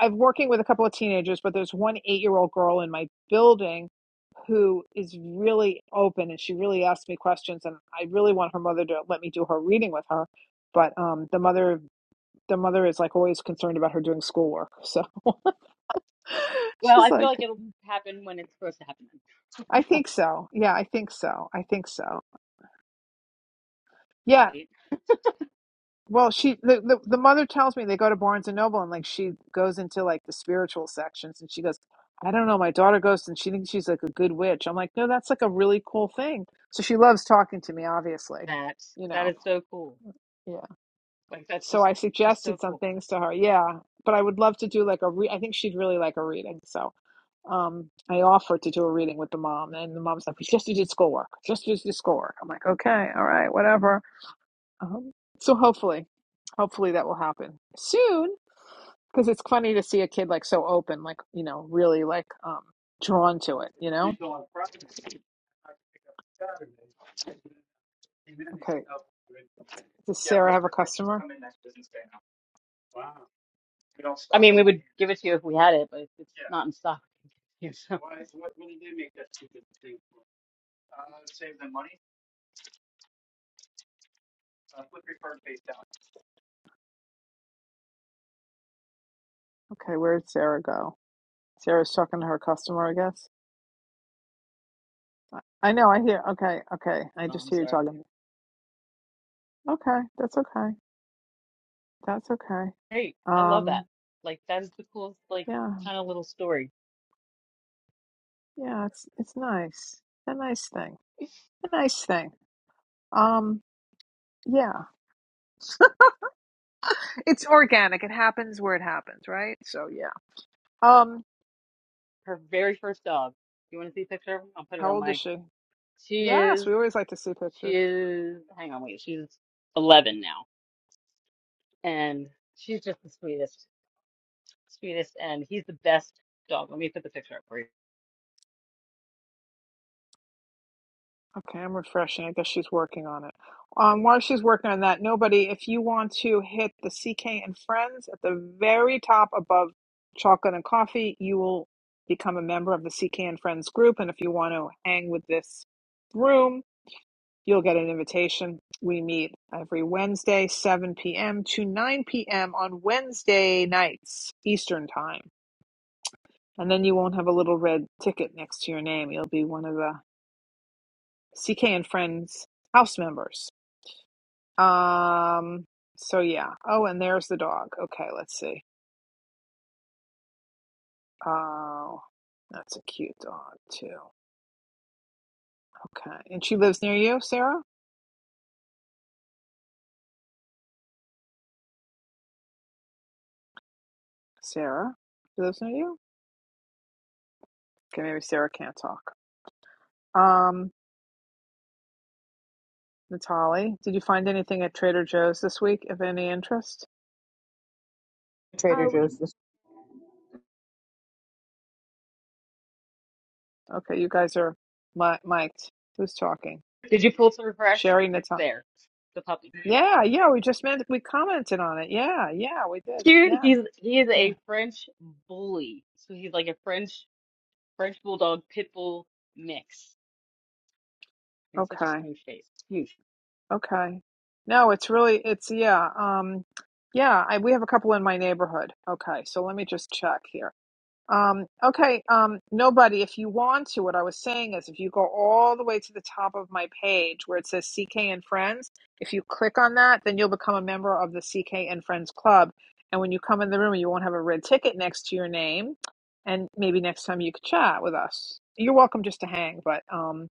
Speaker 1: I'm working with a couple of teenagers, but there's one eight year old girl in my building who is really open and she really asks me questions, and I really want her mother to let me do her reading with her, but um, the mother the mother is like always concerned about her doing schoolwork, so [LAUGHS]
Speaker 7: Well,
Speaker 1: she's
Speaker 7: I feel
Speaker 1: like,
Speaker 7: like it'll happen when it's supposed to
Speaker 1: I
Speaker 7: happen.
Speaker 1: think
Speaker 7: [LAUGHS]
Speaker 1: so, yeah, I think so, I think so. Yeah. Well, she the, the the mother tells me they go to Barnes and Noble and like she goes into like the spiritual sections and she goes, I don't know, my daughter goes and she thinks she's like a good witch. I'm like, no, that's like a really cool thing. So she loves talking to me, obviously,
Speaker 7: That
Speaker 1: you
Speaker 7: that
Speaker 1: know.
Speaker 7: is so cool.
Speaker 1: Yeah.
Speaker 7: Like that's
Speaker 1: So
Speaker 7: just
Speaker 1: I
Speaker 7: just so
Speaker 1: suggested some
Speaker 7: cool.
Speaker 1: things to her. Yeah, but I would love to do like a re- I think she'd really like a reading. So um, I offered to do a reading with the mom, and the mom's like, we just did schoolwork, just did schoolwork. I'm like, okay, all right, whatever. Um, so hopefully, hopefully that will happen soon because it's funny to see a kid like so open, like, you know, really like um, drawn to it, you know? Okay. Does Sarah have a customer?
Speaker 7: I mean, we would give it to you if we had it, but it's it's not in stock. [LAUGHS] Yeah, so,
Speaker 1: Okay. where did Sarah go? Sarah's talking to her customer, I guess. I I know. I hear. Okay. Okay. I
Speaker 7: so I'm
Speaker 1: just hear you
Speaker 7: sorry.
Speaker 1: talking. Okay. That's okay. That's okay.
Speaker 7: Hey, I love that.
Speaker 1: Um,
Speaker 7: Like that is the coolest, like
Speaker 1: yeah.
Speaker 7: kind of little story.
Speaker 1: Yeah. It's, it's nice. A nice thing. A nice thing. Um, yeah. [LAUGHS] It's organic. It happens where it happens, right? So yeah. Um,
Speaker 7: Her very first dog. You want to see a picture of her? I'll put it
Speaker 1: how
Speaker 7: on
Speaker 1: old is
Speaker 7: my.
Speaker 1: she?
Speaker 7: She
Speaker 1: Yes,
Speaker 7: is.
Speaker 1: we always like to see
Speaker 7: She
Speaker 1: pictures.
Speaker 7: is. Hang on, wait. She's 11 now, and she's just the sweetest, sweetest, and he's the best dog. Let me put the picture up for you.
Speaker 1: Okay, I'm refreshing. I guess she's working on it. Um, while she's working on that, nobody, if you want to hit the CK and Friends at the very top above chocolate and coffee, you will become a member of the CK and Friends group. And if you want to hang with this room, You'll get an invitation. We meet every Wednesday, 7 p.m. to 9 p.m. on Wednesday nights, Eastern Time. And then you won't have a little red ticket next to your name. You'll be one of the CK and Friends house members. Um, so yeah. Oh, and there's the dog. Okay, let's see. Oh, that's a cute dog too. Okay. And she lives near you, Sarah? Sarah? She lives near you? Okay, maybe Sarah can't talk. Um. Natali, did you find anything at Trader Joe's this week of any interest?
Speaker 2: Uh,
Speaker 3: Trader Joe's.
Speaker 1: Okay, you guys are mi- mic'd. Who's talking?
Speaker 7: Did you pull to refresh?
Speaker 1: Sherry
Speaker 7: It's
Speaker 1: Natali.
Speaker 7: there. The puppy.
Speaker 1: Yeah, yeah, we just meant we commented on it. Yeah, yeah, we did.
Speaker 7: cute.
Speaker 1: Yeah,
Speaker 7: He's he is
Speaker 1: yeah.
Speaker 7: a French bully. So he's like a French French bulldog pit bull mix. He's such a
Speaker 1: Okay,
Speaker 7: smooth face. Smooth.
Speaker 1: okay. No, it's really it's yeah, um, yeah. I, we have a couple in my neighborhood. Okay, so let me just check here. Um, okay, um, nobody, if you want to, what I was saying is if you go all the way to the top of my page where it says CK and Friends, if you click on that, then you'll become a member of the CK and Friends Club. And when you come in the room, you won't have a red ticket next to your name. And maybe next time you could chat with us. You're welcome just to hang, but um,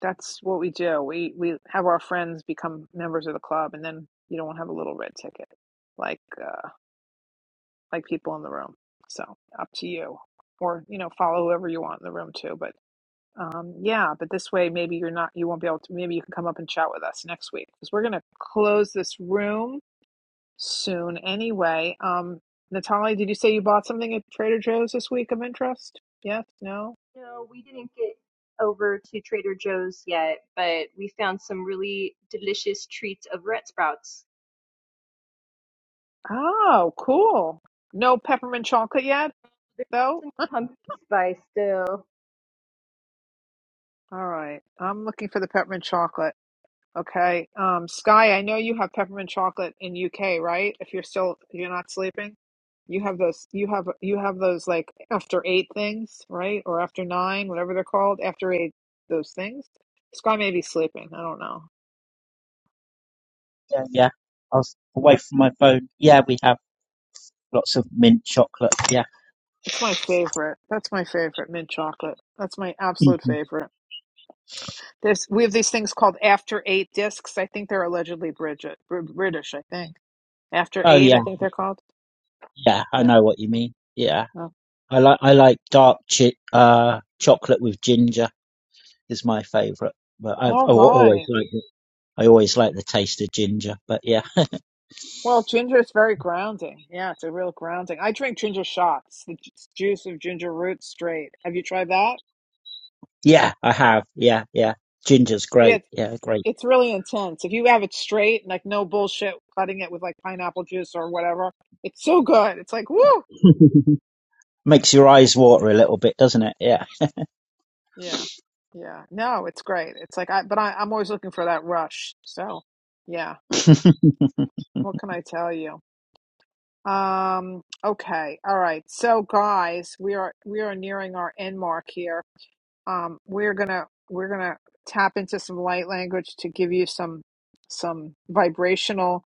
Speaker 1: that's what we do. We we have our friends become members of the club, and then you don't have a little red ticket. Like, uh, like people in the room. So up to you, or you know, follow whoever you want in the room too. But um, yeah, but this way maybe you're not, you won't be able to. Maybe you can come up and chat with us next week because we're gonna close this room soon anyway. Um, Natalie, did you say you bought something at Trader Joe's this week of interest? Yes, no.
Speaker 2: No, we didn't get over to Trader Joe's yet, but we found some really delicious treats of red sprouts.
Speaker 1: Oh, cool. No peppermint chocolate yet,
Speaker 2: They're
Speaker 1: though.
Speaker 2: in the pumpkin spice still.
Speaker 1: All right, I'm looking for the peppermint chocolate. Okay. Um, Sky, I know you have peppermint chocolate in UK, right? If you're still if you're not sleeping, you have those you have you have those like after eight things, right? Or after nine, whatever they're called, after eight those things. Sky may be sleeping. I don't know.
Speaker 11: Yeah, yeah. I was away from my phone. Yeah, we have lots of mint chocolate. Yeah.
Speaker 1: It's my favorite. That's my favorite mint chocolate. That's my
Speaker 11: [LAUGHS]
Speaker 1: absolute favorite. There's we have these things called after eight discs. I think they're allegedly Bridget, Br- British. I think after
Speaker 11: Oh
Speaker 1: eight.
Speaker 11: yeah,
Speaker 1: I think they're called.
Speaker 11: yeah, I
Speaker 1: Yeah.
Speaker 11: know what you mean. Yeah,
Speaker 1: Oh.
Speaker 11: I like I like dark chi- uh, chocolate with ginger is my favourite. But I've
Speaker 1: All
Speaker 11: I
Speaker 1: right.
Speaker 11: always liked it. I always like the taste of ginger. But yeah,
Speaker 1: Well, ginger is very grounding. Yeah, it's a real grounding. I drink ginger shots, the ju- juice of ginger root straight. Have you tried that?
Speaker 11: [LAUGHS] yeah, I have. Yeah, yeah, ginger's
Speaker 1: Yeah,
Speaker 11: great.
Speaker 1: it's,
Speaker 11: Yeah, great.
Speaker 1: it's really intense. If you have it straight, like no bullshit cutting it with like pineapple juice or whatever, it's so good. It's like, woo!
Speaker 11: [LAUGHS] Makes your eyes water a little bit, doesn't it? Yeah.
Speaker 1: Yeah, yeah. No, it's great. It's like, I, but I, I'm always looking for that rush. So, yeah,
Speaker 11: [LAUGHS]
Speaker 1: what can I tell you? Um, okay, all right. So, guys, we are we are nearing our end mark here. um, we're gonna we're gonna tap into some light language to give you some some vibrational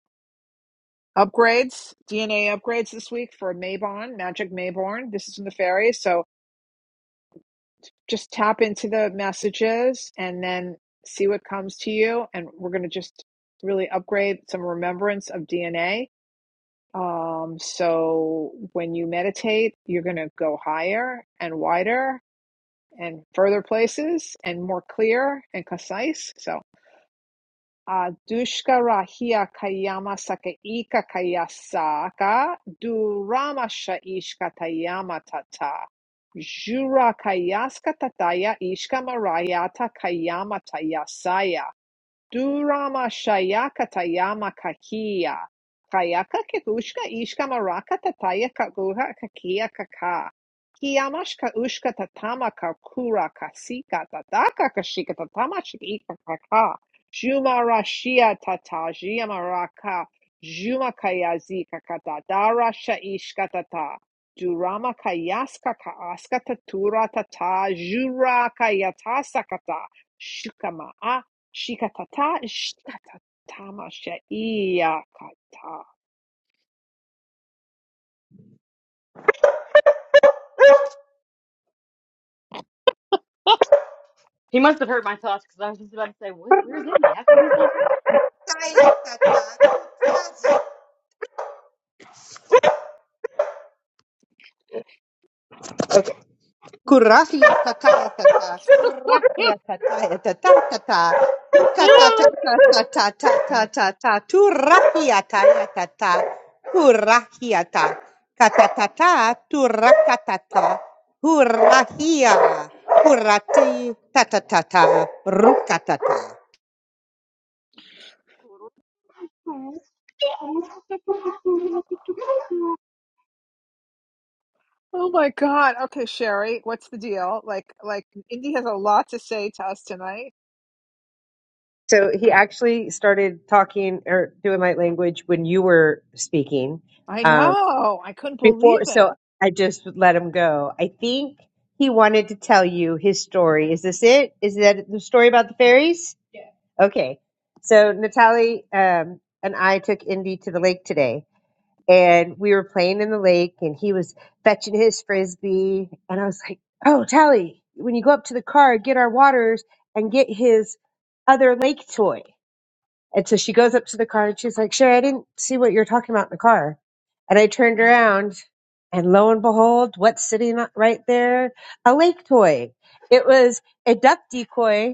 Speaker 1: upgrades, DNA upgrades this week for Mayborn, Magic Mayborn. This is from the fairies. so just tap into the messages and then see what comes to you. And we're gonna just really upgrade some remembrance of DNA. Um, so when you meditate, you're gonna go higher and wider and further places and more clear and concise. So Uh, Dushkara hiya kayama saka ika kayasaka duramasha ishka tayama tata jura kayaska tataya ishka marayata kayama tayasaya Durama shayaka tayama kakia. Kayaka kekushka ishka maraka tataya kaguha kakia kaka. Kiamash kaushka tatama kakura kasika tataka kashika tatama shika kaka. Juma rashia tatajia maraka. Juma kayazi kakata dara shaishka tata. Durama kayaska kaaska tatura tata. Jura kayatasa kata. Shukama a Shikatata shikatatama shaiakata.
Speaker 7: He must have heard my thoughts because I was just about to say, what, where's Indy? How come he's not talking?
Speaker 3: Science, that's not [LAUGHS] Kurahia tataya tata, kurahia tataya tata tata,
Speaker 1: [LAUGHS]
Speaker 3: kukatatatatatatatata, turahia taya tata, kurahia ta, katatata, turakatata, hurahia, kurati tatatata, rukatata.
Speaker 1: Oh my God. Okay, Sherry, what's the deal? Like, like Indy has a lot to say to us tonight.
Speaker 3: So he actually started talking or doing light language when you were speaking.
Speaker 1: I know. I couldn't believe
Speaker 3: before
Speaker 1: it.
Speaker 3: so i just let him go i think he wanted to tell you his story is this it is that the story about the fairies okay so natalie um, and i took indy to the lake today and we were playing in the lake and he was fetching his frisbee and i was like oh tally when you go up to the car get our waters and get his other lake toy and so she goes up to the car and she's like, Sherry, I didn't see what you're talking about in the car. And I turned around and lo and behold, what's sitting right there? A lake toy. It was a duck decoy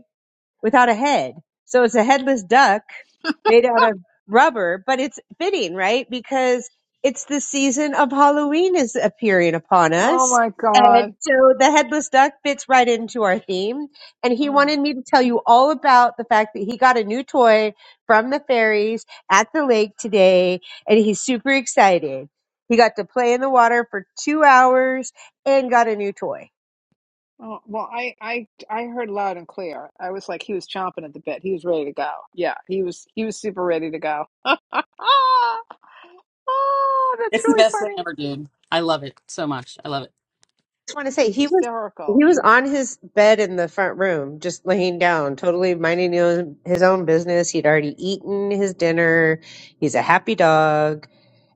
Speaker 3: without a head. So it's a headless duck made out of rubber, but it's fitting, right? Because it's the season of Halloween is appearing upon
Speaker 1: Oh
Speaker 3: us.
Speaker 1: my
Speaker 3: And
Speaker 1: God.
Speaker 3: so the headless duck fits right into our theme. And he
Speaker 1: Oh,
Speaker 3: wanted me to tell you all about the fact that he got a new toy from the fairies at the lake today. And he's super excited. He got to play in the water for two hours and got a new toy.
Speaker 1: oh well, I, I, I heard loud and clear. I was like, he was chomping at the bit. He was ready to go. Yeah, he was, he was super ready to go. [LAUGHS] Oh, that's
Speaker 7: It's the
Speaker 1: really
Speaker 7: best thing
Speaker 1: funny.
Speaker 7: ever, dude. I love it so much. I love it.
Speaker 3: want to say he was
Speaker 1: Hysterical.
Speaker 3: he was
Speaker 1: It's,
Speaker 3: on his bed in the front room, just laying down, totally minding his own his own business. He'd already eaten his dinner. He's a happy dog.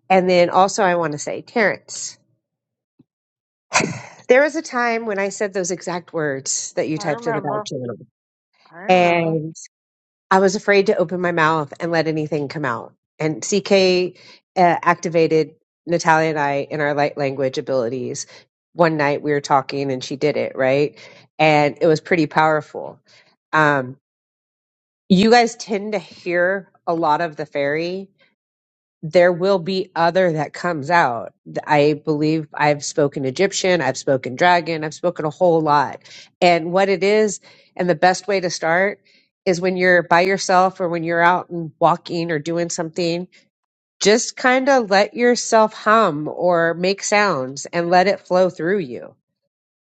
Speaker 3: And then also, I want to say, Terrence, there was a time when I said those exact words that you
Speaker 1: I
Speaker 3: typed in the
Speaker 1: remember.
Speaker 3: back
Speaker 1: I
Speaker 3: channel.
Speaker 1: remember.
Speaker 3: I was afraid to open my mouth and let anything come out. And CK uh, activated Natalia and I in our light language abilities. One night we were talking and she did it, right? And it was pretty powerful. Um, you guys tend to hear a lot of the fairy there will be other that comes out. I believe I've spoken Egyptian, I've spoken dragon, I've spoken a whole lot. And what it is, and the best way to start is when you're by yourself or when you're out and walking or doing something, just kind of let yourself hum or make sounds and let it flow through you.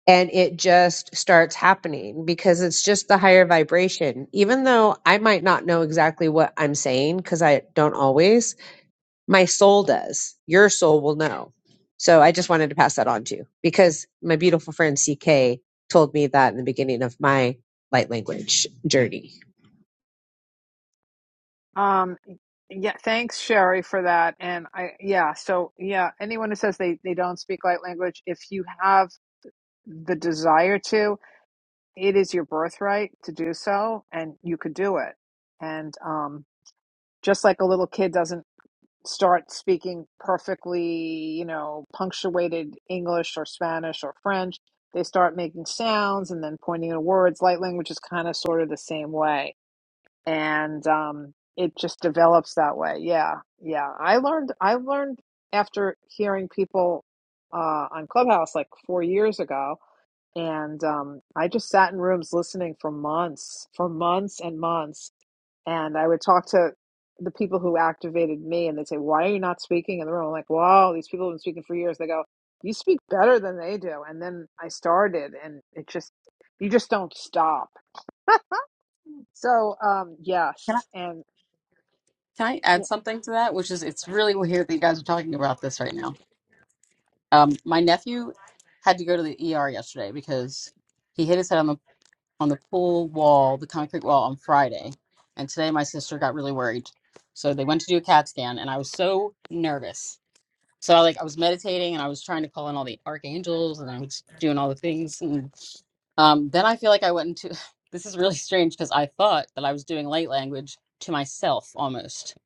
Speaker 3: And it just starts happening because it's just the higher vibration. Even though I might not know exactly what I'm saying, because I don't always, my soul does. Your soul will know. So I just wanted to pass that on to you because my beautiful friend CK told me that in the beginning of my light language journey.
Speaker 1: Um, yeah, thanks, Sherry, for that. And I, yeah, so yeah, anyone who says they they don't speak light language, if you have the desire to, it is your birthright to do so, and you could do it. And um, just like a little kid doesn't start speaking perfectly, you know, punctuated English or Spanish or French, they start making sounds and then pointing to words. Light language is kind of sort of the same way and um, it just develops that way. Yeah, yeah. I learned I learned after hearing people uh, on Clubhouse like four years ago, and um, I just sat in rooms listening for months, for months and months, and I would talk to the people who activated me, and they'd say, "Why are you not speaking in the room?" I'm like, "Wow, these people have been speaking for years." They go, "You speak better than they do," and then I started, and it just you just don't stop. So um,
Speaker 7: Can I
Speaker 1: yes, and
Speaker 7: can I add something to that? Which is it's really weird that you guys are talking about this right now. Um, my nephew had to go to the ER yesterday because he hit his head on the on the pool wall, the concrete wall on Friday. And today my sister got really worried. So they went to do a CAT scan and I was so nervous. So I like I was meditating and I was trying to call in all the archangels and I was doing all the things and um then I feel like I went into [LAUGHS] this is really strange because I thought that I was doing light language to myself almost.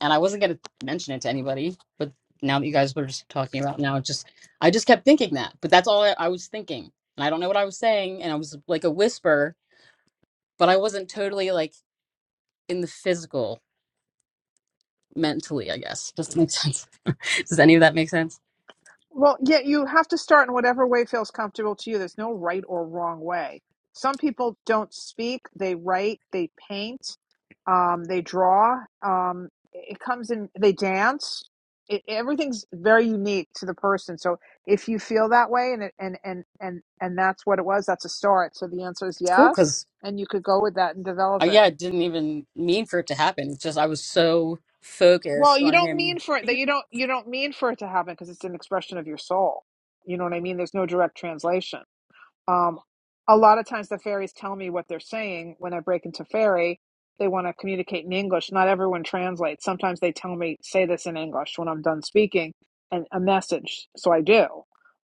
Speaker 7: And I wasn't gonna mention it to anybody, but now that you guys were just talking about now it just I just kept thinking that. But that's all I, I was thinking. And I don't know what I was saying and I was like a whisper but I wasn't totally like in the physical mentally, I guess. Does that make sense? [LAUGHS] Does any of that make sense?
Speaker 1: Well, yeah, you have to start in whatever way feels comfortable to you. There's no right or wrong way. Some people don't speak, they write, they paint, um, they draw. Um, it comes in, they dance. It, everything's very unique to the person. So if you feel that way and, it, and, and, and, and that's what it was, that's a start. So the answer is
Speaker 7: It's cool
Speaker 1: yes.
Speaker 7: because
Speaker 1: And you could go with that and develop
Speaker 7: I,
Speaker 1: it.
Speaker 7: yeah, I didn't even mean for it to happen. It's just I was so
Speaker 1: Well,
Speaker 7: focused
Speaker 1: you
Speaker 7: on
Speaker 1: don't
Speaker 7: him.
Speaker 1: mean for it that you don't, you don't mean for it to happen because it's an expression of your soul. You know what I mean? There's no direct translation. Um, a lot of times the fairies tell me what they're saying when I break into fairy. They want to communicate in English. Not everyone translates. Sometimes they tell me, say this in English when I'm done speaking and a message. So I do,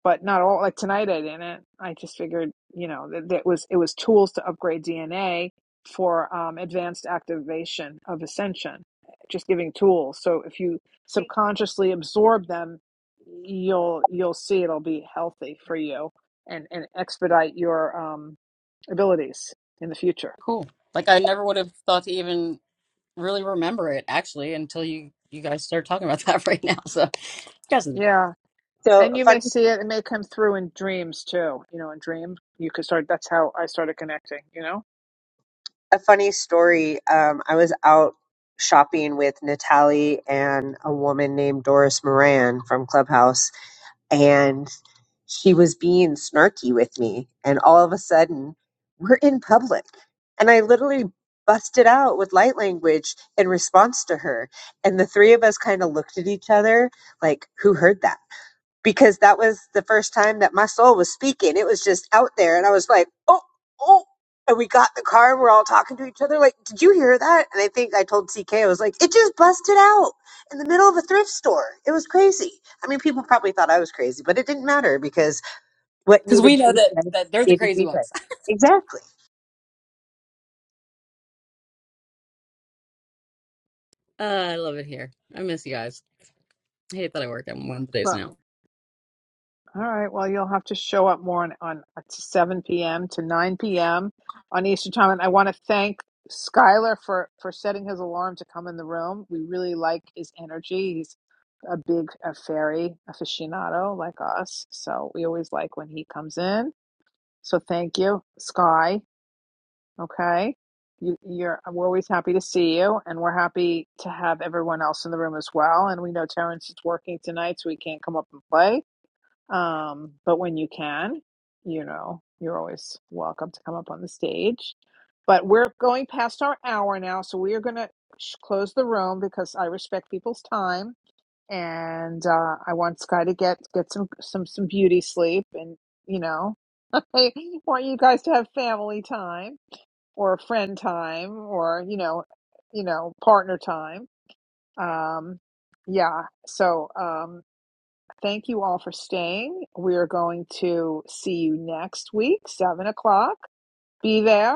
Speaker 1: but not all. Like tonight I didn't. I just figured, you know, that, that was, it was tools to upgrade DNA for um, advanced activation of ascension, just giving tools. So if you subconsciously absorb them, you'll, you'll see it'll be healthy for you and and expedite your um, abilities in the future.
Speaker 7: Cool. Like I never would have thought to even really remember it actually until you you guys start talking about that [LAUGHS] right now. So you guys are the best.
Speaker 1: Yeah,
Speaker 3: So
Speaker 1: and
Speaker 3: a
Speaker 1: you
Speaker 3: funny,
Speaker 1: may see it; it may come through in dreams too. You know, in dream you could start. That's how I started connecting. You know.
Speaker 3: a funny story. Um, I was out shopping with Natalie and a woman named Doris Moran from Clubhouse, and she was being snarky with me and all of a sudden we're in public and i literally busted out with light language in response to her and the three of us kind of looked at each other like who heard that because that was the first time that my soul was speaking. It was just out there. And I was like, oh, oh. And we got in the car and we're all talking to each other, like, did you hear that? And I think I told CK, I was like, it just busted out in the middle of a thrift store. It was crazy. I mean, people probably thought I was crazy, but it didn't matter because what
Speaker 7: Because
Speaker 3: needed
Speaker 7: we
Speaker 3: to
Speaker 7: know
Speaker 3: be
Speaker 7: that,
Speaker 3: said
Speaker 7: that they're the
Speaker 3: needed to
Speaker 7: crazy
Speaker 3: be said.
Speaker 7: ones. [LAUGHS]
Speaker 3: Exactly.
Speaker 7: Uh, I love it here. I miss you guys. I hate that I work at Wednesdays
Speaker 1: Well,
Speaker 7: now.
Speaker 1: all right. Well, you'll have to show up more on, on uh, 7 p.m. to 9 p.m. on Eastern time. And I want to thank Skylar for for setting his alarm to come in the room. We really like his energy. He's a big a fairy aficionado like us, so we always like when he comes in. So thank you, Sky. Okay. You, you're, we're always happy to see you, and we're happy to have everyone else in the room as well. And we know Terrence is working tonight, so he can't come up and play. Um, but when you can, you know, you're always welcome to come up on the stage. But we're going past our hour now, so we are going to sh- close the room because I respect people's time, and uh, I want Sky to get get some some some beauty sleep, and you know. They want you guys to have family time or friend time or, you know, you know, partner time. Um, yeah. So, um, thank you all for staying. We are going to see you next week, seven o'clock. Be there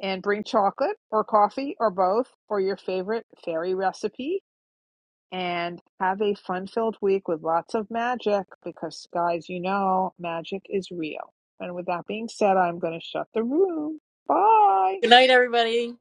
Speaker 1: and bring chocolate or coffee or both or your favorite fairy recipe and have a fun filled week with lots of magic because, guys, you know, magic is real. And with that being said, I'm going to shut the room. Bye.
Speaker 7: Good night, everybody.